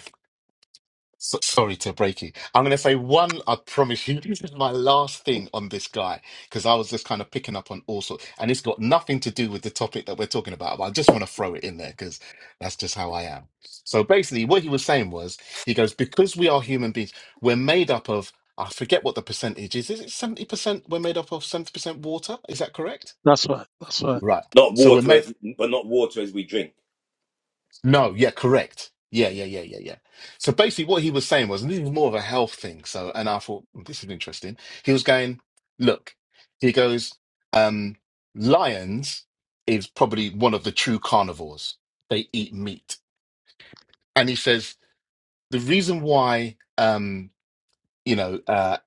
[SPEAKER 2] So, sorry to break you. I'm going to say one. I promise you, this is my last thing on this guy because I was just kind of picking up on all sorts, and it's got nothing to do with the topic that we're talking about. But I just want to throw it in there because that's just how I am. So basically, what he was saying was, he goes, because we are human beings, we're made up of. I forget what the percentage is. Is it seventy percent? We're made up of seventy percent water. Is that correct?
[SPEAKER 1] That's right. That's right.
[SPEAKER 2] Right.
[SPEAKER 3] not
[SPEAKER 2] So we're
[SPEAKER 3] water
[SPEAKER 2] made.
[SPEAKER 3] as, but not water as we drink
[SPEAKER 2] No, yeah, correct. Yeah, yeah, yeah, yeah, yeah. So basically, what he was saying was, and this is more of a health thing. So, and I thought "Hmm, this is interesting. He was going, look, he goes, um, lions is probably one of the true carnivores. They eat meat, and he says the reason why, um, you know, uh,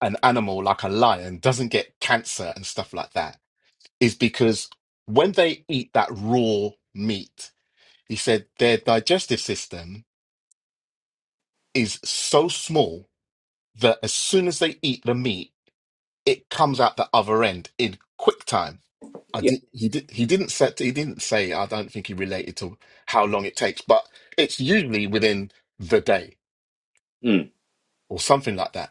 [SPEAKER 2] an animal like a lion doesn't get cancer and stuff like that is because when they eat that raw meat, he said their digestive system is so small that as soon as they eat the meat, it comes out the other end in quick time. I
[SPEAKER 3] Yeah.
[SPEAKER 2] did. He did. He didn't set. He didn't say. I don't think he related to how long it takes, but it's usually within the day
[SPEAKER 3] Mm,
[SPEAKER 2] or something like that.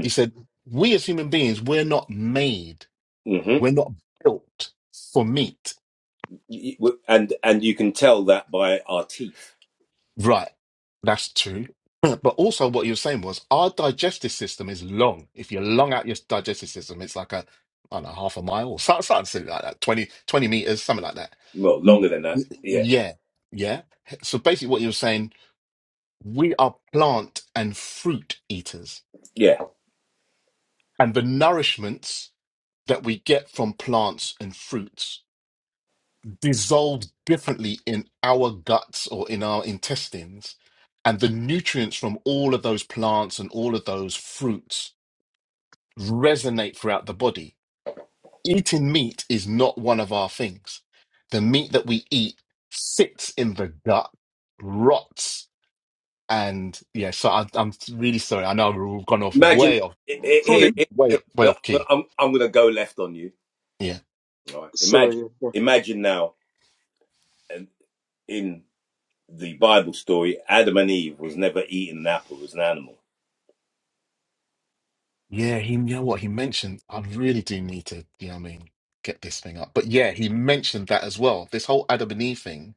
[SPEAKER 2] He said, "We as human beings, we're not made.
[SPEAKER 3] mhm.
[SPEAKER 2] We're not built for meat."
[SPEAKER 3] And and you can tell that by our teeth.
[SPEAKER 2] Right. That's true. But also, what you were saying was our digestive system is long. If you long out your digestive system, it's like a, I don't know, half a mile or something, something like that, 20, 20 meters, something like that.
[SPEAKER 3] Well, longer than that.
[SPEAKER 2] Y-
[SPEAKER 3] Yeah.
[SPEAKER 2] Yeah. Yeah. So basically, what you were saying, we are plant and fruit eaters,
[SPEAKER 3] Yeah.
[SPEAKER 2] and the nourishments that we get from plants and fruits. dissolves differently in our guts or in our intestines. And the nutrients from all of those plants and all of those fruits resonate throughout the body. Eating meat is not one of our things. The meat that we eat sits in the gut, rots, and yeah. So I, I'm really sorry. I know we've gone off
[SPEAKER 3] Imagine.
[SPEAKER 2] way off,
[SPEAKER 3] i- i-
[SPEAKER 1] Colin,
[SPEAKER 3] i-
[SPEAKER 2] way
[SPEAKER 3] i-
[SPEAKER 2] way off key.
[SPEAKER 3] am I'm gonna go left on you.
[SPEAKER 2] Yeah.
[SPEAKER 3] All right. Imagine.
[SPEAKER 1] sorry.
[SPEAKER 3] Imagine now. And in the Bible story, Adam and Eve was never eating an apple as an animal.
[SPEAKER 2] Yeah, he, you know what he mentioned? I really do need to, you know what I mean, get this thing up. But yeah, he mentioned that as well. This whole Adam and Eve thing.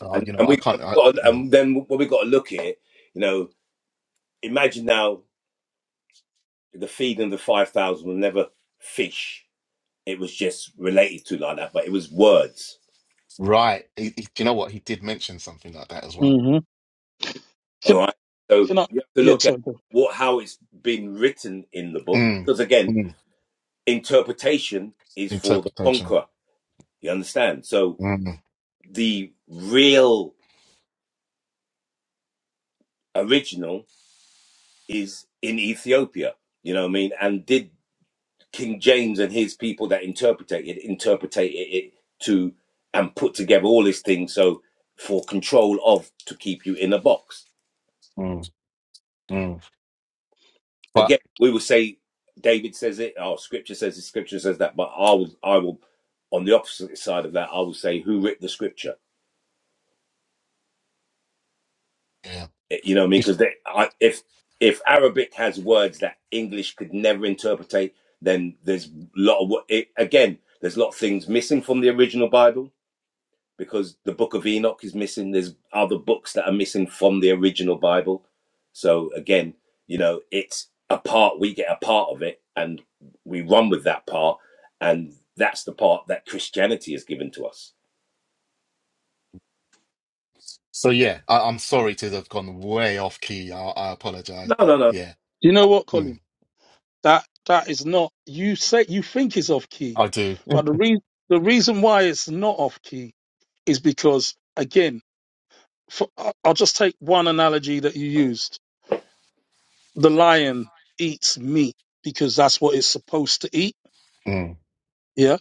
[SPEAKER 2] Uh,
[SPEAKER 3] And
[SPEAKER 2] you know,
[SPEAKER 3] and
[SPEAKER 2] I
[SPEAKER 3] we
[SPEAKER 2] can't.
[SPEAKER 3] and
[SPEAKER 2] I,
[SPEAKER 3] we
[SPEAKER 2] mm,
[SPEAKER 3] and then what we got to look at, you know, imagine now the feeding of the five thousand was never fish. It was just related to like that, but it was words
[SPEAKER 2] right. He, he- you know what? He did mention something like that as well.
[SPEAKER 1] Mm-hmm.
[SPEAKER 3] All
[SPEAKER 1] Can
[SPEAKER 3] right. So
[SPEAKER 1] can I?
[SPEAKER 3] you have to
[SPEAKER 1] Yeah,
[SPEAKER 3] look at
[SPEAKER 1] sorry. Go.
[SPEAKER 3] what how it's been written in the book,
[SPEAKER 2] Mm,
[SPEAKER 3] because again,
[SPEAKER 2] mm,
[SPEAKER 3] interpretation is for the
[SPEAKER 2] interpretation.
[SPEAKER 3] conqueror. You understand? So
[SPEAKER 2] Mm,
[SPEAKER 3] the real original is in Ethiopia. You know what I mean? And did King James and his people that interpreted it interpretate it to and put together all these things so for control of to keep you in a box.
[SPEAKER 2] mm, mm. But
[SPEAKER 3] again, we will say David says it, our scripture says it, scripture says that, but I will, I will, on the opposite side of that, I will say who writ the scripture.
[SPEAKER 2] yeah.
[SPEAKER 3] Eh, You know what I mean?
[SPEAKER 2] If,
[SPEAKER 3] Because if if Arabic has words that English could never interpretate, then there's a lot of wo- it, again, there's a lot of things missing from the original Bible because the book of Enoch is missing. There's other books that are missing from the original Bible. So again, you know, it's a part, we get a part of it and we run with that part. And that's the part that Christianity has given to us.
[SPEAKER 2] so yeah, I, I'm sorry to have gone way off key. I, I apologize.
[SPEAKER 3] No, no, no.
[SPEAKER 2] Yeah,
[SPEAKER 1] You know what,
[SPEAKER 2] mm,
[SPEAKER 1] Colin? That that is not. You say you think is off key,
[SPEAKER 2] I do.
[SPEAKER 1] but the re- the reason why it's not off key is because again, for, I- I'll just take one analogy that you used. The lion eats meat because that's what it's supposed to eat.
[SPEAKER 2] Mm,
[SPEAKER 1] Yeah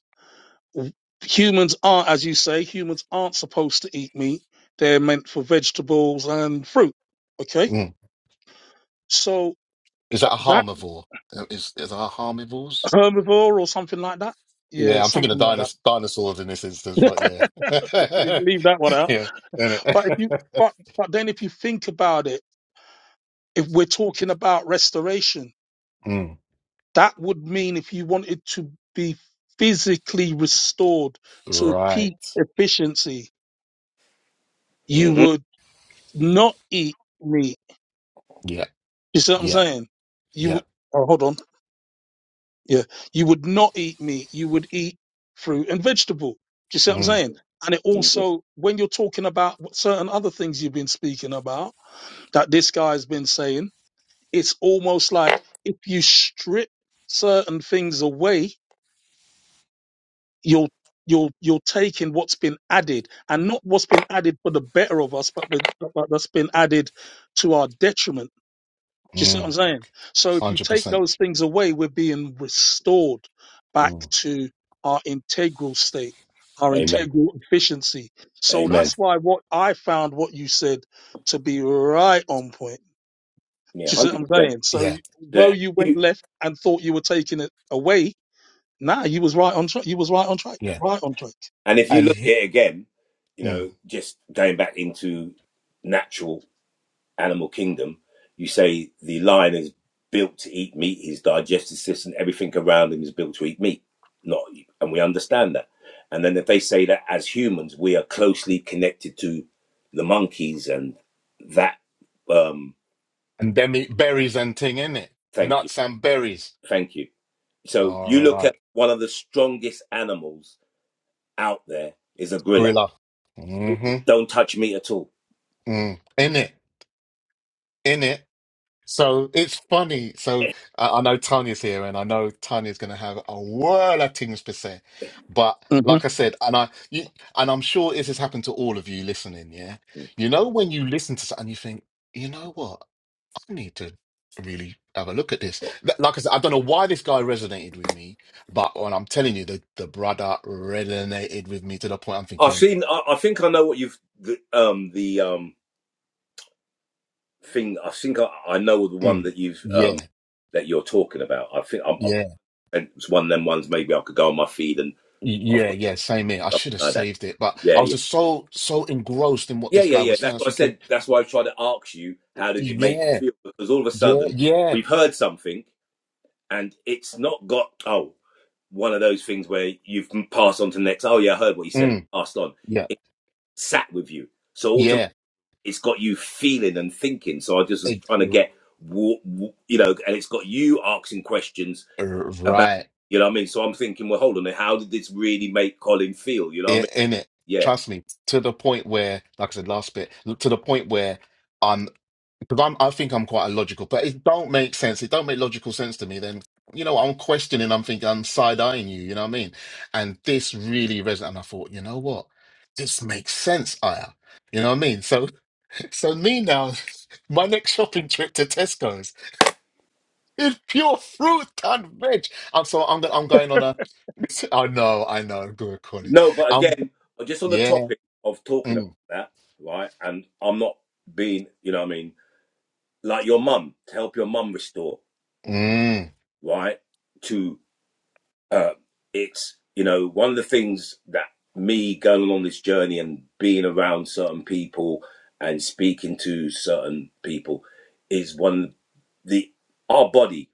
[SPEAKER 1] humans aren't, as you say, humans aren't supposed to eat meat. They're meant for vegetables and fruit. Okay.
[SPEAKER 2] mm.
[SPEAKER 1] So
[SPEAKER 2] Is that a
[SPEAKER 1] that
[SPEAKER 2] harmivore? Uh, Is, is that a harmivores?
[SPEAKER 1] herbivore or something like that. Yeah,
[SPEAKER 2] Yeah, I'm thinking of
[SPEAKER 1] something like that.
[SPEAKER 2] dinos dinosaurs in this instance, but yeah.
[SPEAKER 1] Leave that one out.
[SPEAKER 2] Yeah,
[SPEAKER 1] But if
[SPEAKER 2] innit?
[SPEAKER 1] you, but, but then if you think about it, if we're talking about restoration,
[SPEAKER 2] Mm,
[SPEAKER 1] that would mean if you wanted to be physically restored to peak
[SPEAKER 2] right.
[SPEAKER 1] efficiency, you
[SPEAKER 3] hmm
[SPEAKER 1] would not eat meat.
[SPEAKER 2] Yeah,
[SPEAKER 1] You see what I'm
[SPEAKER 2] yeah,
[SPEAKER 1] saying? You
[SPEAKER 2] yeah.
[SPEAKER 1] would, oh, hold on. Yeah. You would not eat meat. You would eat fruit and vegetable. Do you see what I'm
[SPEAKER 2] Mm,
[SPEAKER 1] saying? And it
[SPEAKER 3] hmm
[SPEAKER 1] also, when you're talking about what- certain other things you've been speaking about that this guy's been saying, it's almost like if you strip certain things away, you'll you'll you'll take in what's been added and not what's been added for the better of us, but, but, but that's been added to our detriment Do you see what I'm
[SPEAKER 2] mm,
[SPEAKER 1] saying? So if you take
[SPEAKER 2] 100%.
[SPEAKER 1] those things away, we're being restored back
[SPEAKER 2] Mm,
[SPEAKER 1] to our integral state, our
[SPEAKER 3] Amen.
[SPEAKER 2] mm,
[SPEAKER 1] integral efficiency. So
[SPEAKER 2] yeah,
[SPEAKER 3] Amen.
[SPEAKER 1] that's why what I found what you said to be right on point.
[SPEAKER 3] Yeah,
[SPEAKER 1] Do you see what I'm
[SPEAKER 3] 100%.
[SPEAKER 1] saying? So
[SPEAKER 2] yeah,
[SPEAKER 1] though
[SPEAKER 3] Yeah,
[SPEAKER 1] you went
[SPEAKER 3] you-
[SPEAKER 1] left and thought you were taking it away, nah, you was right on track. You was right on track.
[SPEAKER 2] yeah.
[SPEAKER 1] Right on track.
[SPEAKER 3] And if you
[SPEAKER 2] And
[SPEAKER 3] look at
[SPEAKER 2] he-
[SPEAKER 3] it again, you
[SPEAKER 2] mm,
[SPEAKER 3] know, just going back into natural Animal Kingdom, you say the lion is built to eat meat. His digestive system, everything around him, is built to eat meat. Not, and we understand that. And then if they say that as humans we are closely connected to the monkeys and that, um,
[SPEAKER 2] and then it berries and thing, innit?
[SPEAKER 3] thank you,
[SPEAKER 2] Nuts and berries.
[SPEAKER 3] thank you. So
[SPEAKER 2] All
[SPEAKER 3] you look at
[SPEAKER 2] right.
[SPEAKER 3] one of the strongest animals out there is a gorilla.
[SPEAKER 2] Gorilla. Mm-hmm.
[SPEAKER 3] Don't touch meat at all.
[SPEAKER 2] Mm. In it. So it's funny. So I, I know Tanya's here, and I know Tanya's going to have a whirl of things to say. But
[SPEAKER 1] hmm
[SPEAKER 2] like I said, and I you, and I'm sure this has happened to all of you listening. Yeah, you know when you listen to something, you think, you know what, I need to really have a look at this. Th- Like I said, I don't know why this guy resonated with me, but when I'm telling you, the the brother resonated with me to the point I'm
[SPEAKER 3] I've
[SPEAKER 2] thinking,
[SPEAKER 3] seen. I, I think I know what you've the um the um thing. I think I, I know the one
[SPEAKER 2] mm,
[SPEAKER 3] that you've um,
[SPEAKER 2] yeah.
[SPEAKER 3] that you're talking about. I think I'm, I'm,
[SPEAKER 2] yeah.
[SPEAKER 3] and it's one of them ones. Maybe I could go on my feed and I've
[SPEAKER 2] Yeah,
[SPEAKER 3] got
[SPEAKER 2] yeah, same here. I
[SPEAKER 3] something
[SPEAKER 2] should have
[SPEAKER 3] like that.
[SPEAKER 2] saved it, but
[SPEAKER 3] Yeah,
[SPEAKER 2] I was
[SPEAKER 3] yeah,
[SPEAKER 2] just so so engrossed in what
[SPEAKER 3] yeah,
[SPEAKER 2] this
[SPEAKER 3] yeah,
[SPEAKER 2] guy
[SPEAKER 3] yeah.
[SPEAKER 2] was saying. I
[SPEAKER 3] That's
[SPEAKER 2] was
[SPEAKER 3] what I
[SPEAKER 2] thinking,
[SPEAKER 3] said. That's why I tried to ask you how did it make you
[SPEAKER 2] yeah,
[SPEAKER 3] feel because all of a
[SPEAKER 2] yeah,
[SPEAKER 3] sudden
[SPEAKER 2] yeah,
[SPEAKER 3] we've heard something and it's not got oh one of those things where you've passed on to the next. Oh yeah, I heard what you said.
[SPEAKER 2] mm,
[SPEAKER 3] Passed on.
[SPEAKER 2] yeah,
[SPEAKER 3] It sat with you. So
[SPEAKER 2] yeah,
[SPEAKER 3] it's got you feeling and thinking. So I just was
[SPEAKER 2] it,
[SPEAKER 3] trying to
[SPEAKER 2] r-
[SPEAKER 3] get, you know, and it's got you asking questions
[SPEAKER 2] r-
[SPEAKER 3] about,
[SPEAKER 2] right
[SPEAKER 3] you know what I mean? So I'm thinking, well, hold on, how did this really make Colin feel? You know what I
[SPEAKER 2] i-
[SPEAKER 3] mean?
[SPEAKER 2] in it.
[SPEAKER 3] Yeah.
[SPEAKER 2] Trust me, to the point where, like I said last bit, to the point where I'm because I'm I think I'm quite illogical, but it don't make sense. It don't make logical sense to me. Then you know I'm questioning. I'm thinking I'm side eyeing you. You know what I mean? And this really resonated. And I thought, you know what? This makes sense, Aya. You know what I mean? So So me now, my next shopping trip to Tesco's is pure fruit and veg. I'm so I'm go- I'm going on a. I know, I know. Good calling.
[SPEAKER 3] No, but
[SPEAKER 2] Um,
[SPEAKER 3] again, just on the
[SPEAKER 2] yeah.
[SPEAKER 3] topic of talking about
[SPEAKER 2] Mm,
[SPEAKER 3] that, right? And I'm not being, you know what I mean? Like your mum, to help your mum restore,
[SPEAKER 2] mm,
[SPEAKER 3] right? To uh, it's you know one of the things that me going on this journey and being around certain people and speaking to certain people is one the our body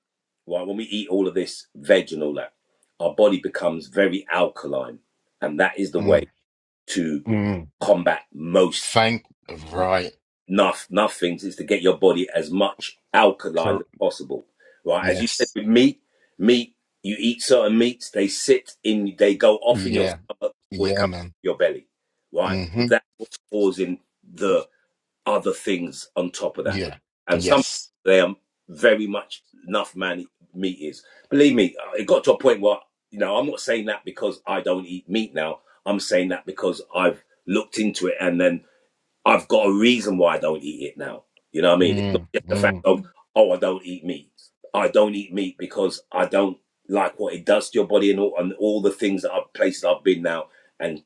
[SPEAKER 3] right when we eat all of this veg and all that our body becomes very alkaline and that is the way
[SPEAKER 2] mm,
[SPEAKER 3] to
[SPEAKER 2] mm.
[SPEAKER 3] combat most
[SPEAKER 2] Thank right.
[SPEAKER 3] enough enough things is to get your body as much alkaline
[SPEAKER 2] Cor-
[SPEAKER 3] as possible right as you said
[SPEAKER 2] yes.
[SPEAKER 3] with meat meat you eat certain meats they sit in they go off in your
[SPEAKER 2] Yeah.
[SPEAKER 3] stomach before it
[SPEAKER 2] Yeah,
[SPEAKER 3] comes
[SPEAKER 2] man.
[SPEAKER 3] to your belly right so
[SPEAKER 2] Mm-hmm.
[SPEAKER 3] that's what's causing the other things on top of that
[SPEAKER 2] Yeah.
[SPEAKER 3] and some
[SPEAKER 2] Yes.
[SPEAKER 3] they are very much enough man meat is believe me uh, it got to a point where you know i'm not saying that because i don't eat meat now i'm saying that because i've looked into it and then I've got a reason why I don't eat it now. You know what I mean? It's not
[SPEAKER 2] Mm,
[SPEAKER 3] just the fact
[SPEAKER 2] mm,
[SPEAKER 3] of, oh, I don't eat meat. I don't eat meat because I don't like what it does to your body and all, and all the things that I've places I've been now and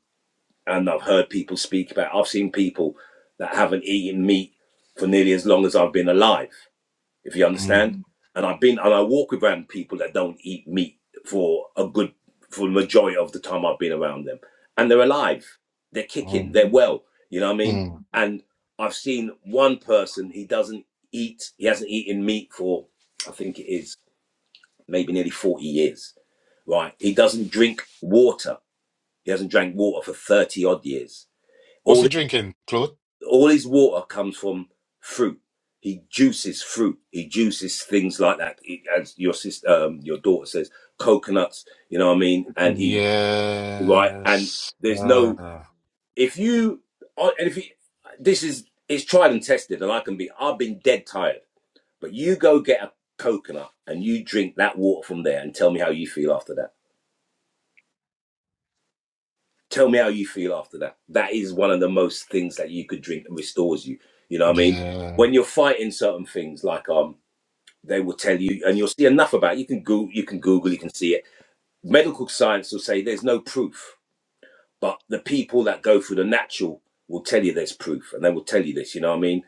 [SPEAKER 3] and I've heard people speak about. I've seen people that haven't eaten meat for nearly as long as I've been alive if you
[SPEAKER 2] mm,
[SPEAKER 3] understand. And I've been and I walk around people that don't eat meat for a good for the majority of the time I've been around them. And they're alive. They're kicking.
[SPEAKER 2] mm,
[SPEAKER 3] They're well. You know what I mean?
[SPEAKER 2] mm.
[SPEAKER 3] And I've seen one person, he doesn't eat, he hasn't eaten meat for I think it is maybe nearly 40 years. Right. He doesn't drink water. He hasn't drank water for 30 odd years
[SPEAKER 2] What's he drinking, Claude?
[SPEAKER 3] all his water comes from fruit. He juices fruit. He juices things like that. He, as your sister, um, your daughter says, coconuts. You know what I mean? And he right. And
[SPEAKER 2] Yes.
[SPEAKER 3] there's no
[SPEAKER 2] Uh,
[SPEAKER 3] if you oh, and if you, this is it's tried and tested. And I can be I've been dead tired. But you go get a coconut and you drink that water from there and tell me how you feel after that. tell me how you feel after that. That is one of the most things that you could drink and restores you. You know what I mean?
[SPEAKER 2] yeah.
[SPEAKER 3] When you're fighting certain things, like um, they will tell you, and you'll see enough about it. You can Google, you can Google, you can see it. Medical science will say there's no proof, but the people that go through the natural will tell you there's proof, and they will tell you this. You know what I mean?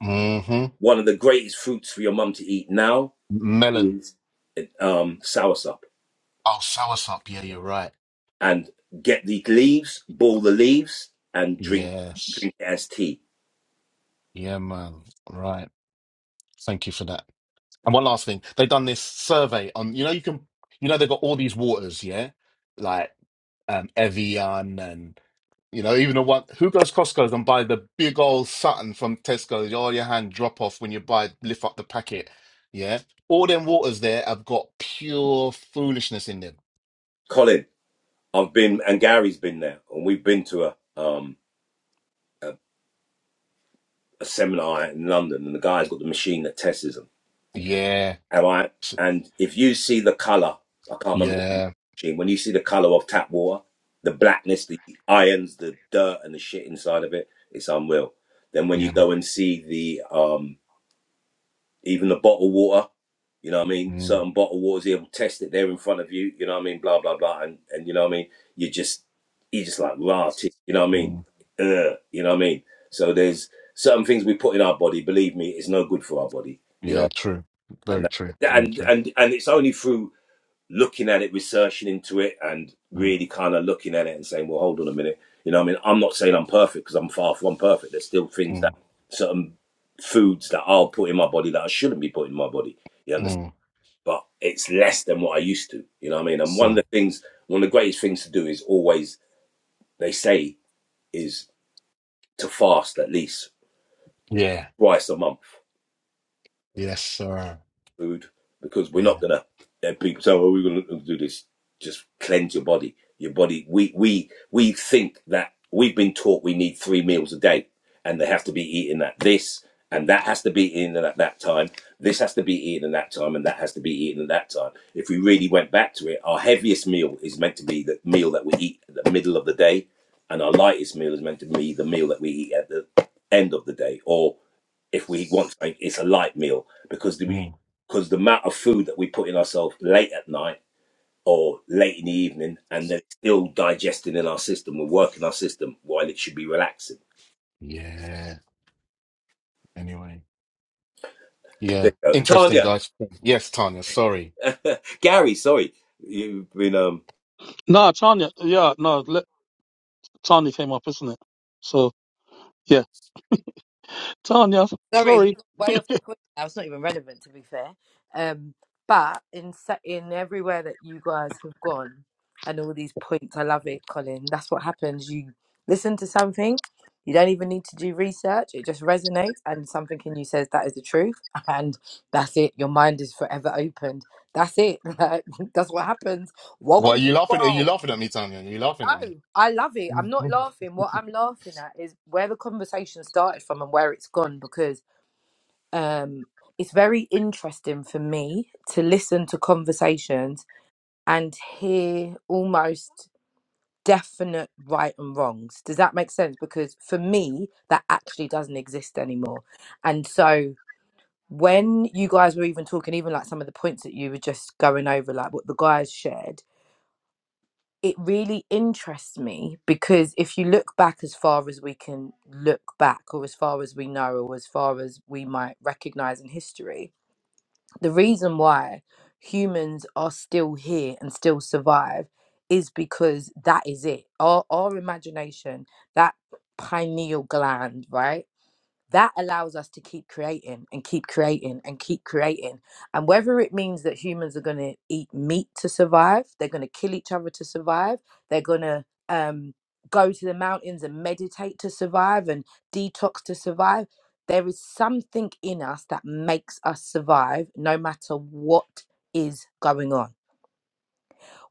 [SPEAKER 2] hmm
[SPEAKER 3] One of the greatest fruits for your mum to eat now
[SPEAKER 2] Melon.
[SPEAKER 3] is um, soursop,
[SPEAKER 2] Oh, soursop. Yeah, you're right.
[SPEAKER 3] and get the leaves, boil the leaves, and drink
[SPEAKER 2] Yes.
[SPEAKER 3] drink it as tea.
[SPEAKER 2] Yeah, man. Right. Thank you for that. And one last thing. They've done this survey on, you know, you can, you know, they've got all these waters, yeah? Like um, Evian and, you know, even the one, who goes Costco's and buy the big old Sutton from Tesco, all your hand drop off when you buy, lift up the packet, yeah? All them waters there have got pure foolishness in them.
[SPEAKER 3] Colin, I've been and Gary's been there, and we've been to a um a, a seminar in London, and the guy's got the machine that tests them.
[SPEAKER 2] Yeah.
[SPEAKER 3] And I
[SPEAKER 2] S-
[SPEAKER 3] and if you see the color, I can't remember what
[SPEAKER 2] Yeah.
[SPEAKER 3] machine. When you see the color of tap water, the blackness, the irons, the dirt, and the shit inside of it, it's unreal. Then when
[SPEAKER 2] Yeah,
[SPEAKER 3] you
[SPEAKER 2] man.
[SPEAKER 3] go and see the um even the bottled water. You know what I mean?
[SPEAKER 2] Mm,
[SPEAKER 3] Certain bottle wars here will test it there in front of you. You know what I mean? Blah blah blah. And and you know what I mean? You just you just like raw t- You know what I
[SPEAKER 2] mm.
[SPEAKER 3] mean? Ugh, you know what I mean? So there's certain things we put in our body. Believe me, it's no good for our body. You
[SPEAKER 2] Yeah,
[SPEAKER 3] know,
[SPEAKER 2] true.
[SPEAKER 3] and
[SPEAKER 2] Very true.
[SPEAKER 3] that,
[SPEAKER 2] Very
[SPEAKER 3] and
[SPEAKER 2] true.
[SPEAKER 3] and and it's only through looking at it, researching into it, and
[SPEAKER 2] Mm,
[SPEAKER 3] really kind of looking at it and saying, well, hold on a minute. You know what I mean? I'm not saying I'm perfect because I'm far from perfect. There's still things that
[SPEAKER 2] mm,
[SPEAKER 3] certain foods that I'll put in my body that I shouldn't be putting in my body. You understand?
[SPEAKER 2] mm.
[SPEAKER 3] but it's less than what I used to. You know what I mean? And one of the
[SPEAKER 2] So,
[SPEAKER 3] things, one of the greatest things to do is always, they say, is to fast at least
[SPEAKER 2] yeah.
[SPEAKER 3] twice a month.
[SPEAKER 2] Yes, sir.
[SPEAKER 3] food because we're
[SPEAKER 2] Yeah.
[SPEAKER 3] not gonna let people say, "Oh, we're gonna do this." Just cleanse your body. Your body. We we we think that we've been taught we need three meals a day, and they have to be eaten at this, and that has to be eaten at that time. This has to be eaten at that time, and that has to be eaten at that time. If we really went back to it, our heaviest meal is meant to be the meal that we eat at the middle of the day, and our lightest meal is meant to be the meal that we eat at the end of the day, or if we want something, it's a light meal because we
[SPEAKER 2] Mm,
[SPEAKER 3] because the amount of food that we put in ourselves late at night or late in the evening and then still digesting in our system we're working our system while it should be relaxing.
[SPEAKER 2] yeah. Anyway. Yeah.
[SPEAKER 3] There you go.
[SPEAKER 2] Interesting,
[SPEAKER 3] Tanya,
[SPEAKER 2] guys. Yes, Tanya. Sorry.
[SPEAKER 3] Gary, sorry. You've been, um,
[SPEAKER 1] Nah, Tanya. Yeah, no, let, Tanya came up, isn't it? So yeah, Tanya.
[SPEAKER 5] Sorry, we
[SPEAKER 1] Sorry,
[SPEAKER 5] got way off the point. Now it's not even relevant, to be fair. Um, but in se- in everywhere that you guys have gone, and all these points, I love it, Colin. That's what happens. You listen to something, you don't even need to do research. It just resonates, and something in you says that is the truth, and that's it. Your mind is forever opened. That's it. Like, that's what happens. Welcome
[SPEAKER 2] What are
[SPEAKER 5] to
[SPEAKER 2] you
[SPEAKER 5] the
[SPEAKER 2] laughing? Are you
[SPEAKER 5] world.
[SPEAKER 2] laughing at me, Tanya? Are you laughing at
[SPEAKER 5] No,
[SPEAKER 2] me?
[SPEAKER 5] I love it. I'm not laughing. What I'm laughing at is where the conversation started from and where it's gone because um, it's very interesting for me to listen to conversations and hear almost definite right and wrongs. Does that make sense? Because for me, that actually doesn't exist anymore. And so when you guys were even talking, even like some of the points that you were just going over, like what the guys shared, it really interests me because if you look back as far as we can look back, or as far as we know, or as far as we might recognize in history, the reason why humans are still here and still survive is because that is it our, our imagination that pineal gland right that allows us to keep creating and keep creating and keep creating. And whether it means that humans are going to eat meat to survive, they're going to kill each other to survive, they're going to um, go to the mountains and meditate to survive and detox to survive, there is something in us that makes us survive no matter what is going on.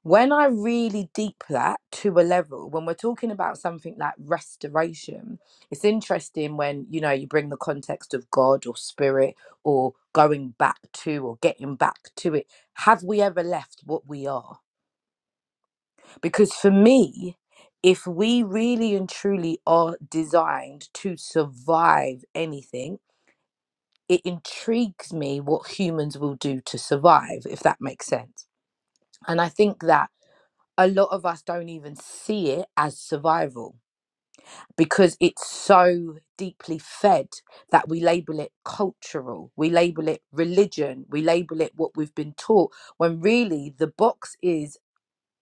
[SPEAKER 5] When I really deep that to a level, when we're talking about something like restoration, it's interesting when, you know, you bring the context of God or spirit or going back to or getting back to it. Have we ever left what we are? Because for me, if we really and truly are designed to survive anything, it intrigues me what humans will do to survive, if that makes sense. And I think that a lot of us don't even see it as survival because it's so deeply fed that we label it cultural, we label it religion, we label it what we've been taught, when really the box is,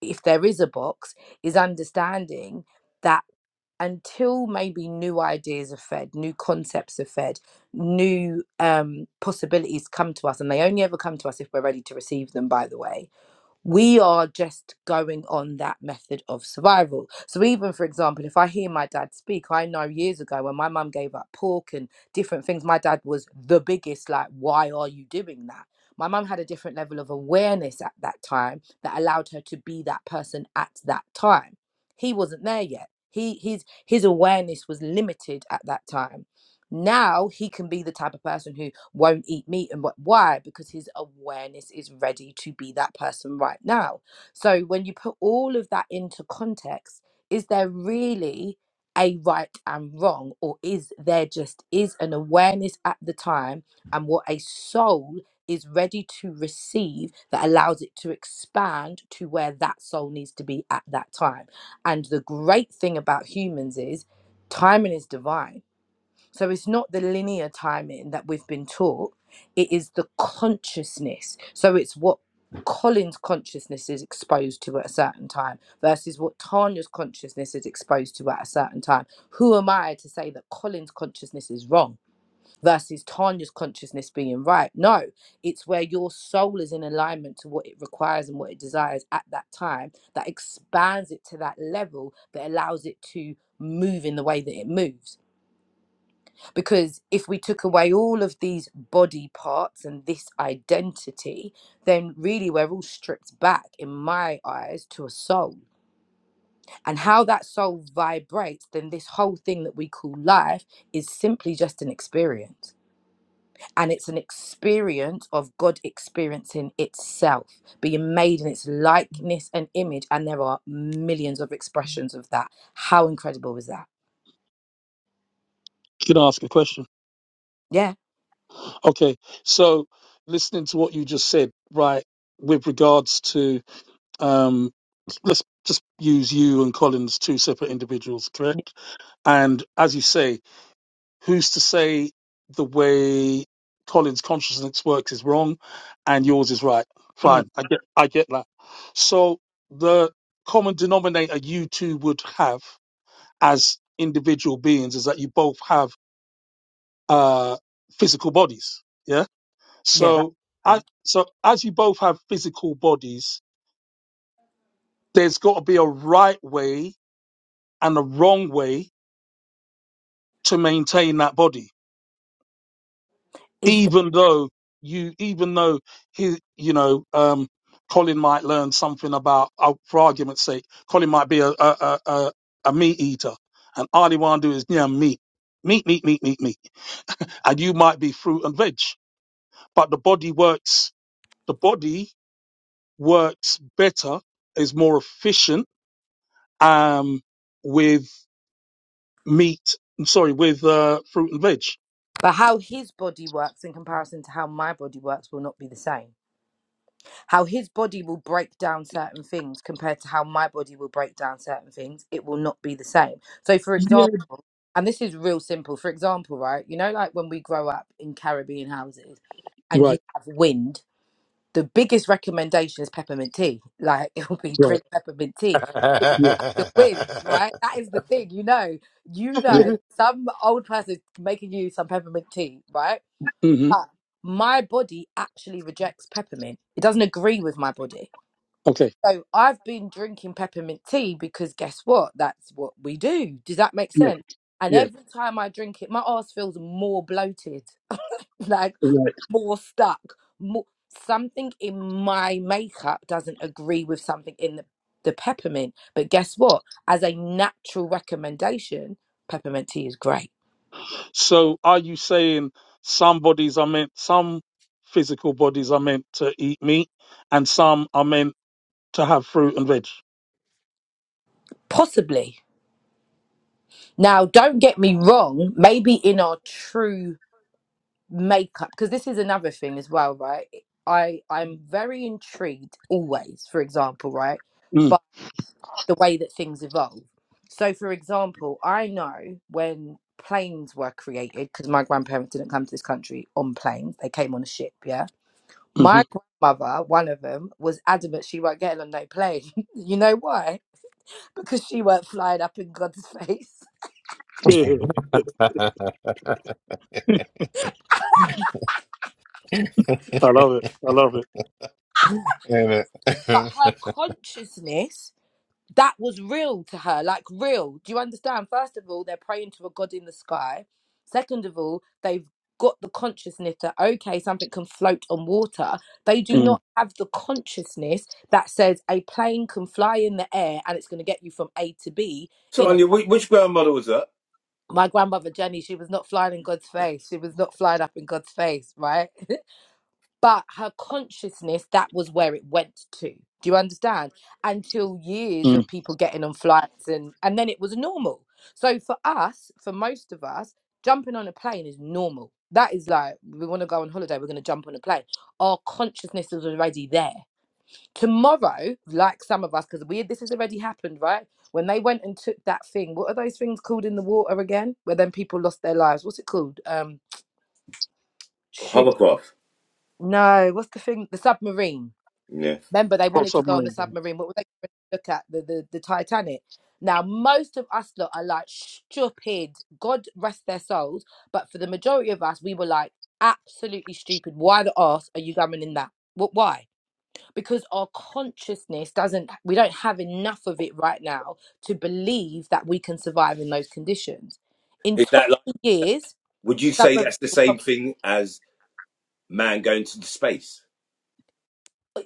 [SPEAKER 5] if there is a box, is understanding that until maybe new ideas are fed, new concepts are fed, new um, possibilities come to us, and they only ever come to us if we're ready to receive them, by the way we are just going on that method of survival. So, even for example, if I hear my dad speak, I know years ago when my mum gave up pork and different things, my dad was the biggest, like, why are you doing that? My mum had a different level of awareness at that time that allowed her to be that person at that time. He wasn't there yet. He his his awareness was limited at that time now he can be the type of person who won't eat meat. And what, why? Because his awareness is ready to be that person right now. So when you put all of that into context, is there really a right and wrong? Or is there just is an awareness at the time and what a soul is ready to receive that allows it to expand to where that soul needs to be at that time. And the great thing about humans is timing is divine so it's not the linear timing that we've been taught, it is the consciousness. So it's what Colin's consciousness is exposed to at a certain time versus what Tanya's consciousness is exposed to at a certain time. Who am I to say that Colin's consciousness is wrong versus Tanya's consciousness being right? No, it's where your soul is in alignment to what it requires and what it desires at that time that expands it to that level that allows it to move in the way that it moves because if we took away all of these body parts and this identity then really we're all stripped back in my eyes to a soul and how that soul vibrates then this whole thing that we call life is simply just an experience and it's an experience of god experiencing itself being made in its likeness and image and there are millions of expressions of that how incredible is that
[SPEAKER 1] you can ask a question.
[SPEAKER 5] yeah
[SPEAKER 1] Okay, so listening to what you just said, right, with regards to, um, let's just use you and Collins, two separate individuals, correct? And as you say, who's to say the way Collins' consciousness works is wrong and yours is right?
[SPEAKER 5] mm,
[SPEAKER 1] Fine, I get, I get that. So the common denominator you two would have as individual beings is that you both have uh, physical bodies, yeah?
[SPEAKER 5] yeah that's
[SPEAKER 1] So, as,
[SPEAKER 5] one
[SPEAKER 1] so as you both have physical bodies, there's got to be a right way and a wrong way to maintain that body.
[SPEAKER 5] is
[SPEAKER 1] Even though you, even though he, you know, um, Colin might learn something about, uh, for argument's sake, Colin might be a a a, a, a meat eater, and all he want to do is yeah, meat, meat, meat, meat, meat, meat, and you might be fruit and veg, but the body works. The body works better, is more efficient um, with meat. I'm sorry, with uh, fruit and veg.
[SPEAKER 5] But how his body works in comparison to how my body works will not be the same. How his body will break down certain things compared to how my body will break down certain things, it will not be the same. So, for
[SPEAKER 1] Yeah.
[SPEAKER 5] example, and this is real simple. For example, right, you know, like when we grow up in Caribbean houses and you
[SPEAKER 1] Right,
[SPEAKER 5] have wind, the biggest recommendation is peppermint tea. Like, it will be
[SPEAKER 1] right,
[SPEAKER 5] drink peppermint tea. It will
[SPEAKER 1] yeah,
[SPEAKER 5] cut Your wind, right? That is the thing, you know. You know,
[SPEAKER 1] yeah.
[SPEAKER 5] some old person is making you some peppermint tea, right?
[SPEAKER 1] hmm
[SPEAKER 5] But my body actually rejects peppermint. It doesn't agree with my body.
[SPEAKER 1] Okay,
[SPEAKER 5] So I've been drinking peppermint tea because guess what? That's what we do. Does that make
[SPEAKER 1] yeah,
[SPEAKER 5] sense? And
[SPEAKER 1] yeah,
[SPEAKER 5] every time I drink it, my ass feels more bloated, like
[SPEAKER 1] right.
[SPEAKER 5] more stuck. More something in my makeup doesn't agree with something in the, the peppermint. But guess what? As a natural recommendation, peppermint tea is great.
[SPEAKER 1] So, are you saying some bodies are meant, some physical bodies are meant to eat meat, and some are meant to have fruit and veg?
[SPEAKER 5] Possibly. Now, don't get me wrong, maybe in our true makeup because this is another thing as well right i i'm very intrigued always for example right
[SPEAKER 1] Mm,
[SPEAKER 5] but the way that things evolve so for example i know when planes were created because my grandparents didn't come to this country on planes they came on a ship yeah my grandmother one of them was adamant she weren't getting on no plane you know why because she weren't flying up in god's face
[SPEAKER 1] Mm-hmm. Yeah, I love it. I love it.
[SPEAKER 5] but her consciousness that was real to her, like real. Do you understand? First of all, they're praying to a God in the sky. Second of all, they've got the consciousness that, okay, something can float on water. They do
[SPEAKER 1] Mm-hmm.
[SPEAKER 5] not have the consciousness that says a plane can fly in the air and it's going to get you from A to B in a.
[SPEAKER 3] Tanya, which, which grandmother was that?
[SPEAKER 5] My grandmother Jenny, she was not flying in God's face. She was not flying up in God's face, right? but her consciousness that was where it went to do you understand until years of people getting on flights and and then it was normal so for us for most of us jumping on a plane is normal that is like we want to go on holiday we're going to jump on a plane our consciousness is already there tomorrow like some of us because we this has already happened right when they went and took that thing what are those things called in the water again where then people lost their lives what's it called um shoot
[SPEAKER 3] Hovercraft.
[SPEAKER 5] no what's the thing the submarine
[SPEAKER 3] Yeah.
[SPEAKER 5] Remember, they wanted to go on
[SPEAKER 1] Mm-hmm.
[SPEAKER 5] the submarine. What were they going to look at? The, the the Titanic. Now, most of us lot are like stupid. God rest their souls. But for the majority of us, we were like absolutely stupid. Why the arse are you going in that? What? Why? Because our consciousness doesn't. We don't have enough of it right now to believe that we can survive in those conditions. In
[SPEAKER 3] Is that like,
[SPEAKER 5] twenty years,
[SPEAKER 3] would you say
[SPEAKER 5] submarines
[SPEAKER 3] that's the
[SPEAKER 5] will
[SPEAKER 3] same thing as man going to the space?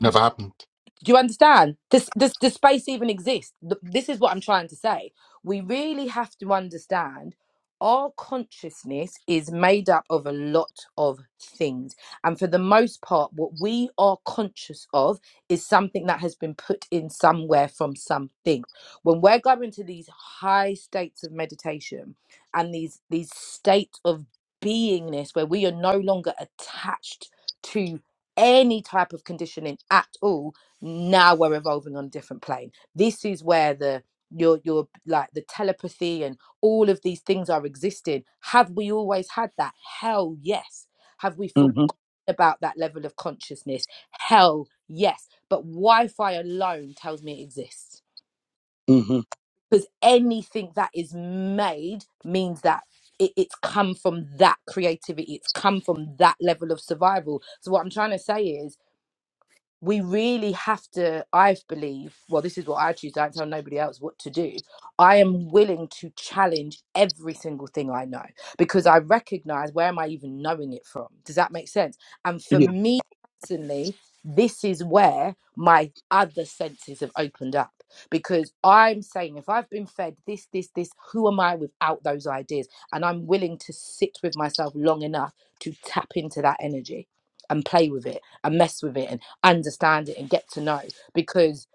[SPEAKER 2] Never happened.
[SPEAKER 5] Do you understand? Does, does, does space even exist? Th- This is what I'm trying to say. We really have to understand our consciousness is made up of a lot of things. And for the most part, what we are conscious of is something that has been put in somewhere from something. When we're going to these high states of meditation and these, these states of beingness where we are no longer attached to any type of conditioning at all now we're evolving on a different plane this is where the your your like the telepathy and all of these things are existing have we always had that hell yes have we forgotten
[SPEAKER 1] hmm
[SPEAKER 5] about that level of consciousness hell yes but wi-fi alone tells me it exists
[SPEAKER 1] hmm
[SPEAKER 5] because anything that is made means that it, it's come from that creativity it's come from that level of survival so what i'm trying to say is we really have to i believe well this is what i choose i don't tell nobody else what to do i am willing to challenge every single thing i know because i recognize where am i even knowing it from does that make sense and for
[SPEAKER 1] Yeah,
[SPEAKER 5] me personally this is where my other senses have opened up because i'm saying if i've been fed this this this who am i without those ideas and i'm willing to sit with myself long enough to tap into that energy and play with it and mess with it understand it and get to know because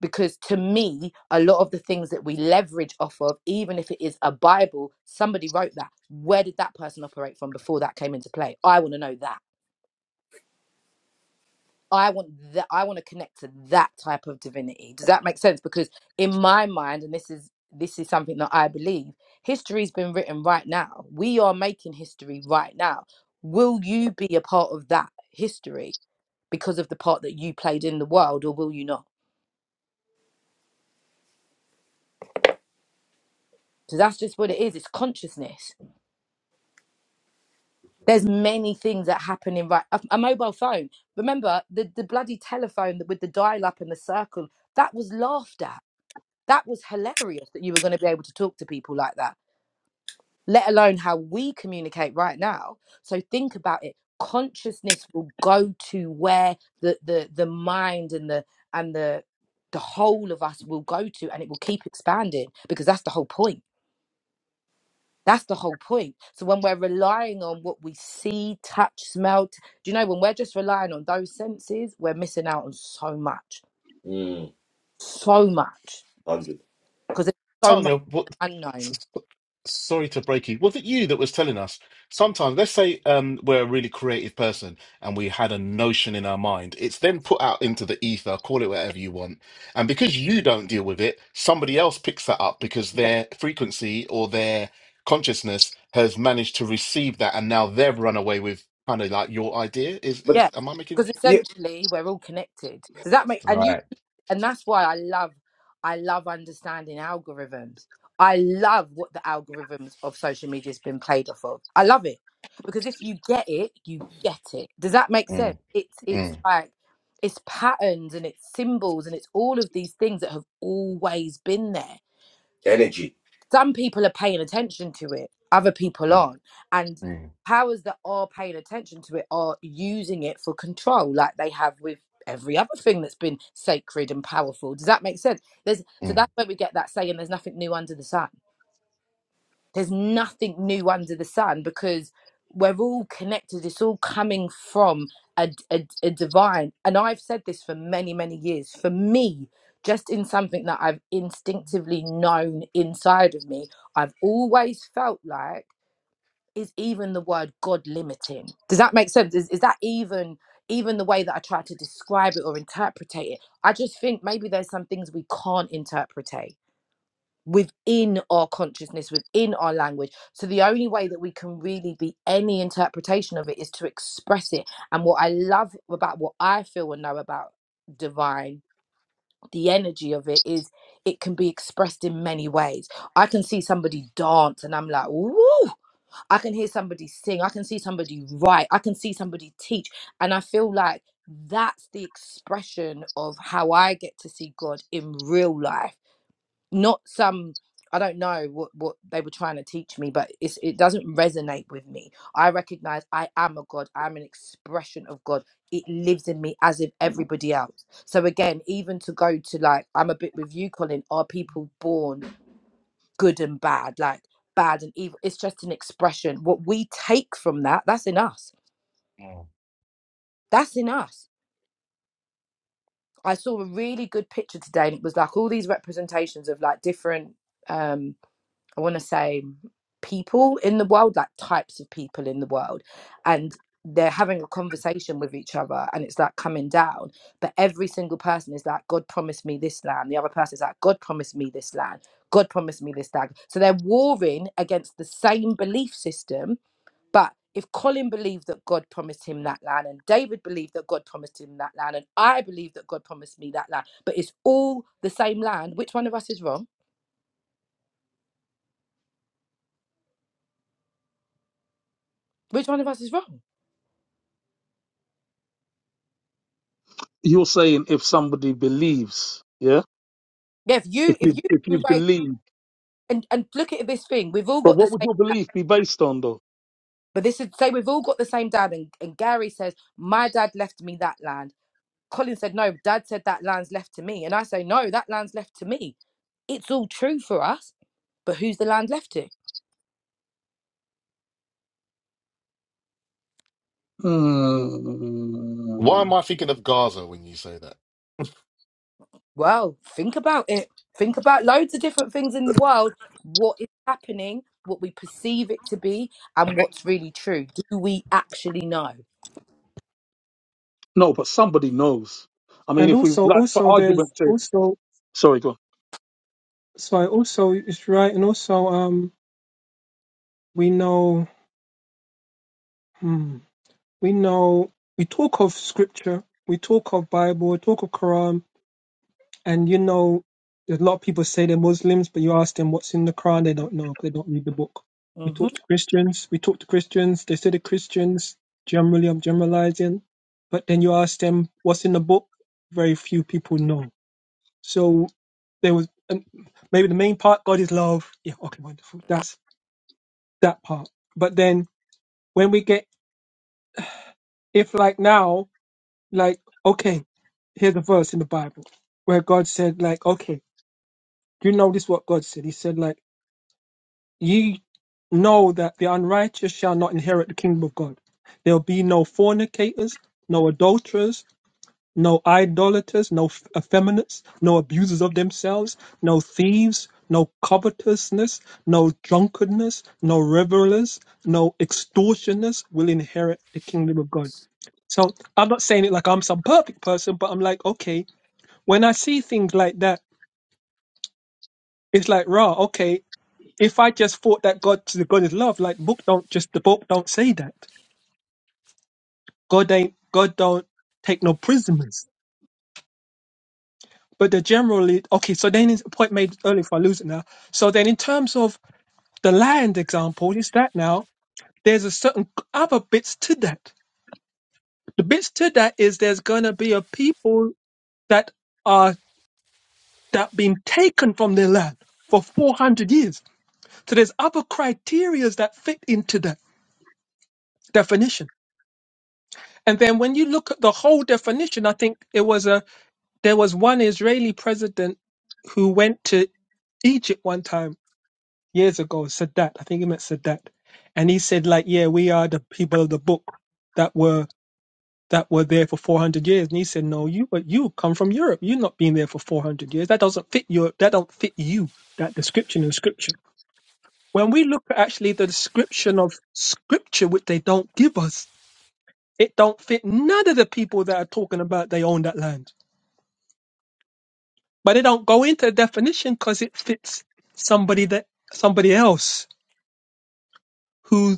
[SPEAKER 5] because to me a lot of the things that we leverage off of even if it is a bible somebody wrote that where did that person operate from before that came into play i want to know that i want that i want to connect to that type of divinity does that make sense because in my mind and this is this is something that i believe history's been written right now we are making history right now will you be a part of that history because of the part that you played in the world or will you not So that's just what it is. It's consciousness. There's many things that happen in right. A, a mobile phone. Remember the the bloody telephone that with the dial up and the circle. That was laughed at. That was hilarious that you were going to be able to talk to people like that. Let alone how we communicate right now. So think about it. Consciousness will go to where the the the mind and the and the the whole of us will go to, and it will keep expanding because that's the whole point That's the whole point. So when we're relying on what we see, touch, smell, t- do you know when we're just relying on those senses, we're missing out on so much,
[SPEAKER 3] Mm,
[SPEAKER 5] so much,
[SPEAKER 3] 100.
[SPEAKER 5] because it's so much
[SPEAKER 2] Tanya, what, s-
[SPEAKER 5] unknown.
[SPEAKER 2] s- sorry to break you. Was it you that was telling us sometimes, let's say um, we're a really creative person and we had a notion in our mind, it's then put out into the ether, call it whatever you want. And because you don't deal with it, somebody else picks that up because their frequency or their consciousness has managed to receive that and now they've run away with kind of like your idea. Is,
[SPEAKER 3] But
[SPEAKER 5] Yeah,
[SPEAKER 2] is am I making
[SPEAKER 5] because
[SPEAKER 3] yeah,
[SPEAKER 5] essentially we're all connected. Does that make? And you
[SPEAKER 2] Right.
[SPEAKER 5] and that's why I love I love understanding algorithms. I love what the algorithms of social media has been played off of. I love it because if you get it, you get it. Does that make sense?
[SPEAKER 2] Mm,
[SPEAKER 5] It's it's
[SPEAKER 2] mm,
[SPEAKER 5] like it's patterns and it's symbols and it's all of these things that have always been there
[SPEAKER 3] energy.
[SPEAKER 5] some people are paying attention to it other people
[SPEAKER 2] mm,
[SPEAKER 5] aren't and
[SPEAKER 2] mm,
[SPEAKER 5] powers that are paying attention to it are using it for control like they have with every other thing that's been sacred and powerful does that make sense there's so
[SPEAKER 2] mm.
[SPEAKER 5] that's where we get that saying there's nothing new under the sun there's nothing new under the sun because we're all connected it's all coming from a, a, a divine and i've said this for many many years for me just in something that i've instinctively known inside of me i've always felt like is even the word god limiting does that make sense is, is that even even the way that i try to describe it or interpretate it i just think maybe there's some things we can't interpretate within our consciousness, within our language. So the only way that we can really be any interpretation of it is to express it. And what I love about what I feel and know about divine the energy of it is it can be expressed in many ways i can see somebody dance and i'm like woo i can hear somebody sing i can see somebody write i can see somebody teach and i feel like that's the expression of how i get to see god in real life not some i don't know what what they were trying to teach me but it's it doesn't resonate with me i recognize i am a god i'm an expression of god it lives in me as if everybody else so again even to go to like i'm a bit with you colin are people born good and bad like bad and evil it's just an expression what we take from that that's in us that's in us i saw a really good picture today and it was like all these representations of like different um. I want to say people in the world, like types of people in the world, and they're having a conversation with each other, and it's like coming down. But every single person is like, God promised me this land. The other person is like, God promised me this land. God promised me this land. So they're warring against the same belief system. But if Colin believed that God promised him that land, and David believed that God promised him that land, and I believe that God promised me that land, but it's all the same land, which one of us is wrong? Which one of us is wrong?
[SPEAKER 1] you're saying if somebody believes, yeah,
[SPEAKER 5] Yeah, if
[SPEAKER 1] if
[SPEAKER 5] you if
[SPEAKER 1] you
[SPEAKER 5] you
[SPEAKER 1] if you
[SPEAKER 5] embrace
[SPEAKER 1] believe.
[SPEAKER 5] and, and look at this thing, we've all
[SPEAKER 1] But
[SPEAKER 5] got the
[SPEAKER 1] what would
[SPEAKER 5] same
[SPEAKER 1] your belief be based on, though?
[SPEAKER 5] but this is say we've all got the same dad and, and Gary says, My dad left me that land. Colin said, No, dad said that land's left to me. And I say, No, that land's left to me. It's all true for us. But who's the land left to?
[SPEAKER 2] Why
[SPEAKER 1] Hmm.
[SPEAKER 2] am I thinking of Gaza when you say that?
[SPEAKER 5] Well, think about it. Think about loads of different things in the world. What is happening, what we perceive it to be, and what's really true. Do we actually know?
[SPEAKER 1] No, but somebody knows. I mean,
[SPEAKER 4] And
[SPEAKER 1] if we
[SPEAKER 4] also,
[SPEAKER 1] like for
[SPEAKER 4] also there's
[SPEAKER 1] argument's sake.
[SPEAKER 4] also
[SPEAKER 1] Sorry, go
[SPEAKER 4] So I also it's right, and also um we know hmm, we know we talk of scripture, we talk of Bible, we talk of Quran, and you know a lot of people say they're Muslims, but you ask them what's in the Quran, they don't know 'cause they don't read the book. We
[SPEAKER 5] hmm
[SPEAKER 4] talk to Christians, we talk to Christians, they say they're Christians. Generally, I'm generalizing, but then you ask them what's in the book, very few people know. So there was and maybe the main part, God is love. Yeah, okay, wonderful. That's that part. But then when we get, if like now, like, okay, here's a verse in the Bible where God said, like, okay, you know this is what God said. He said, like, ye know that the unrighteous shall not inherit the kingdom of God. There'll be no fornicators, no adulterers, no idolaters, no f- effeminates, no abusers of themselves, no thieves, no covetousness, no drunkenness, no revelers, no extortioners will inherit the kingdom of God So I'm not saying it like I'm some perfect person, but I'm like, okay, when I see things like that, it's like, rah, okay, if I just thought that God, the God is love, like book don't just the book don't say that. God ain't God don't take no prisoners. But the generally okay, so then it's a point made earlier if I lose it now. So then in terms of the lions example, is that now there's a certain other bits to that. The bits to that is there's gonna be a people that are. that have been taken from their land for 400 years. So there's other criterias that fit into that definition. And then when you look at the whole definition, I think it was a there was one Israeli president who went to Egypt one time years ago, Sadat, I think he meant Sadat, and he said like, yeah, we are the people of the book that were that were there for 400 years and he said no you but you come from europe you are not being there for 400 years that doesn't fit your that don't fit you that description in scripture when we look at actually the description of scripture which they don't give us it don't fit none of the people that are talking about they own that land but they don't go into the definition because it fits somebody that somebody else who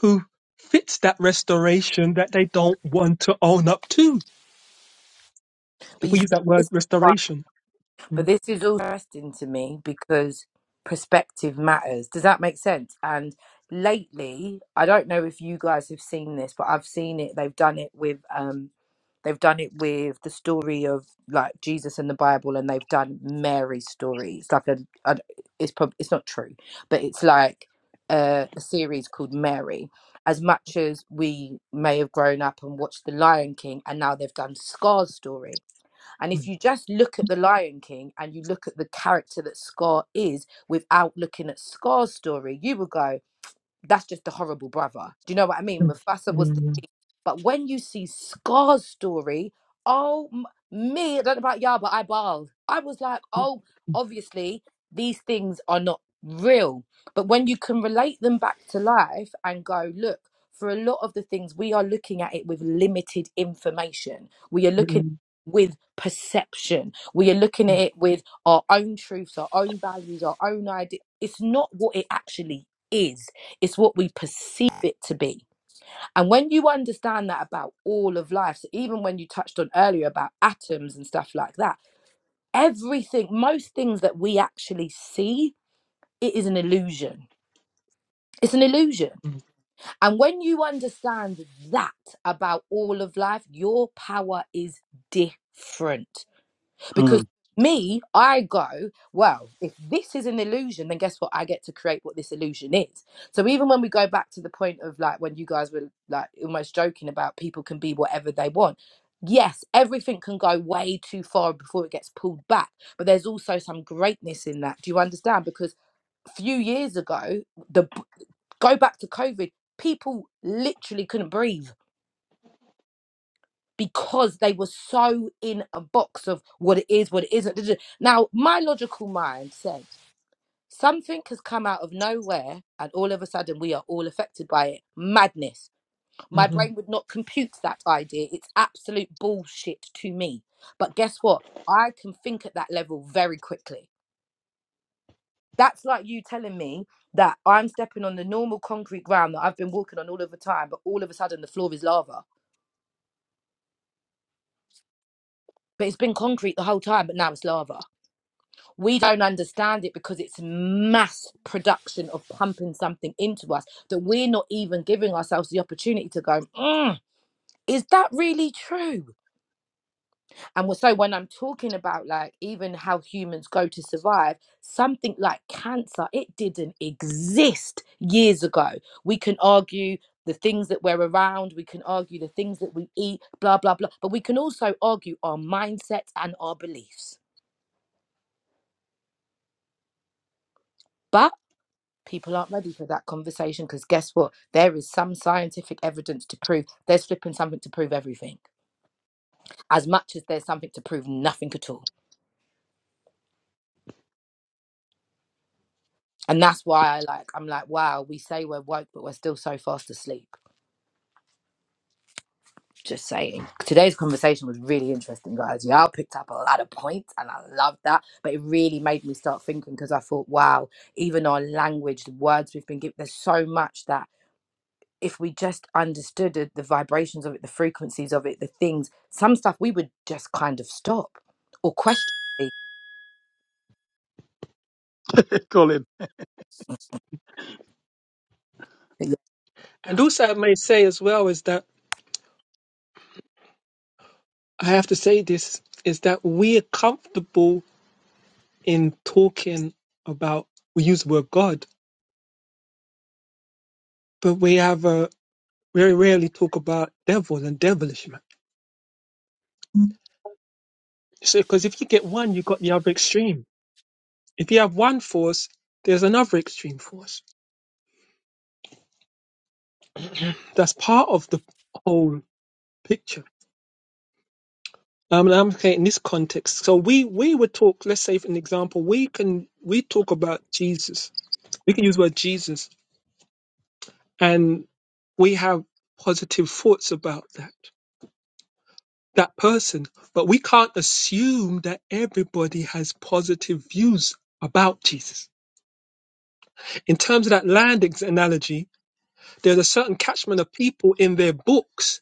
[SPEAKER 4] who fits that restoration that they don't want to own up to
[SPEAKER 5] But
[SPEAKER 4] if
[SPEAKER 5] you
[SPEAKER 4] we
[SPEAKER 5] see,
[SPEAKER 4] use that
[SPEAKER 5] this
[SPEAKER 4] word
[SPEAKER 5] is why.
[SPEAKER 4] restoration
[SPEAKER 5] But
[SPEAKER 4] Mm,
[SPEAKER 5] this is also interesting to me because perspective matters. Does that make sense? And lately, I don't know if you guys have seen this, but I've seen it. They've done it with um they've done it with the story of like Jesus and the Bible and they've done Mary's story. It's like a, a it's probably it's not true, but it's like a, a series called Mary. As much as we may have grown up and watched The Lion King and now they've done Scar's story and if
[SPEAKER 4] mm,
[SPEAKER 5] you just look at The Lion King and you look at the character that Scar is without looking at Scar's story, you will go, that's just the horrible brother. Do you know what I mean?
[SPEAKER 4] mm,
[SPEAKER 5] Mufasa was the
[SPEAKER 4] mm,
[SPEAKER 5] but when you see Scar's story, oh, m- me, I don't know about y'all, but I bawled. I was like, oh, obviously, these things are not real. But when you can relate them back to life and go, look, for a lot of the things, we are looking at it with limited information. We are looking
[SPEAKER 4] mm,
[SPEAKER 5] with perception. We are looking at it with our own truths, our own values, our own idea. It's not what it actually is, it's what we perceive it to be. And when you understand that about all of life, so even when you touched on earlier about atoms and stuff like that, everything, most things that we actually see, it is an illusion. It's an illusion.
[SPEAKER 4] mm, mm,
[SPEAKER 5] And when you understand that about all of life, your power is different. Because
[SPEAKER 1] on.
[SPEAKER 5] me, I go, well, if this is an illusion, then guess what? I get to create what this illusion is. So even when we go back to the point of like when you guys were like almost joking about people can be whatever they want. Yes, everything can go way too far before it gets pulled back, but there's also some greatness in that. Do you understand? Because a few years ago, the go back to COVID, people literally couldn't breathe because they were so in a box of what it is, what it isn't. Now, my logical mind said something has come out of nowhere, and all of a sudden we are all affected by it. Madness. My
[SPEAKER 4] mhm.
[SPEAKER 5] brain would not compute that idea. It's absolute bullshit to me. But guess what? I can think at that level very quickly. That's like you telling me that I'm stepping on the normal concrete ground that I've been walking on all of the time, but all of a sudden the floor is lava. But it's been concrete the whole time, but now it's lava we don't understand it because it's mass production of pumping something into us that we're not even giving ourselves the opportunity to go mm, is that really true and so when i'm talking about like even how humans go to survive something like cancer it didn't exist years ago we can argue the things that we're around we can argue the things that we eat blah blah blah but we can also argue our mindset and our beliefs But. people aren't ready for that conversation because guess what there is some scientific evidence to prove there's flipping something to prove everything as much as there's something to prove nothing at all and that's why i like i'm like wow we say we're woke but we're still so fast asleep just saying today's conversation was really interesting guys y'all picked up a lot of points and i love that but it really made me start thinking because i thought wow even our language the words we've been given there's so much that if we just understood it, the vibrations of it, the frequencies of it, the things, some stuff we would just kind of stop or question.
[SPEAKER 1] Hmm. Colin.
[SPEAKER 4] and also i may say as well is that i have to say this is that we are comfortable in talking about we use the word God, but we have a very rarely talk about devil and devilish So because if you get one, you got the other extreme. If you have one force, there's another extreme force. That's part of the whole picture. Um, and I'm saying in this context. So we we would talk. Let's say, for an example, we can we talk about Jesus. We can use the word Jesus, and we have positive thoughts about that that person, but we can't assume that everybody has positive views about Jesus. In terms of that land ex- analogy, there's a certain catchment of people in their books,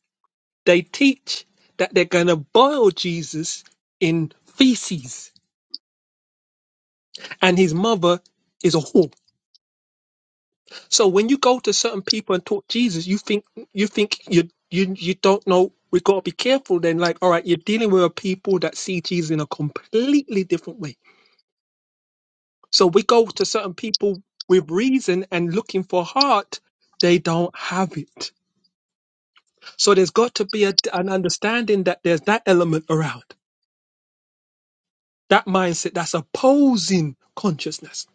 [SPEAKER 4] they teach that they're going to boil Jesus in feces and his mother is a whore. So when you go to certain people and talk Jesus, you think you think you you you don't know we've got to be careful then like all right you're dealing with a people that see Jesus in a completely different way So we go to certain people with reason and looking for heart, they don't have it. So there's got to be a, an understanding that there's that element around that mindset that's opposing consciousness.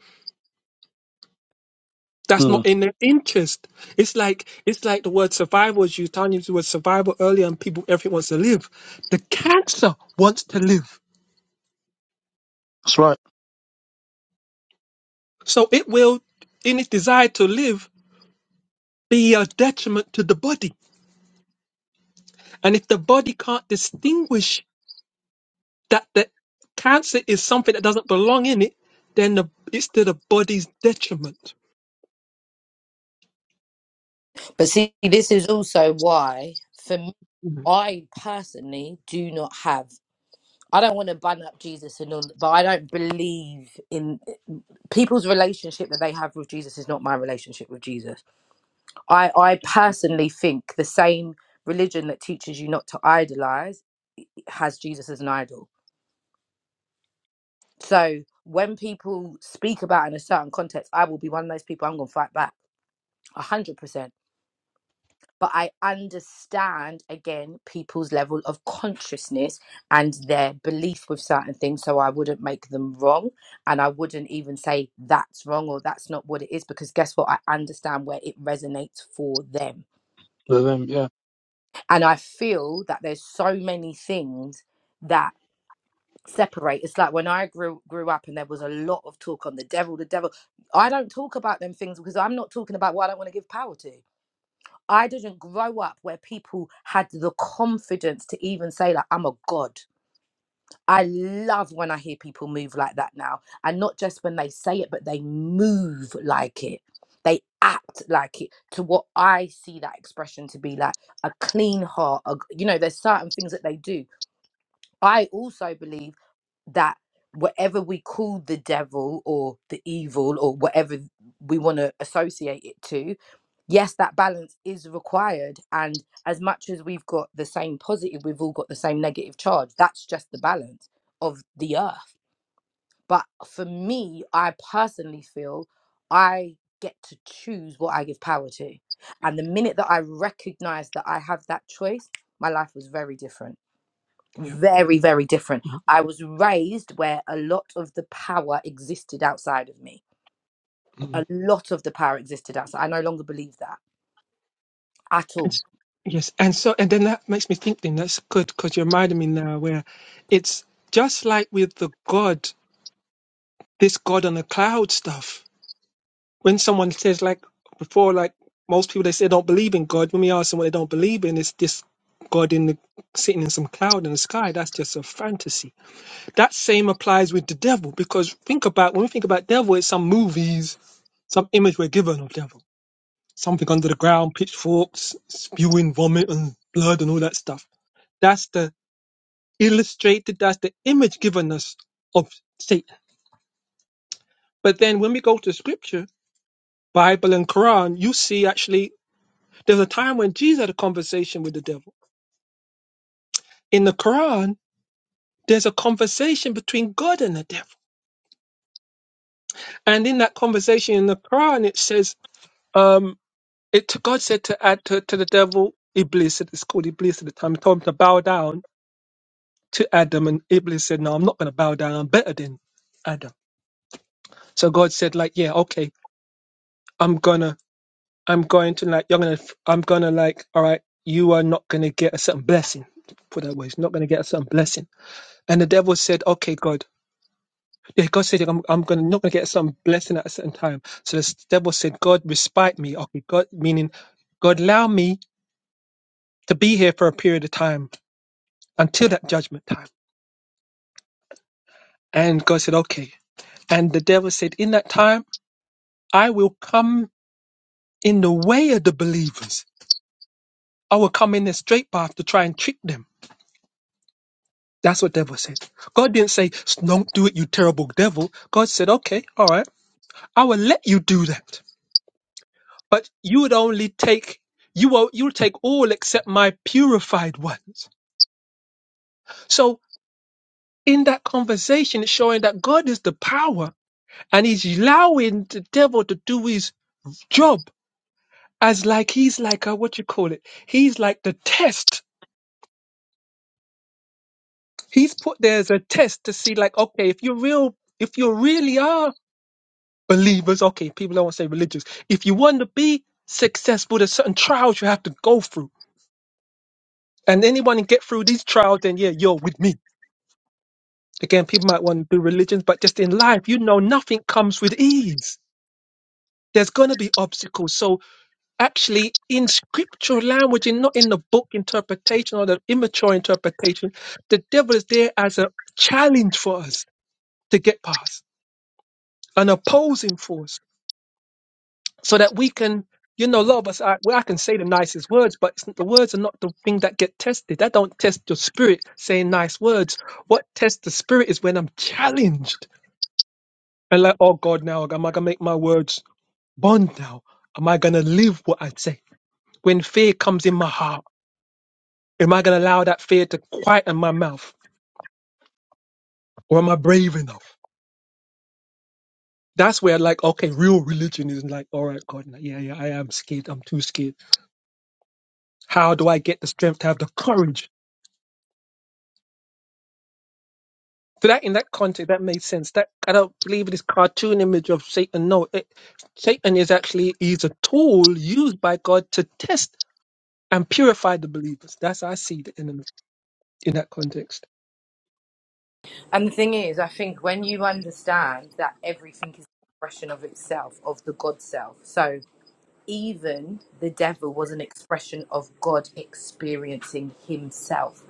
[SPEAKER 4] That's not
[SPEAKER 1] Mm.
[SPEAKER 4] in their interest. It's like it's like the word survival is used. Tanya used the word survival earlier, and people everything wants to live. The cancer wants to live,
[SPEAKER 1] That's right.
[SPEAKER 4] so it will, in its desire to live, be a detriment to the body. And if the body can't distinguish that the cancer is something that doesn't belong in it, then the, it's to the body's detriment.
[SPEAKER 5] But see, this is also why, for me, I personally do not have. I don't want to bun up Jesus and all, but I don't believe in people's relationship that they have with Jesus is not my relationship with Jesus. I, I personally think the same religion that teaches you not to idolize has Jesus as an idol. So when people speak about it in a certain context, I will be one of those people. I'm going to fight back a hundred percent. But I understand again people's level of consciousness and their belief with certain things, so I wouldn't make them wrong, and I wouldn't even say that's wrong or that's not what it is, because guess what? I understand where it resonates for them,
[SPEAKER 1] The them, yeah.
[SPEAKER 5] and I feel that there's so many things that. separate. It's like when I grew grew up and there was a lot of talk on the devil, the devil. I don't talk about them things because I'm not talking about what I don't want to give power to. I didn't grow up where people had the confidence to even say like I'm a god. I love when I hear people move like that now. And not just when they say it, but they move like it. They act like it to what I see that expression to be like a clean heart. A, you know, there's certain things that they do. I also believe that whatever we call the devil or the evil or whatever we want to associate it to, yes, that balance is required. And as much as we've got the same positive, we've all got the same negative charge. That's just the balance of the earth. But for me, I personally feel I get to choose what I give power to. And the minute that I recognized that I have that choice, my life was very different
[SPEAKER 4] Yeah.
[SPEAKER 5] very very different
[SPEAKER 4] Yeah.
[SPEAKER 5] i was raised where a lot of the power existed outside of me a
[SPEAKER 4] Mhm.
[SPEAKER 5] lot of the power existed outside i no longer believe that at
[SPEAKER 4] And,
[SPEAKER 5] all
[SPEAKER 4] s- yes. And so, and then that makes me think, then that's good because you reminded me now where it's just like with the God, this God on the cloud stuff. When someone says, like before, like most people, they say don't believe in God. When we ask them what they don't believe in, it's this God in the sitting in some cloud in the sky. That's just a fantasy that same applies with the devil because think about when we think about devil, it's some movies, some image we're given of devil, something under the ground, pitchforks, spewing vomit and blood and all that stuff. That's the illustrated, that's the image given us of Satan. But then when we go to scripture, Bible and Quran, you see actually there's a time when Jesus had a conversation with the devil. In the Quran, there's a conversation between God and the devil. And in that conversation in the Quran, it says, um, It God said to add to, to the devil, Iblis, it's called Iblis at the time, he told him to bow down to Adam, and Iblis said, No, I'm not gonna bow down, I'm better than Adam. So God said, like, yeah, okay, I'm gonna I'm going to like you're gonna I'm gonna like, all right, you are not gonna get a certain blessing. Put it that way, you're not gonna get a certain blessing. And the devil said, Okay, God. Yeah, God said I'm I'm gonna not gonna get some blessing at a certain time. So the devil said, God respite me. Okay, God meaning God allow me to be here for a period of time until that judgment time. And God said, okay. And the devil said, in that time, I will come in the way of the believers. I will come in a straight path to try and trick them. That's what devil said. God didn't say, don't do it, you terrible devil. God said, okay, all right, I will let you do that. But you would only take, you will, you'll take all except my purified ones. So in that conversation, it's showing that God is the power and he's allowing the devil to do his job as like he's like a what you call it he's like the test he's put there as a test to see like okay if you're real if you really are believers okay people don't want to say religious if you want to be successful there's certain trials you have to go through and anyone can get through these trials then yeah you're with me again people might want to do religions but just in life you know nothing comes with ease there's going to be obstacles so actually in scriptural language and not in the book interpretation or the immature interpretation. The devil is there as a challenge for us to get past, an opposing force, so that we can, you know, a lot of us, I, well, I can say the nicest words, but it's, the words are not the thing that get tested. That don't test your spirit saying nice words. What tests the spirit is when I'm challenged and like, oh God, now am I gonna make my words bond now? Am I gonna live what I say? When fear comes in my heart Am I going to allow that fear to quieten my mouth? Or am I brave enough? That's where, like, okay, real religion is like, all right, God, nah, yeah, yeah, I am scared. I'm too scared. How do I get the strength to have the courage? So that, in that context, that made sense. That I don't believe this cartoon image of Satan. No, it, Satan is actually is a tool used by God to test and purify the believers. That's how I see the enemy in that context.
[SPEAKER 5] And the thing is, I think when you understand that everything is an expression of itself, of the God self, so even the devil was an expression of God experiencing himself.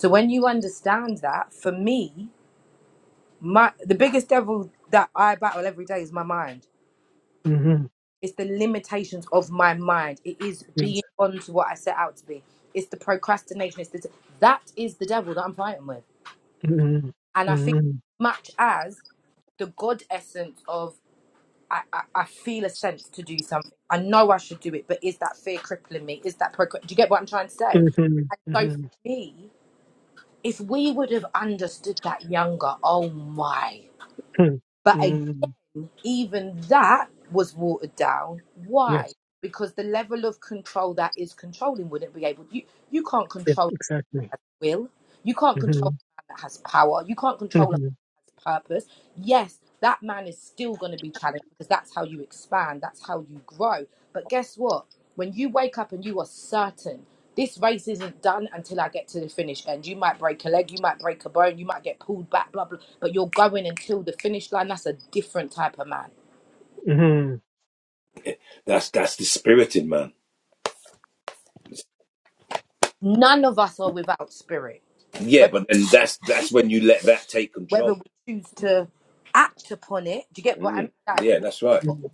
[SPEAKER 5] So when you understand that, for me, my the biggest devil that I battle every day is my mind.
[SPEAKER 4] hmm
[SPEAKER 5] It's the limitations of my mind. It is
[SPEAKER 4] Yes.
[SPEAKER 5] being on to what I set out to be. It's the procrastination. It's the, that is the devil that I'm fighting with.
[SPEAKER 4] hmm
[SPEAKER 5] And I think
[SPEAKER 4] hmm
[SPEAKER 5] much as the God essence of I, I, I feel a sense to do something. I know I should do it, but is that fear crippling me? Is that procra- do you get what I'm trying to say?
[SPEAKER 4] hmm
[SPEAKER 5] And so
[SPEAKER 4] hmm
[SPEAKER 5] for me, if we would have understood that younger, oh my. but
[SPEAKER 4] hmm
[SPEAKER 5] even that was watered down.
[SPEAKER 4] Yes.
[SPEAKER 5] Why? Because the level of control that is controlling wouldn't be able you you can't
[SPEAKER 4] Yep,
[SPEAKER 5] control a man
[SPEAKER 4] exactly.
[SPEAKER 5] that has will. You can't
[SPEAKER 4] hmm
[SPEAKER 5] control a man that has power. You can't control a man
[SPEAKER 4] hmm
[SPEAKER 5] that has purpose. Yes, that man is still going to be challenged because that's how you expand. That's how you grow. But guess what? When you wake up and you are certain this race isn't done until I get to the finish end. You might break a leg, you might break a bone, you might get pulled back, blah blah. But you're going until the finish line. That's a different type of man
[SPEAKER 4] hmm
[SPEAKER 3] That's, that's the spirit in man.
[SPEAKER 5] None of us are without spirit.
[SPEAKER 3] Yeah,
[SPEAKER 5] Whether
[SPEAKER 3] but then that's,
[SPEAKER 5] we,
[SPEAKER 3] that's when
[SPEAKER 5] listen,
[SPEAKER 3] you let that take control
[SPEAKER 5] whether we choose to act upon it, do you get what I mean?
[SPEAKER 3] Mm,
[SPEAKER 5] Like
[SPEAKER 3] yeah,
[SPEAKER 5] we
[SPEAKER 3] that's
[SPEAKER 5] are
[SPEAKER 3] right.
[SPEAKER 5] all
[SPEAKER 4] hmm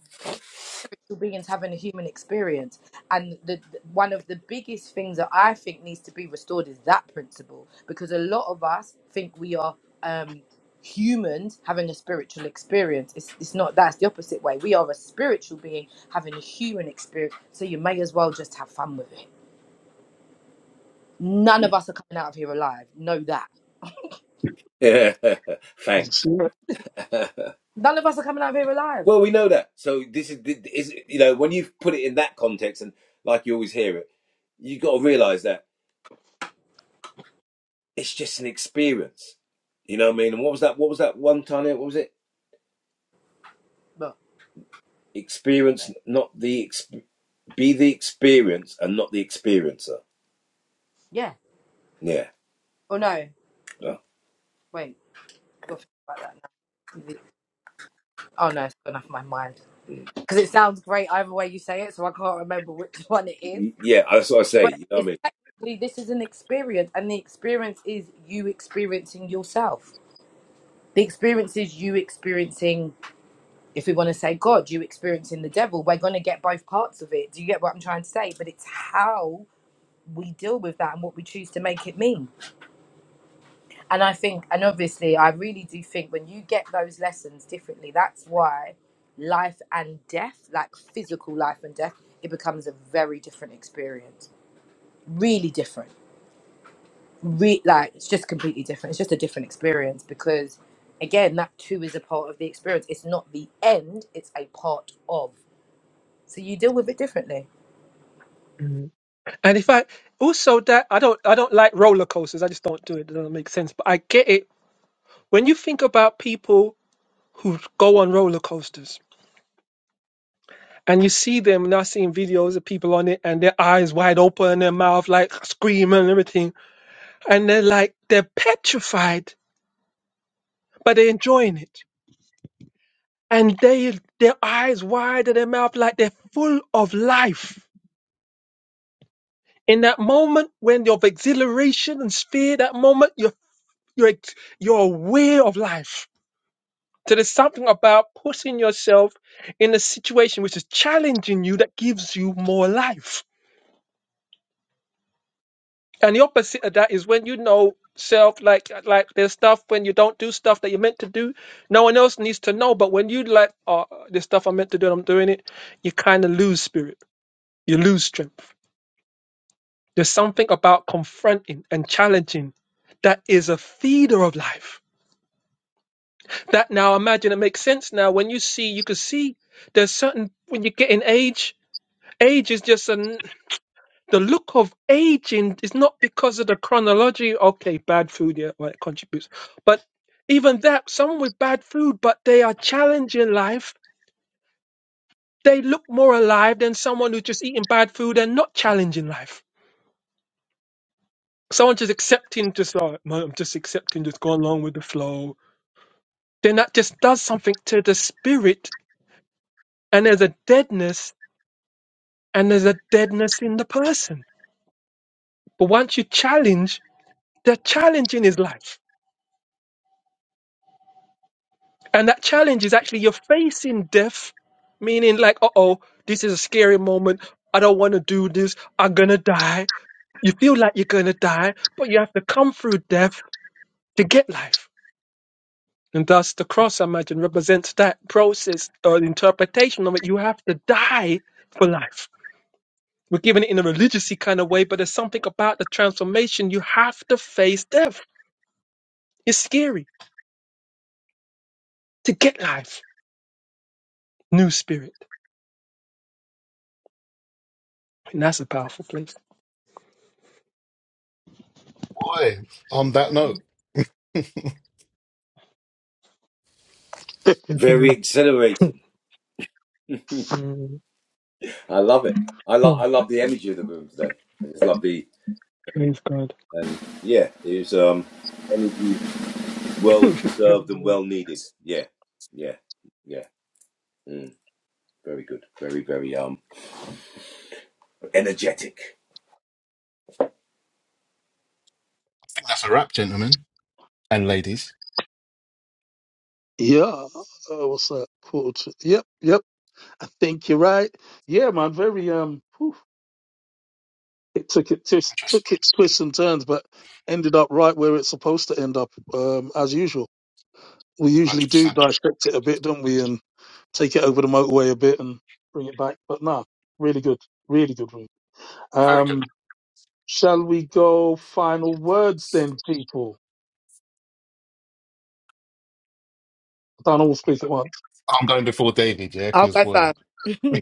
[SPEAKER 5] spiritual beings having a human experience, and the, the- one of the biggest things that I think needs to be restored is that principle because a lot of us think we are um, humans having a spiritual experience. It's it's not that's the opposite way. We are a spiritual being having a human experience, so you may as well just have fun with it. None of us are coming out of here alive. Know that
[SPEAKER 1] That's
[SPEAKER 3] Thanks.
[SPEAKER 1] it.
[SPEAKER 5] None of us are coming out of here alive.
[SPEAKER 3] well, we know that. So this is, is you know when you put it in that context, and like you always hear it, you got to realize that it's just an experience. You know what I mean? And what was that? What was that one time? What was it?
[SPEAKER 5] But
[SPEAKER 3] Experience, not the ex- be the experience, and not the experiencer.
[SPEAKER 5] yeah.
[SPEAKER 3] Yeah,
[SPEAKER 5] Oh no.
[SPEAKER 3] Uh,
[SPEAKER 5] Wait. I've got to think about that now. Oh no, it's gone off my mind.
[SPEAKER 3] mm.
[SPEAKER 5] Because it sounds great either way you say it, so I can't remember which one it is.
[SPEAKER 3] yeah. That's what I say.
[SPEAKER 5] But
[SPEAKER 3] You know what I
[SPEAKER 5] it's
[SPEAKER 3] mean?
[SPEAKER 5] technically this is an experience, and the experience is you experiencing yourself. The experience is you experiencing, if we want to say God, you experiencing the devil. We're going to get both parts of it. Do you get what I'm trying to say? But it's how we deal with that and what we choose to make it mean. and I think, and obviously, I really do think when you get those lessons differently, that's why life and death, like physical life and death, it becomes a very different experience. Really different. Re- like, it's just completely different. It's just a different experience because, again, that too is a part of the experience. It's not the end, it's a part of. So you deal with it differently.
[SPEAKER 4] Mm. And if I also that I don't I don't like roller coasters. I just don't do it. It doesn't make sense. But I get it. When you think about people who go on roller coasters, and you see them now seeing videos of people on it and their eyes wide open, their mouth like screaming and everything. And they're like, they're petrified, but they're enjoying it. And they, their eyes wide and their mouth like they're full of life. In that moment when you're of exhilaration and fear, that moment you're, you're, ex- you're aware of life. So there's something about putting yourself in a situation which is challenging you that gives you more life And the opposite of that is when you know self, like like there's stuff when you don't do stuff that you're meant to do. No one else needs to know, but when you like, oh, this stuff I'm meant to do, and I'm doing it, you kind of lose spirit, you lose strength. There's something about confronting and challenging that is a feeder of life. That now imagine it makes sense now when you see you can see there's certain when you get in age. Age is just a the look of aging is not because of the chronology. Okay, bad food, yeah, well, it contributes. But even that, someone with bad food, but they are challenging life, they look more alive than someone who's just eating bad food and not challenging life. Someone just accepting, just like, "Man, I'm just accepting, just going along with the flow. Then that just does something to the spirit, and there's a deadness, and there's a deadness in the person. But once you challenge, the challenging is life And that challenge is actually you're facing death, meaning like, uh oh, this is a scary moment. I don't want to do this. I'm going to die. You feel like you're going to die, but you have to come through death to get life. And thus, the cross, I imagine, represents that process or interpretation of it. You have to die for life. We're giving it in a religious kind of way, but there's something about the transformation. You have to face death. It's scary to get life, new spirit. And that's a powerful place.
[SPEAKER 2] Boy, on that note,
[SPEAKER 3] Very
[SPEAKER 4] Mhm.
[SPEAKER 3] exhilarating.
[SPEAKER 4] Mm.
[SPEAKER 3] I love it. I love.
[SPEAKER 4] Mm.
[SPEAKER 3] I love the energy of the room today. I just love the
[SPEAKER 4] Praise God.
[SPEAKER 3] and yeah, it was um energy well deserved and well needed. Yeah, yeah, yeah. Mm, very good. Very very um energetic.
[SPEAKER 2] I think that's a wrap, gentlemen and ladies.
[SPEAKER 1] Yeah. Uh, what's that called? Yep. Yep. I think you're right. Yeah, man. Very um. whew, It took it twist,
[SPEAKER 2] Just
[SPEAKER 1] took its twists and turns, but ended up right where it's supposed to end up. Um, as usual. We usually do
[SPEAKER 2] 100%.
[SPEAKER 1] dissect it a bit, don't we? And take it over the motorway a bit and bring it back. But no, really good, really good room.
[SPEAKER 2] Very good.
[SPEAKER 1] Um, shall we go final words then, people? I don't all speak at once.
[SPEAKER 2] I'm going before David, yeah,
[SPEAKER 5] I'll
[SPEAKER 2] because
[SPEAKER 5] go
[SPEAKER 2] boy.
[SPEAKER 5] for
[SPEAKER 2] what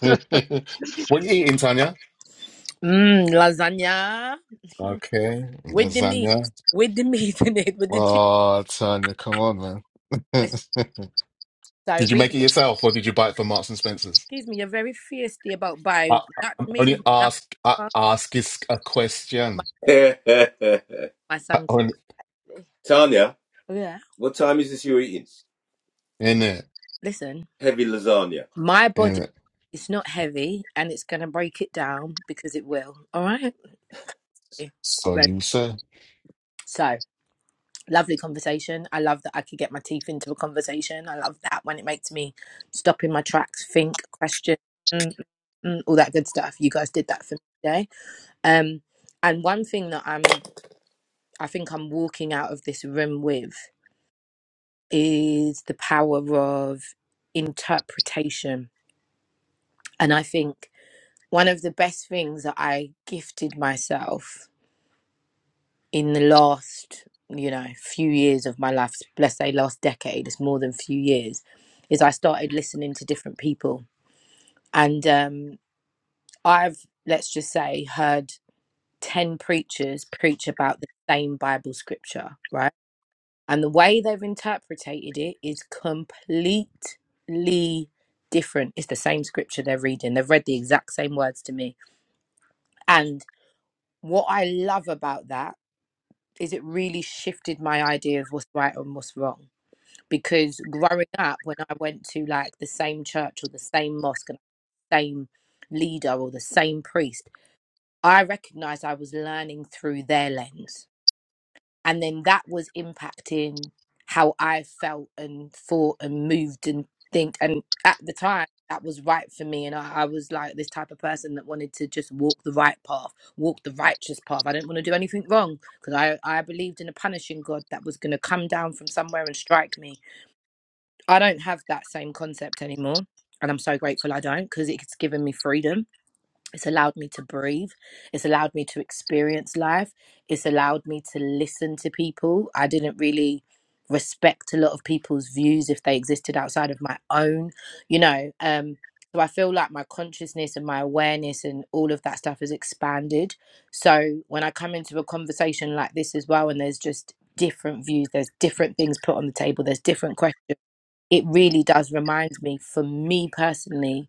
[SPEAKER 2] you eating, Tanya?
[SPEAKER 5] mm, lasagna
[SPEAKER 2] Okay,
[SPEAKER 5] with the meat,
[SPEAKER 2] lasagna.
[SPEAKER 5] with the meat in it, with the cheese.
[SPEAKER 2] Oh, Tanya, come on, man.
[SPEAKER 5] Listen, So really
[SPEAKER 2] did you
[SPEAKER 5] good.
[SPEAKER 2] make it yourself or did you buy it from Marks and Spencer's?
[SPEAKER 5] Excuse me, you're very feisty about
[SPEAKER 2] I,
[SPEAKER 5] buying. Not
[SPEAKER 2] I'm
[SPEAKER 5] me,
[SPEAKER 2] only
[SPEAKER 5] not
[SPEAKER 2] ask, I ask is a
[SPEAKER 5] my,
[SPEAKER 2] question.
[SPEAKER 3] Tanya,
[SPEAKER 5] my
[SPEAKER 2] I
[SPEAKER 5] son.
[SPEAKER 2] only,
[SPEAKER 5] Yeah.
[SPEAKER 3] what time is this you're eating?
[SPEAKER 2] in it,
[SPEAKER 5] Listen,
[SPEAKER 3] Heavy lasagna.
[SPEAKER 5] my body
[SPEAKER 2] in it.
[SPEAKER 5] is not heavy and it's going to break it down because it will. All right. Yeah.
[SPEAKER 2] So
[SPEAKER 5] Right.
[SPEAKER 2] you, sir.
[SPEAKER 5] So, lovely conversation. I love that I could get my teeth into a conversation. I love that when it makes me stop in my tracks, think, question, mm, mm, all that good stuff. You guys did that for me today. Um, and one thing that I'm, I think I'm walking out of this room with. is the power of interpretation. And I think one of the best things that I gifted myself in the last, you know, few years of my life, let's say last decade, it's more than few years, is I started listening to different people. And um, I've, let's just say, heard 10 preachers preach about the same Bible scripture, right? and the way they've interpreted it is completely different it's the same scripture they're reading they've read the exact same words to me and what i love about that is it really shifted my idea of what's right and what's wrong because growing up when i went to like the same church or the same mosque and the same leader or the same priest i recognized i was learning through their lens and then that was impacting how I felt and thought and moved and think. And at the time, that was right for me. And I, I was like this type of person that wanted to just walk the right path, walk the righteous path. I didn't want to do anything wrong because I, I believed in a punishing God that was going to come down from somewhere and strike me. I don't have that same concept anymore. And I'm so grateful I don't because it's given me freedom it's allowed me to breathe. It's allowed me to experience life. It's allowed me to listen to people. I didn't really respect a lot of people's views if they existed outside of my own, you know. Um, so I feel like my consciousness and my awareness and all of that stuff has expanded. So when I come into a conversation like this as well, and there's just different views, there's different things put on the table, there's different questions. It really does remind me, for me personally,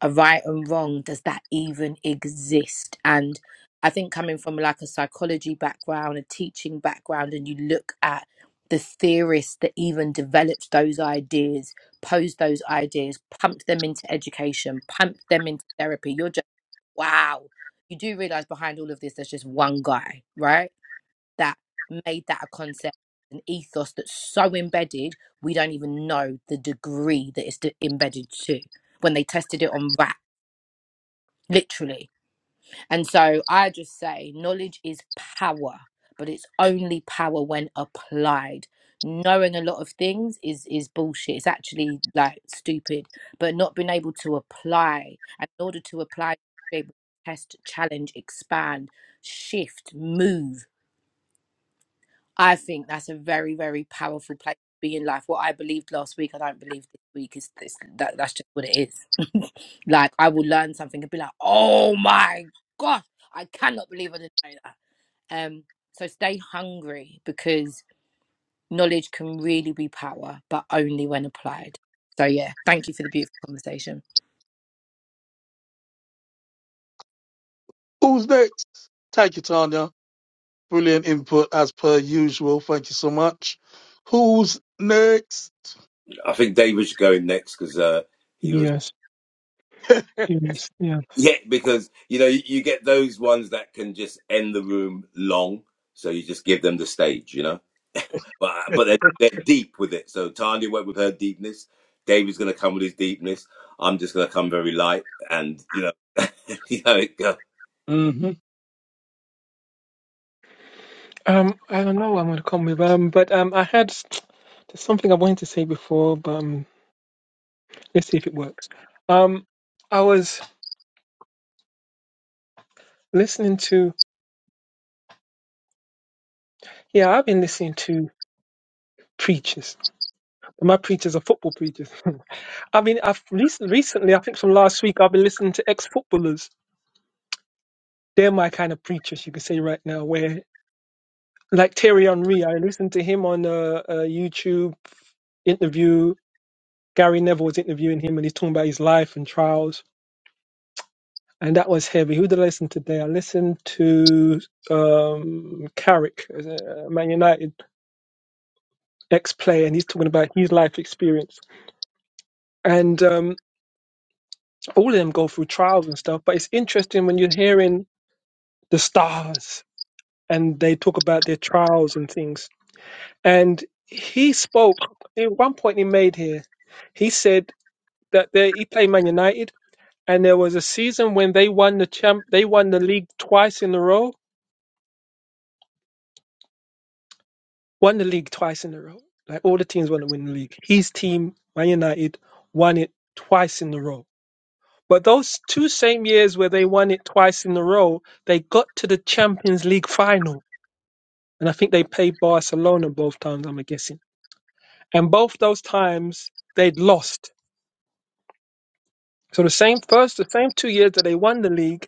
[SPEAKER 5] a right and wrong does that even exist and i think coming from like a psychology background a teaching background and you look at the theorists that even developed those ideas posed those ideas pumped them into education pumped them into therapy you're just wow you do realize behind all of this there's just one guy right that made that a concept an ethos that's so embedded we don't even know the degree that it's de- embedded to when they tested it on rats literally. And so I just say knowledge is power, but it's only power when applied. Knowing a lot of things is is bullshit. It's actually like stupid, but not being able to apply. And in order to apply, be able to test, challenge, expand, shift, move. I think that's a very, very powerful place to be in life. What I believed last week, I don't believe this week. Is this, that that's just what it is. like I will learn something and be like, oh my gosh, I cannot believe I didn't know that. Um, so stay hungry because knowledge can really be power, but only when applied. So yeah, thank you for the beautiful conversation.
[SPEAKER 1] Who's next? Thank you, Tanya. Brilliant input as per usual. Thank you so much. Who's next?
[SPEAKER 3] I think David should go in next because uh he was
[SPEAKER 4] yes, yes, yes.
[SPEAKER 3] yeah because you know you, you get those ones that can just end the room long, so you just give them the stage, you know. but uh, but they're, they're deep with it. So Tanya went with her deepness. David's going to come with his deepness. I'm just going to come very light, and you know, you know, it go,
[SPEAKER 1] hmm
[SPEAKER 4] Um, I don't know what I'm gonna come with. Um, but um, I had there's something I wanted to say before, but um, let's see if it works. Um, I was listening to yeah, I've been listening to preachers. My preachers are football preachers. I mean, I've recently, recently, I think from last week, I've been listening to ex-footballers. They're my kind of preachers, you could say right now. Where like Terry Henry, I listened to him on a, a YouTube interview Gary Neville was interviewing him and he's talking about his life and trials. And that was heavy. Who did I listen to today? I listened to um, Carrick, is uh, Man United ex player, and he's talking about his life experience. And um, all of them go through trials and stuff. But it's interesting when you're hearing the stars and they talk about their trials and things. And he spoke, at one point he made here, he said that they, he played Man United and there was a season when they won the champ they won the league twice in a row won the league twice in a row like all the teams want to win the league his team man united won it twice in a row but those two same years where they won it twice in a row they got to the champions league final and i think they played barcelona both times i'm guessing and both those times they'd lost so the same first the same two years that they won the league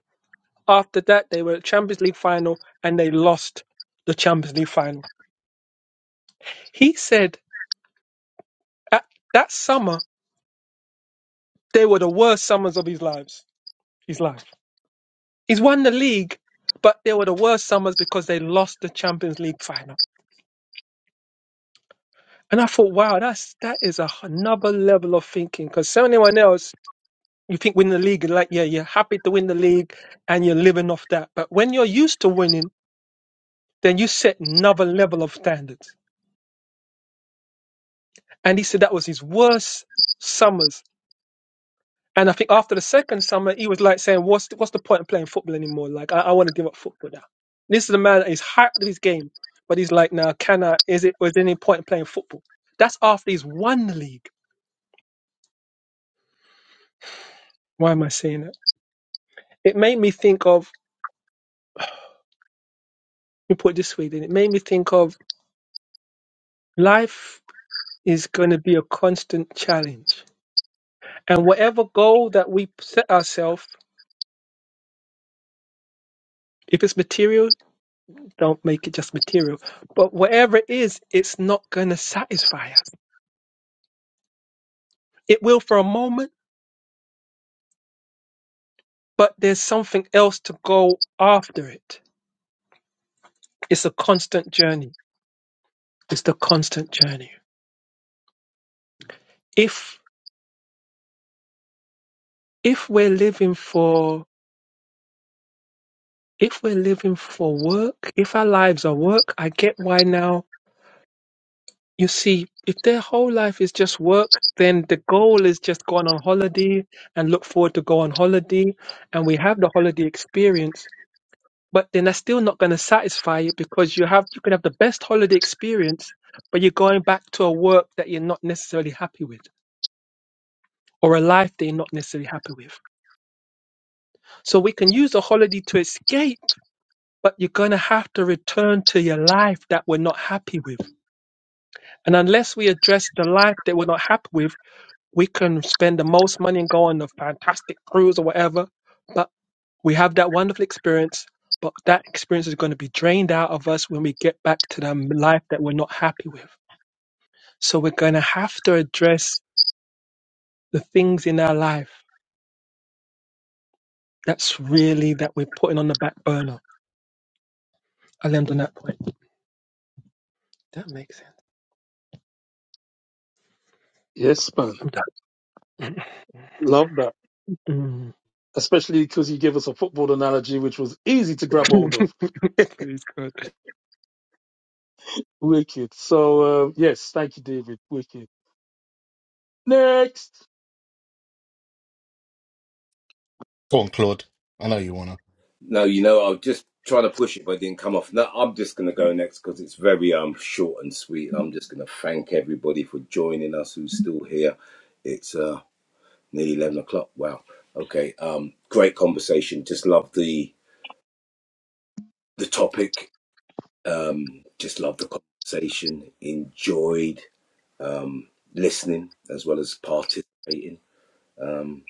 [SPEAKER 4] after that they were at champions league final and they lost the champions league final He said that, that summer they were the worst summers of his lives. His life. He's won the league, but they were the worst summers because they lost the Champions League final. And I thought, wow, that's that is a, another level of thinking. Because so anyone else, you think win the league, like yeah, you're happy to win the league and you're living off that. But when you're used to winning, then you set another level of standards. And he said that was his worst summers And I think after the second summer, he was like saying, "What's the, what's the point of playing football anymore? Like, I, I want to give up football now." This is the man that is high of his game, but he's like, "Now, can I? Is it? Was there any point in playing football?" That's after he's won the league. Why am I saying that? It made me think of. Let me put it this way. Then it made me think of life is going to be a constant challenge, and whatever goal that we set ourselves. If it's material, don't make it just material. But whatever it is, it's not going to satisfy us. It will for a moment, But there's something else to go after it. It's a constant journey. It's the constant journey. If if we're living for if we're living for work, if our lives are work, I get why now you see if their whole life is just work, then the goal is just going on holiday and look forward to go on holiday and we have the holiday experience but then that's still not going to satisfy you because you have you can have the best holiday experience, but you're going back to a work that you're not necessarily happy with or a life that you're not necessarily happy with. So we can use a holiday to escape, but you're going to have to return to your life that we're not happy with. And unless we address the life that we're not happy with, we can spend the most money and go on a fantastic cruise or whatever. but. We have that wonderful experience, but that experience is going to be drained out of us when we get back to the life that we're not happy with. So we're going to have to address the things in our life that's really that we're putting on the back burner. I'll end on that point. That makes sense.
[SPEAKER 1] Yes, man.
[SPEAKER 4] I'm
[SPEAKER 1] Love that.
[SPEAKER 4] done. Mm.
[SPEAKER 1] Especially because you gave us a football analogy, which was easy to grab hold of.
[SPEAKER 4] Praise God.
[SPEAKER 1] Wicked. So, uh, yes, thank you, David. Wicked. Next.
[SPEAKER 2] Go on, Claude. I know you wanna.
[SPEAKER 3] no, you know, I was just trying to push it, but it didn't come off. No, I'm just going to go next because it's very um short and sweet. I'm just going to thank everybody for joining us who's still here. It's uh nearly eleven o'clock. Wow. Okay. Um, great conversation. Just love the the topic. Um, just love the conversation. Enjoyed um, listening as well as participating. Um,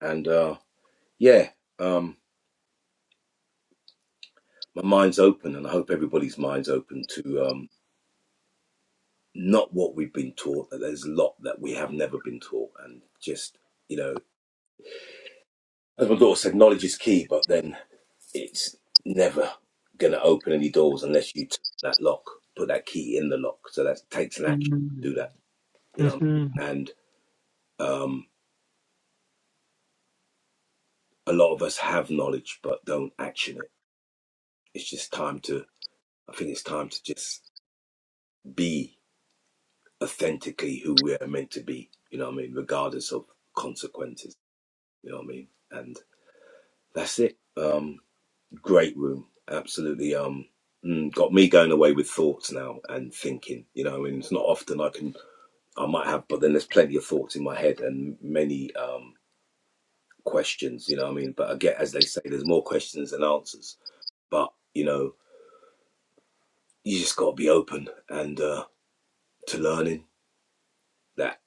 [SPEAKER 3] and uh, yeah, um, my mind's open, and I hope everybody's mind's open to um, not what we've been taught. That there's a lot that we have never been taught, and just you know, as my daughter said, knowledge is key, but then it's never going to open any doors unless you turn that lock, put that key in the lock. So that takes an action
[SPEAKER 4] Mm.
[SPEAKER 3] to do that, you know.
[SPEAKER 4] hmm
[SPEAKER 3] And um, a lot of us have knowledge but don't action it. It's just time to I think it's time to just be authentically who we are meant to be. You know what I mean? Regardless of consequences. You know what I mean? And that's it. Um, great room. Absolutely. Um, mm, got me going away with thoughts now and thinking. You know, I mean, it's not often I can. I might have, but then there's plenty of thoughts in my head and many um questions. You know, what I mean, but I get as they say, there's more questions than answers. But you know, you just got to be open and uh, to learning that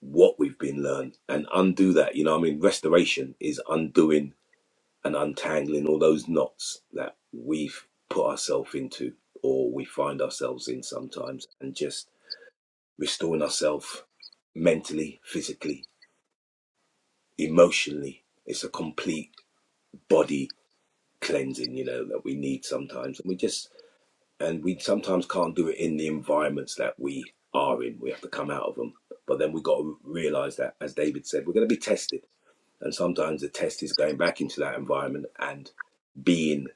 [SPEAKER 3] what we've been learned and undo that. You know, what I mean, restoration is undoing and untangling all those knots that we've put ourselves into or we find ourselves in sometimes and just restoring ourselves mentally, physically, emotionally. It's a complete body cleansing, you know, that we need sometimes. And we just, and we sometimes can't do it in the environments that we are in. We have to come out of them. But then we got to realize that, as David said, we're going to be tested And sometimes the test is going back into that environment and being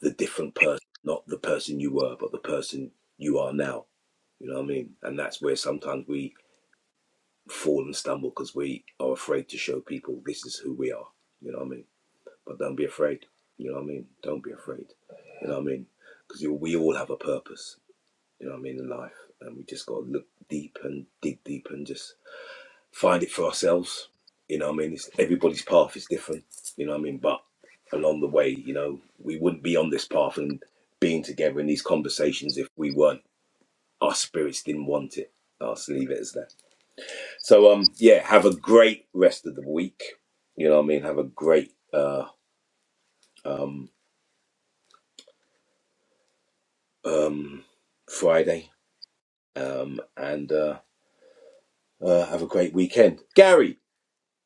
[SPEAKER 3] the different person, not the person you were, but the person you are now. You know what I mean? And that's where sometimes we fall and stumble because we are afraid to show people this is who we are. You know what I mean? But don't be afraid. You know what I mean? Don't be afraid. You know what I mean? Because we all have a purpose. You know what I mean? In life, and we just got to look deep and dig deep and just find it for ourselves. You know, what I mean, it's, everybody's path is different. You know, what I mean, but along the way, you know, we wouldn't be on this path and being together in these conversations if we weren't. Our spirits didn't want it. I'll just leave it as that. So, um, yeah, have a great rest of the week. You know, what I mean, have a great uh, um, um, Friday, um, and uh, uh, have a great weekend. Gary,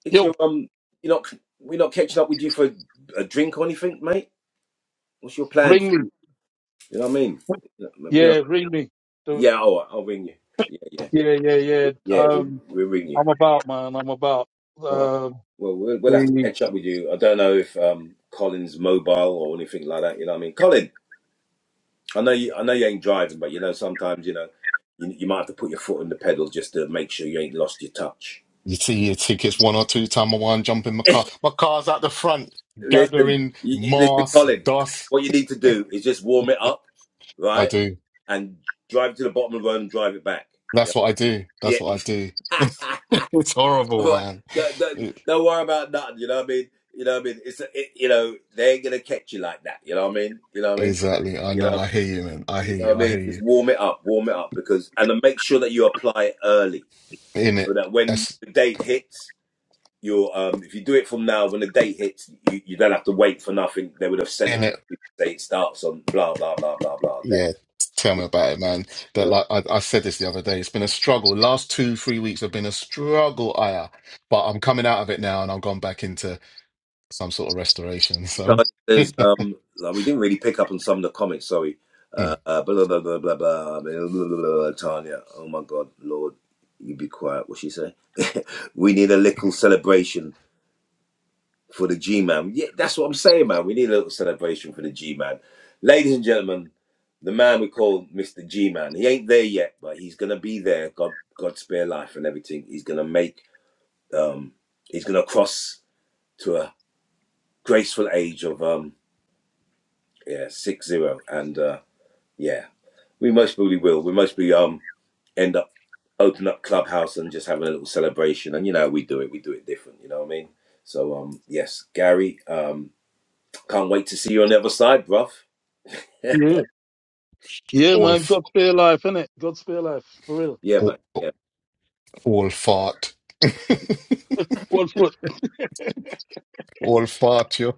[SPEAKER 3] it's your
[SPEAKER 1] Yo,
[SPEAKER 3] um, you're not we're not catching up with you for a drink or anything, mate. What's your plans?
[SPEAKER 1] ring
[SPEAKER 3] For
[SPEAKER 1] me.
[SPEAKER 3] you You know what I mean? You know,
[SPEAKER 1] Yeah, read me. The,
[SPEAKER 3] yeah, all right, I'll ring you. Yeah,
[SPEAKER 1] yeah, yeah, yeah.
[SPEAKER 3] yeah, yeah. We'll,
[SPEAKER 1] Um,
[SPEAKER 3] we'll ring you.
[SPEAKER 1] I'm about, man. I'm about.
[SPEAKER 3] All right.
[SPEAKER 1] Um,
[SPEAKER 3] Well, well, we'll have to
[SPEAKER 1] the,
[SPEAKER 3] catch up with you. I don't know if um, Colin's mobile or anything like that. You know what I mean? Colin, I know you. I know you ain't driving, but you know sometimes you know you, you might have to put your foot on the pedal just to make sure you ain't lost your touch.
[SPEAKER 2] You see your tickets one or two time. I want to jump in my car. My car's at the front,
[SPEAKER 3] listen,
[SPEAKER 2] gathering
[SPEAKER 3] you, you- listen,
[SPEAKER 2] moss,
[SPEAKER 3] Colin.
[SPEAKER 2] dust.
[SPEAKER 3] What you need to do is just warm it up,
[SPEAKER 2] I
[SPEAKER 3] right?
[SPEAKER 2] do.
[SPEAKER 3] and drive it to the bottom of the road and drive it back. Yeah,
[SPEAKER 2] That's what I do. That's what I do.
[SPEAKER 3] yeah,
[SPEAKER 2] It's horrible,
[SPEAKER 3] All right.
[SPEAKER 2] man.
[SPEAKER 3] Don't, don't,
[SPEAKER 2] It-
[SPEAKER 3] don't worry about nothing. You know what I mean? You know what I mean? It's a, it, you know they ain't gonna catch you like that. You know what I mean? You know what I mean?
[SPEAKER 2] exactly. I
[SPEAKER 3] You
[SPEAKER 2] know.
[SPEAKER 3] know
[SPEAKER 2] I hear you, man. I hear
[SPEAKER 3] you know what I
[SPEAKER 2] you. I
[SPEAKER 3] mean?
[SPEAKER 2] hear
[SPEAKER 3] Just
[SPEAKER 2] you.
[SPEAKER 3] warm it up, warm it up because and then make sure that you apply it early
[SPEAKER 2] In
[SPEAKER 3] so
[SPEAKER 2] it.
[SPEAKER 3] that when
[SPEAKER 2] That's
[SPEAKER 3] the date hits, you're um if you do it from now, when the date hits, you, you don't have to wait for nothing. They would have sent
[SPEAKER 2] in
[SPEAKER 3] it.
[SPEAKER 2] it.
[SPEAKER 3] Date starts on blah blah blah blah blah date.
[SPEAKER 2] Yeah. Tell me about it, man.
[SPEAKER 3] You
[SPEAKER 2] That
[SPEAKER 3] know.
[SPEAKER 2] like I, I said this the other day. It's been a struggle. Last two, three weeks have been a struggle, Aya. But I'm coming out of it now, and i am gone back into some sort of restoration. So.
[SPEAKER 3] Tanya says, um, like, we didn't really pick up on some of the comments, sorry. Uh, uh, blah, blah, blah, blah, blah, blah, blah, blah, blah, Tanya, oh my God, Lord, you be quiet. What she say? we need a little celebration for the G-Man. Yeah, that's what I'm saying, man. We need a little celebration for the G-Man. Ladies and gentlemen, the man we call Mr. G-Man, he ain't there yet, but he's going to be there. God, God spare life and everything. He's going to make, um, he's going to cross to a graceful age of, um, yeah, six zero, and, uh, Yeah, we most probably will. We most probably um end up open up clubhouse and just having a little celebration. And you know, we do it. We do it different. You know what I mean? So um, yes, Gary, um, can't wait to see you on the other side, bruv.
[SPEAKER 1] yeah, yeah,
[SPEAKER 2] all
[SPEAKER 1] man.
[SPEAKER 2] f-
[SPEAKER 1] God spare life, innit? God spare life, for real.
[SPEAKER 3] Yeah, man.
[SPEAKER 2] all,
[SPEAKER 3] Yeah.
[SPEAKER 2] all fart,
[SPEAKER 1] One foot.
[SPEAKER 2] all fart, yo,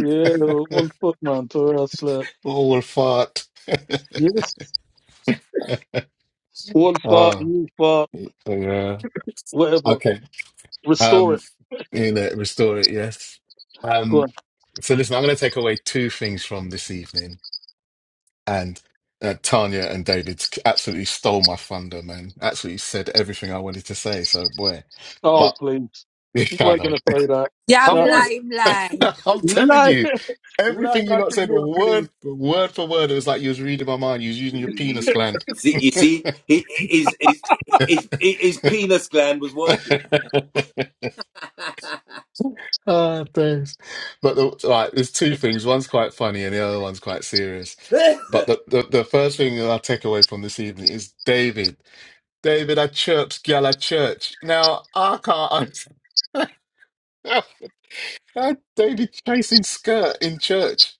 [SPEAKER 1] Yeah, one foot, man. To real slut.
[SPEAKER 2] all fart.
[SPEAKER 1] Yes. One fart,
[SPEAKER 2] Ah,
[SPEAKER 1] new fart,
[SPEAKER 2] yeah.
[SPEAKER 1] whatever.
[SPEAKER 2] Okay.
[SPEAKER 1] Restore it.
[SPEAKER 2] Um, you know, restore it. Yes.
[SPEAKER 1] Go
[SPEAKER 2] Um.
[SPEAKER 1] on.
[SPEAKER 2] So listen, I'm going to take away two things from this evening, and uh, Tanya and David absolutely stole my thunder, man. Absolutely said everything I wanted to say. So boy,
[SPEAKER 1] Oh,
[SPEAKER 2] but.
[SPEAKER 1] please. You
[SPEAKER 2] I
[SPEAKER 1] weren't
[SPEAKER 2] know.
[SPEAKER 1] gonna say that.
[SPEAKER 5] Yam
[SPEAKER 2] I
[SPEAKER 5] I'm
[SPEAKER 1] Shut up.
[SPEAKER 2] was.
[SPEAKER 5] lying,
[SPEAKER 2] I'm telling
[SPEAKER 1] Lie,
[SPEAKER 2] you,
[SPEAKER 1] lie
[SPEAKER 2] everything you
[SPEAKER 1] like
[SPEAKER 2] lot
[SPEAKER 1] a
[SPEAKER 2] said,
[SPEAKER 1] little
[SPEAKER 2] word word for word, it was like you was reading my mind. You was using your penis
[SPEAKER 3] You
[SPEAKER 2] gland.
[SPEAKER 3] you see, you see, he- his his his his penis gland was working.
[SPEAKER 2] Ah, thanks. But the, like, there's two things. One's quite funny, and the other one's quite serious. But the, the the first thing that I take away from this evening is David. David, I chirps gal at church. Now I can't. I, David chasing skirt in church.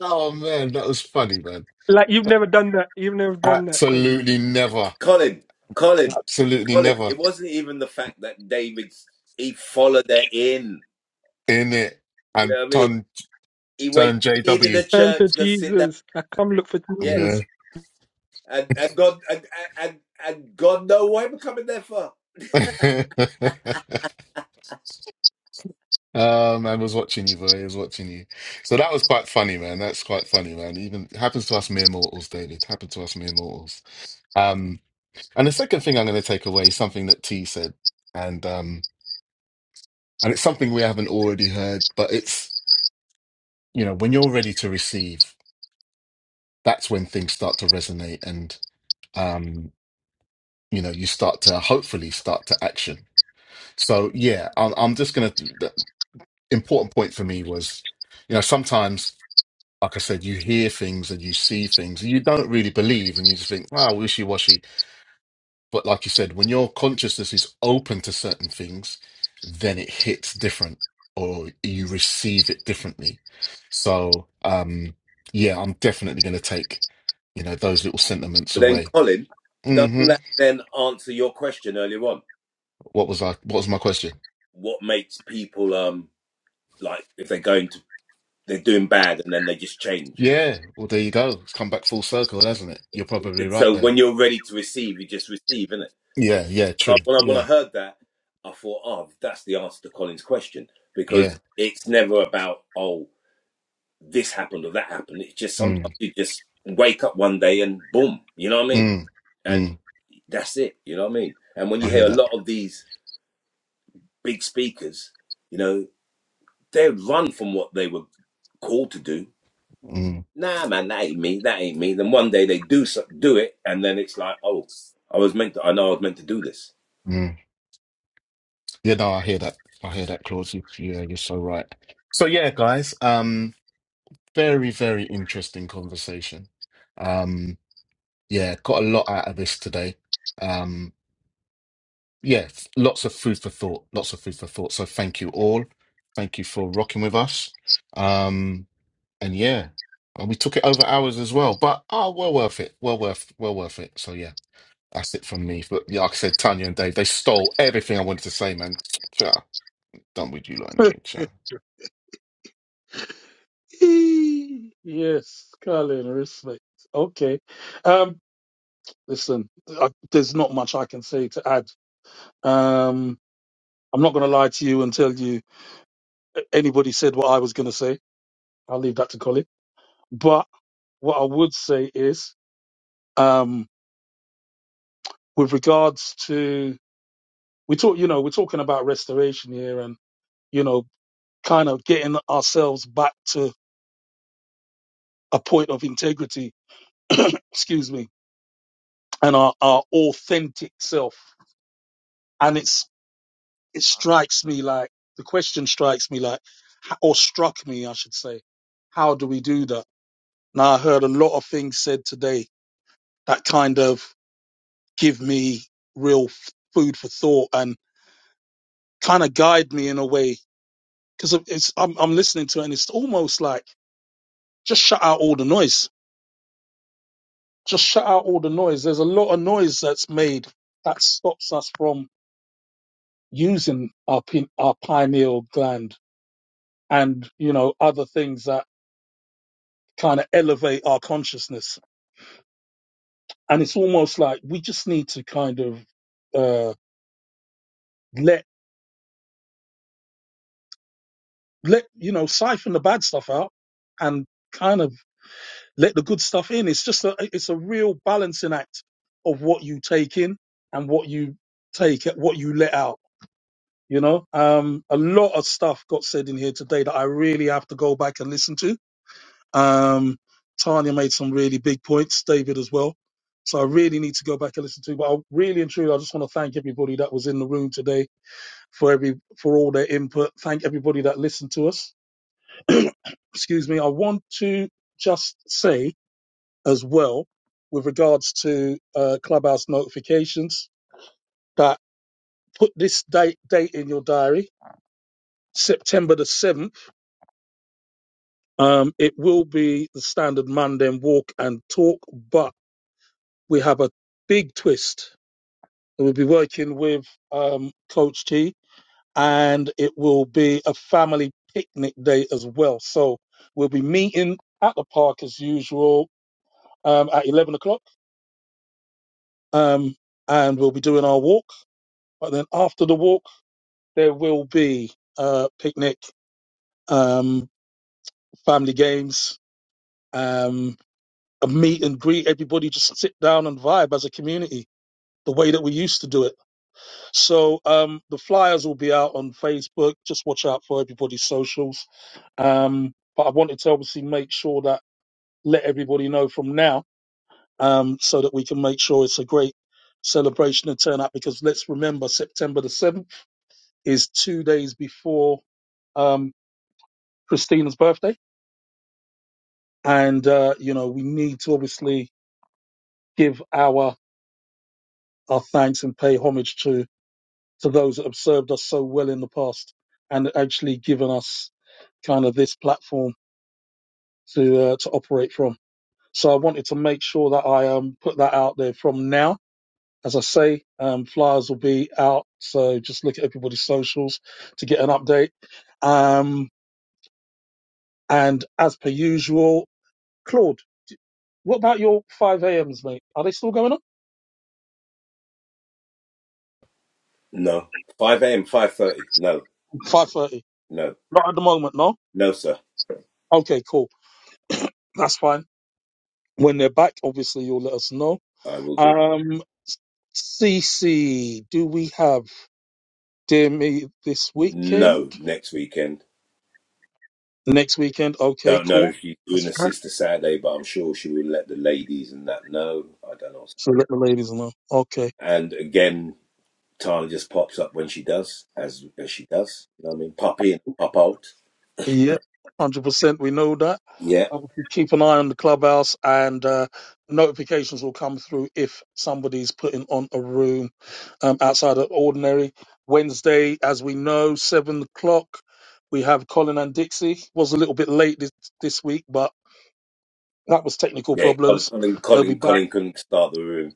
[SPEAKER 2] Oh man, that was funny, man.
[SPEAKER 4] Like you've never done that. You've never done that, Colin.
[SPEAKER 2] Absolutely never.
[SPEAKER 3] Colin, Colin,
[SPEAKER 2] Absolutely
[SPEAKER 3] Colin.
[SPEAKER 2] never.
[SPEAKER 3] It wasn't even the fact that David's he followed her in.
[SPEAKER 2] In it.
[SPEAKER 3] You know
[SPEAKER 2] And
[SPEAKER 3] what I mean?
[SPEAKER 2] ton
[SPEAKER 3] He went
[SPEAKER 2] turn
[SPEAKER 3] clean in the
[SPEAKER 2] JW.
[SPEAKER 4] Turn to
[SPEAKER 3] church, go sit down.
[SPEAKER 4] Jesus. I come look for
[SPEAKER 3] Yeah.
[SPEAKER 2] Yeah.
[SPEAKER 4] Jesus.
[SPEAKER 3] And and God and and, and God know why we're coming there for.
[SPEAKER 2] oh man I was watching you, boy. I was watching you. So that was quite funny, man. That's quite funny, man. Even happens to us mere mortals, David. Happens to us mere mortals. Um, and the second thing I'm gonna take away is something that T said. And um and it's something we haven't already heard, but it's you know, when you're ready to receive, that's when things start to resonate and um you know you start to hopefully start to action so yeah i'm, I'm just gonna the important point for me was you know sometimes like i said you hear things and you see things and you don't really believe and you just think wow wishy-washy but like you said when your consciousness is open to certain things then it hits different or you receive it differently so um yeah i'm definitely gonna take you know those little sentiments
[SPEAKER 3] But then
[SPEAKER 2] away
[SPEAKER 3] Colin, doesn't
[SPEAKER 2] hmm
[SPEAKER 3] that then answer your question earlier on?
[SPEAKER 2] what was i what was my question
[SPEAKER 3] What makes people um like if they're going to they're doing bad and then they just change.
[SPEAKER 2] Yeah, well, there you go. It's come back full circle, hasn't it? You're probably right
[SPEAKER 3] So
[SPEAKER 2] there.
[SPEAKER 3] when you're ready to receive, you just receive, innit? So
[SPEAKER 2] Yeah, yeah,
[SPEAKER 3] when I
[SPEAKER 2] true.
[SPEAKER 3] when I when I
[SPEAKER 2] Yeah,
[SPEAKER 3] heard that, I thought, oh, that's the answer to Colin's question.
[SPEAKER 2] yeah.
[SPEAKER 3] Because it's never about oh this happened or that happened. It's just sometimes
[SPEAKER 2] Mm,
[SPEAKER 3] you just wake up one day and boom, you know what I mean?
[SPEAKER 2] mm,
[SPEAKER 3] And
[SPEAKER 2] mm.
[SPEAKER 3] that's it, you know what I mean? And when you
[SPEAKER 2] I
[SPEAKER 3] hear
[SPEAKER 2] hear
[SPEAKER 3] a
[SPEAKER 2] that.
[SPEAKER 3] lot of these big speakers, you know, they run from what they were called to do.
[SPEAKER 2] Mm,
[SPEAKER 3] Nah, man, that ain't me. That ain't me. Then one day they do so, do it, and then it's like, oh, I was meant to. I know I was meant to do this.
[SPEAKER 2] mm. Yeah, no, I hear that. I hear that, Claude. You, yeah, you're so right. So yeah, guys, um, very, very interesting conversation. Um, yeah, got a lot out of this today. Um, yeah, f- lots of food for thought. Lots of food for thought. So thank you all. Thank you for rocking with us. Um. And yeah, and we took it over hours as well, but oh, well worth it. Well worth, well worth it. So yeah, that's it from me. But yeah, like I said, Tanya and Dave, they stole everything I wanted to say, man. Ciao. Done with you lot anyway. Ciao.
[SPEAKER 1] please. yes, Colin, respect. Okay. Um, Listen, I, there's not much I can say to add. Um, I'm not going to lie to you and tell you anybody said what I was going to say. I'll leave that to Colin. But what I would say is, um, with regards to we talk, you know, we're talking about restoration here, and you know, kind of getting ourselves back to a point of integrity. excuse me, and our, our authentic self. and it's. it strikes me like the question strikes me like h- or struck me i should say how do we do that now i heard a lot of things said today that kind of give me real f- food for thought and kind of guide me in a way because it's I'm, I'm listening to it and it's almost like just shut out all the noise just shut out all the noise there's a lot of noise that's made that stops us from using our pin, our pineal gland and you know other things that kind of elevate our consciousness. And it's almost like we just need to kind of uh, let let you know siphon the bad stuff out and kind of let the good stuff in. It's just a it's a real balancing act of what you take in and what you take what you let out. You know, um, a lot of stuff got said in here today that I really have to go back and listen to Um, Tanya made some really big points, David as well. So I really need to go back and listen to. it. But I really and truly, I just want to thank everybody that was in the room today for every for all their input. Thank everybody that listened to us. Excuse me. I want to just say as well, with regards to uh, clubhouse notifications, that put this date date in your diary. September the seventh. Um, it will be the standard Monday walk and talk, but we have a big twist. We'll be working with um, Coach T, and it will be a family picnic day as well. So we'll be meeting at the park as usual um, at 11 o'clock, um, and we'll be doing our walk. But then after the walk, there will be a picnic, um, family games, um, a meet and greet. Everybody just sit down and vibe as a community, the way that we used to do it. So um, the flyers will be out on Facebook. Just watch out for everybody's socials. Um, but I wanted to obviously make sure that let everybody know from now, um, so that we can make sure it's a great celebration and turnout. Because let's remember, September the seventh is two days before um, Christina's birthday, and uh, you know we need to obviously give our our thanks and pay homage to to those that have served us so well in the past and actually given us kind of this platform to uh, to operate from. So I wanted to make sure that I um, put that out there from now. As I say, um, flyers will be out, so just look at everybody's socials to get an update. Um, and as per usual, Claude, what about your five a.m.s, mate? Are they still going on?
[SPEAKER 3] No, five a.m., five thirty. No,
[SPEAKER 1] Five thirty?
[SPEAKER 3] no,
[SPEAKER 1] Not at the moment, no.
[SPEAKER 3] no, sir.
[SPEAKER 1] Okay, cool. That's fine. When they're back, obviously you'll let us know.
[SPEAKER 3] I will do.
[SPEAKER 1] Um, CC, do we have dear me this weekend?
[SPEAKER 3] No, next weekend.
[SPEAKER 1] Next weekend, okay,
[SPEAKER 3] Don't know
[SPEAKER 1] cool.
[SPEAKER 3] if she's doing
[SPEAKER 1] That's
[SPEAKER 3] a
[SPEAKER 1] fine.
[SPEAKER 3] sister Saturday, but I'm sure she will let the ladies and that know. I don't know.
[SPEAKER 1] So let the ladies know. Okay.
[SPEAKER 3] And again, Tana just pops up when she does, as as she does. You know what I mean? Pop in, pop out.
[SPEAKER 1] Yeah, 100%. We know that.
[SPEAKER 3] Yeah,
[SPEAKER 1] Obviously, keep an eye on the clubhouse and uh, notifications will come through if somebody's putting on a room um, outside of ordinary. Wednesday, as we know, 7 o'clock, we have Colin and Dixie. Was a little bit late this, this week, but that was technical
[SPEAKER 3] yeah. Colin,
[SPEAKER 1] problems.
[SPEAKER 3] Colin,
[SPEAKER 1] They'll be
[SPEAKER 3] Colin,
[SPEAKER 1] back.
[SPEAKER 3] Colin couldn't start the room.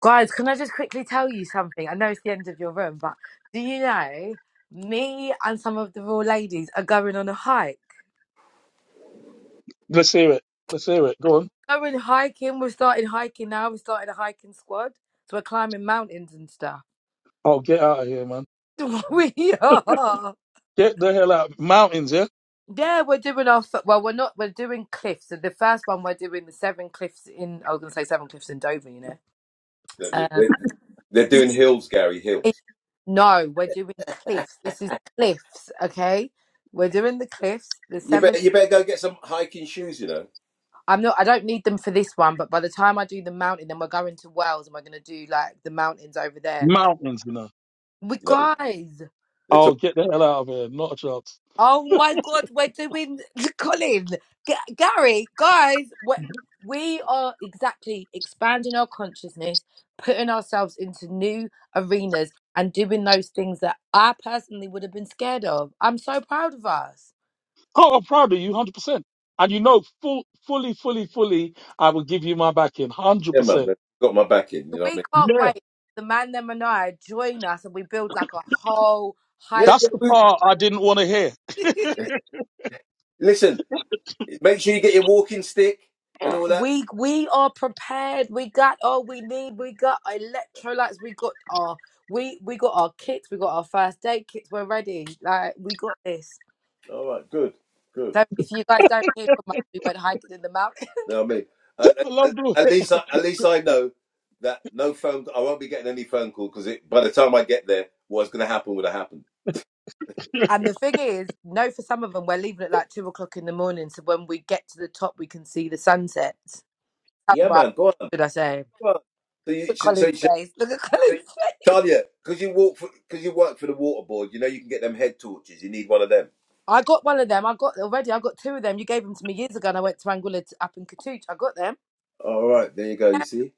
[SPEAKER 5] Guys, can I just quickly tell you something? I know it's the end of your room, but do you know me and some of the raw ladies are going on a hike?
[SPEAKER 1] Let's hear it. Let's hear it. Go on.
[SPEAKER 5] Going hiking. We're starting hiking now. We started a hiking squad, so we're climbing mountains and stuff.
[SPEAKER 1] Oh, get out of here, man.
[SPEAKER 5] we are.
[SPEAKER 1] Get the hell out. Mountains, yeah?
[SPEAKER 5] Yeah, we're doing our f- well. We're not. We're doing cliffs. So the first one we're doing the seven cliffs in. I was gonna say seven cliffs in Dover. You know.
[SPEAKER 3] They're,
[SPEAKER 5] Um.
[SPEAKER 3] they're- they're doing hills, Gary
[SPEAKER 5] it-
[SPEAKER 3] Hills.
[SPEAKER 5] no, we're doing cliffs. This is cliffs. Okay. We're doing the cliffs. The
[SPEAKER 3] You
[SPEAKER 5] seven.
[SPEAKER 3] better, you better go get some hiking shoes. You know,
[SPEAKER 5] I'm not. I don't need them for this one, but by the time I do the mountain, then we're going to Wales and we're gonna do like the mountains over there.
[SPEAKER 1] mountains, you know.
[SPEAKER 5] We
[SPEAKER 3] no,
[SPEAKER 5] guys.
[SPEAKER 3] they're talking.
[SPEAKER 1] Oh, get the hell out of here. Not a chance.
[SPEAKER 5] Oh my God, we're doing Colin, G- Gary, guys. we we are exactly expanding our consciousness, putting ourselves into new arenas, and doing those things that I personally would have been scared of. I'm so proud of us.
[SPEAKER 1] Oh, I'm proud of you, 100%. And you know, full, fully, fully, fully, I will give you my backing,
[SPEAKER 3] Yeah, mum,
[SPEAKER 1] 100%.
[SPEAKER 3] they've got my back in.
[SPEAKER 5] So
[SPEAKER 3] You know what I
[SPEAKER 5] We
[SPEAKER 3] mean?
[SPEAKER 5] can't
[SPEAKER 1] Yeah.
[SPEAKER 5] wait. The man, them, and I join us, and we build like a whole
[SPEAKER 3] Yeah,
[SPEAKER 1] That's
[SPEAKER 3] yeah.
[SPEAKER 5] hiking.
[SPEAKER 1] the
[SPEAKER 3] We,
[SPEAKER 1] part I didn't want to hear.
[SPEAKER 3] listen, make sure you get your walking stick and all that.
[SPEAKER 5] We we are prepared. We got all we need. We got electrolytes. We got our we we got our kits. We got our first aid kits. We're ready. Like we got this.
[SPEAKER 3] All right, good, good.
[SPEAKER 5] So if you guys don't hear from us, we went hiking in the mountain.
[SPEAKER 3] You know what I mean? At,
[SPEAKER 1] I
[SPEAKER 3] at,
[SPEAKER 1] love doing
[SPEAKER 3] at least, I, at least I know that no phone. I won't be getting any phone call because by the time I get there, what's going to happen would have happened.
[SPEAKER 5] And the thing is, no, for some of them, we're leaving at like two o'clock in the morning. So when we get to the top, we can see the sunsets.
[SPEAKER 3] Yeah,
[SPEAKER 5] Sunrise,
[SPEAKER 3] man, go on,
[SPEAKER 5] should I say?
[SPEAKER 3] go on. So you
[SPEAKER 5] Look at
[SPEAKER 3] should, so
[SPEAKER 5] Colin's
[SPEAKER 3] you should
[SPEAKER 5] face. Look at Colin's face.
[SPEAKER 3] Talia, because you walk, because you work for the water board, you know you can get them head torches. You need one of them.
[SPEAKER 5] I got one of them. I got already. I got two of them. You gave them to me years ago, and I went to Anguilla to, up in Katoot. I got them.
[SPEAKER 3] All right, there you go. You
[SPEAKER 5] Yeah,
[SPEAKER 3] see,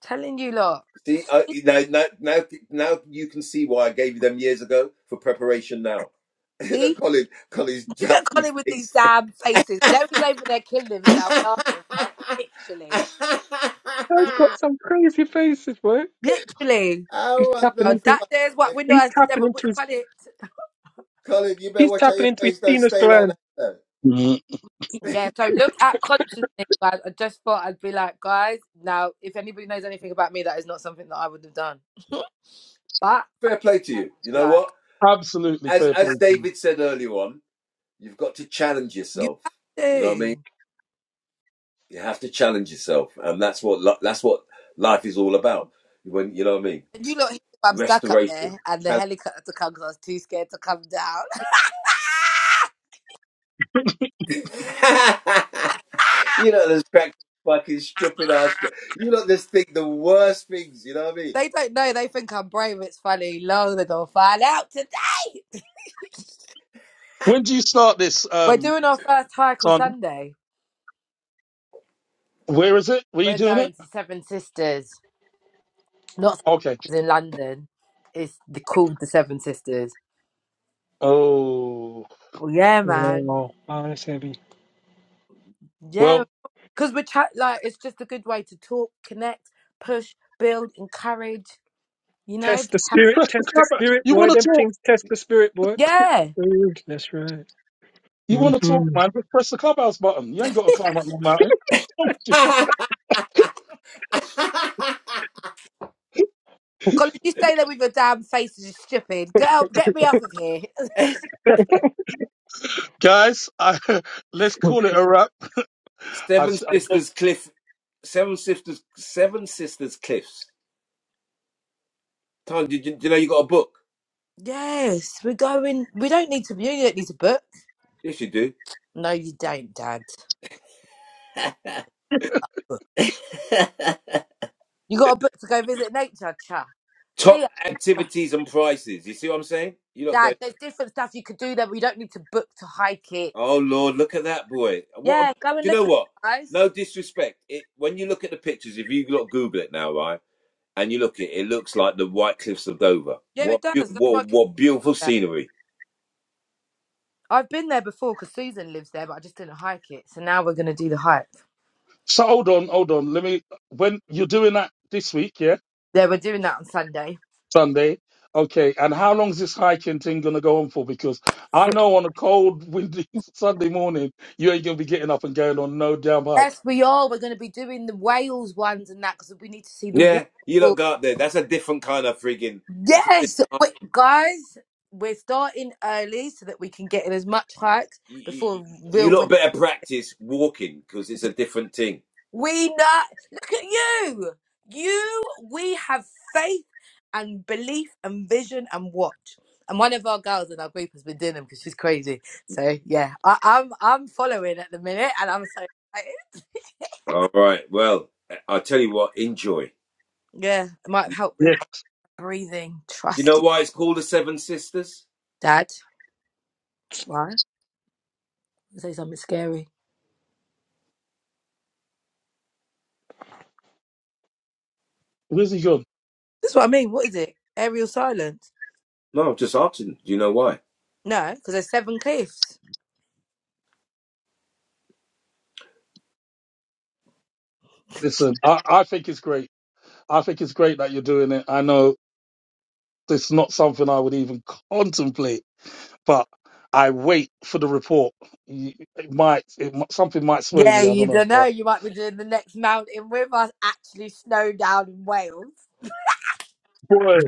[SPEAKER 5] telling you, lot.
[SPEAKER 3] see, I, now, now, now, now you can see why I gave you them years ago for preparation. Now,
[SPEAKER 5] See,
[SPEAKER 3] Colin, Colin's
[SPEAKER 5] you get
[SPEAKER 3] jatty
[SPEAKER 5] Colin with these
[SPEAKER 3] face.
[SPEAKER 5] damn faces. You know he's over there killing
[SPEAKER 1] it.
[SPEAKER 5] himself
[SPEAKER 3] oh,
[SPEAKER 5] laughing, right? Literally,
[SPEAKER 4] Oh, he's got some crazy faces, boy.
[SPEAKER 5] literally.
[SPEAKER 4] He's
[SPEAKER 3] what
[SPEAKER 4] tapping
[SPEAKER 3] the
[SPEAKER 5] So
[SPEAKER 4] into.
[SPEAKER 5] that
[SPEAKER 3] fuck,
[SPEAKER 5] there's what we know
[SPEAKER 4] He's
[SPEAKER 5] as the
[SPEAKER 4] tapping
[SPEAKER 5] devil.
[SPEAKER 4] into
[SPEAKER 5] Which
[SPEAKER 4] his
[SPEAKER 5] planet?
[SPEAKER 3] Colin? You better
[SPEAKER 4] He's
[SPEAKER 3] watch out
[SPEAKER 4] tapping
[SPEAKER 3] your
[SPEAKER 4] into his
[SPEAKER 3] face. Don't
[SPEAKER 4] penis
[SPEAKER 3] stay like
[SPEAKER 4] gland.
[SPEAKER 3] that. though.
[SPEAKER 1] Mhm.
[SPEAKER 5] Yeah. So look at consciousness, guys. I just thought I'd be like, guys. Now, if anybody knows anything about me, that is not something that I would have done. But
[SPEAKER 3] Fair play to you. You know
[SPEAKER 5] like,
[SPEAKER 3] what?
[SPEAKER 1] Absolutely
[SPEAKER 3] As
[SPEAKER 1] fair
[SPEAKER 3] as
[SPEAKER 1] play.
[SPEAKER 3] David said earlier on, you've got to challenge
[SPEAKER 5] you
[SPEAKER 3] yourself.
[SPEAKER 5] have
[SPEAKER 3] You know what I mean?
[SPEAKER 5] to.
[SPEAKER 3] You have to challenge yourself, and that's what li- that's what life is all about. When you know what I mean?
[SPEAKER 5] And you lot, here, I'm stuck up
[SPEAKER 3] Restoration.
[SPEAKER 5] there, and the
[SPEAKER 3] Challenge.
[SPEAKER 5] helicopter comes. I was too scared to come down.
[SPEAKER 3] you know, this crack fucking stupid ass. jo- You know, this thing, the worst things. You know
[SPEAKER 5] They don't know. They think I'm brave. It's funny. Long they're gonna find out today.
[SPEAKER 1] When do you start this,
[SPEAKER 5] We're
[SPEAKER 1] um,
[SPEAKER 5] doing our first hike on
[SPEAKER 1] son?
[SPEAKER 5] Sunday.
[SPEAKER 1] Where is it? Were you
[SPEAKER 5] We're
[SPEAKER 1] doing it?
[SPEAKER 5] going to Seven Sisters, not Seven
[SPEAKER 1] Okay.
[SPEAKER 5] Sisters in London. It's the, called the Seven Sisters.
[SPEAKER 1] Oh,
[SPEAKER 5] Well, yeah, man.
[SPEAKER 4] Wow, oh, that's heavy.
[SPEAKER 5] Yeah,
[SPEAKER 1] well,
[SPEAKER 5] because we're chat like it's just a good way to talk, connect, push, build, encourage. You know,
[SPEAKER 4] Test the
[SPEAKER 5] Be ha-
[SPEAKER 4] spirit,
[SPEAKER 1] press the
[SPEAKER 4] test the
[SPEAKER 1] clubhouse.
[SPEAKER 4] spirit,
[SPEAKER 1] You
[SPEAKER 4] boy.
[SPEAKER 1] want to
[SPEAKER 4] Them
[SPEAKER 1] talk?
[SPEAKER 4] things test the spirit, boy.
[SPEAKER 5] yeah.
[SPEAKER 4] Ooh, that's right.
[SPEAKER 1] You want to
[SPEAKER 4] Mm-hmm.
[SPEAKER 1] talk, man? Just press the clubhouse button. You ain't got to climb up no mountain.
[SPEAKER 3] what I mean?
[SPEAKER 5] Colin, you stay there with your damn faces, you stupid. Get out, get me off of here.
[SPEAKER 1] Guys, I, let's call it a wrap. I,
[SPEAKER 3] Seven
[SPEAKER 1] s- I don't-
[SPEAKER 3] Sisters Cliff, Seven Sisters, Seven Sisters Cliffs. Tom, did you, do you know you got a book?
[SPEAKER 5] yes, we're going. We don't need to. You don't need to book.
[SPEAKER 3] Yes, you do.
[SPEAKER 5] No, you don't, Dad. You got a book to go visit nature, cha. See
[SPEAKER 3] Top
[SPEAKER 5] ya.
[SPEAKER 3] activities and prices. You see what I'm saying? You're not going.
[SPEAKER 5] Dad, there's different stuff you could do there. We don't need to book to hike it.
[SPEAKER 3] Oh Lord, look at that boy. What? A,
[SPEAKER 5] Yeah, go and
[SPEAKER 3] do you
[SPEAKER 5] look
[SPEAKER 3] know
[SPEAKER 5] at
[SPEAKER 3] what?
[SPEAKER 5] it, guys.
[SPEAKER 3] No disrespect. It when you look at the pictures, if you look Google it now, right? And you look at it, it looks like the White Cliffs of Dover.
[SPEAKER 5] Yeah, it
[SPEAKER 3] What? beau-
[SPEAKER 5] does. That's why I
[SPEAKER 3] What?
[SPEAKER 5] keep
[SPEAKER 3] What beautiful
[SPEAKER 5] there.
[SPEAKER 3] scenery.
[SPEAKER 5] I've been there before because Susan lives there, but I just didn't hike it. So now we're going to do the hike.
[SPEAKER 1] so hold on, hold on. Let me. When you're doing that this week, yeah,
[SPEAKER 5] Yeah, we're doing that on Sunday.
[SPEAKER 1] Sunday. Okay, and how long is this hiking thing gonna go on for? Because I know on a cold, windy Sunday morning, you ain't gonna be getting up and going on no damn hike.
[SPEAKER 5] Yes, we are. We're going to be doing the Wales ones and that because we need to see the
[SPEAKER 3] Yeah, you look
[SPEAKER 5] waterfall.
[SPEAKER 3] go up there. That's a different kind of friggin'. That's a
[SPEAKER 5] Yes,
[SPEAKER 3] different.
[SPEAKER 5] we- guys, we're starting early so that we can get in as much hikes
[SPEAKER 3] You, you, you
[SPEAKER 5] before
[SPEAKER 3] you
[SPEAKER 5] real winter.
[SPEAKER 3] lot better practice walking because it's a different thing.
[SPEAKER 5] We know. Look at you. You, we have faith and belief and vision and what. And one of our girls in our group has been doing them because she's crazy. So yeah, I, I'm I'm following at the minute, and I'm so excited.
[SPEAKER 3] All right. Well, I'll tell you what. Enjoy. Do
[SPEAKER 5] Yeah, it might help
[SPEAKER 1] Yeah,
[SPEAKER 5] with breathing.
[SPEAKER 3] you know
[SPEAKER 5] Trusting
[SPEAKER 3] why it's called the Seven Sisters?
[SPEAKER 5] Dad. Why? You Say something scary.
[SPEAKER 1] where's he gone?
[SPEAKER 5] That's what I mean. What is it? Aerial silence?
[SPEAKER 3] No, I'm just asking. Do you know why?
[SPEAKER 5] No, because there's seven cliffs.
[SPEAKER 1] Listen, I, I think it's great. I think it's great that you're doing it. I know it's not something I would even contemplate, but I wait for the report. You- It might, it, might- something might sway
[SPEAKER 5] Yeah,
[SPEAKER 1] me. I
[SPEAKER 5] you
[SPEAKER 1] don't know,
[SPEAKER 5] don't know.
[SPEAKER 1] but.
[SPEAKER 5] You might be doing the next mountain with us. Actually, snow down in Wales.
[SPEAKER 1] Boy,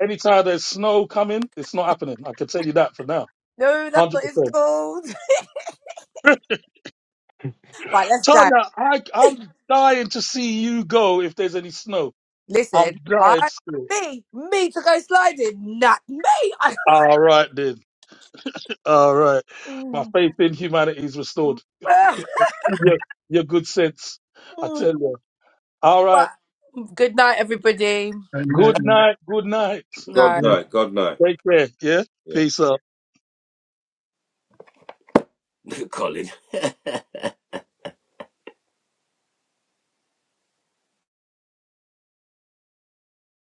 [SPEAKER 1] anytime there's snow coming, it's not happening. I can tell you that for now.
[SPEAKER 5] No, that's
[SPEAKER 1] 100%.
[SPEAKER 5] what it's called. Right, let's go.
[SPEAKER 1] Tanya, I, I'm dying to see you go if there's any snow. I'm
[SPEAKER 5] Listen,
[SPEAKER 1] dying to
[SPEAKER 5] I,
[SPEAKER 1] see it.
[SPEAKER 5] me, me to go sliding, not me. I,
[SPEAKER 1] All right, then. All right. My
[SPEAKER 5] Mm,
[SPEAKER 1] faith in humanity is
[SPEAKER 5] mm,
[SPEAKER 1] restored. In Your, your good sense, I
[SPEAKER 5] mm,
[SPEAKER 1] tell you. All
[SPEAKER 5] but
[SPEAKER 1] right.
[SPEAKER 5] good night, everybody.
[SPEAKER 4] At
[SPEAKER 1] Good
[SPEAKER 4] night, night.
[SPEAKER 1] night. Good night.
[SPEAKER 3] God
[SPEAKER 5] No.
[SPEAKER 3] no. God no.
[SPEAKER 1] Take care. Yeah.
[SPEAKER 3] Yeah.
[SPEAKER 1] Peace out.
[SPEAKER 3] Colin.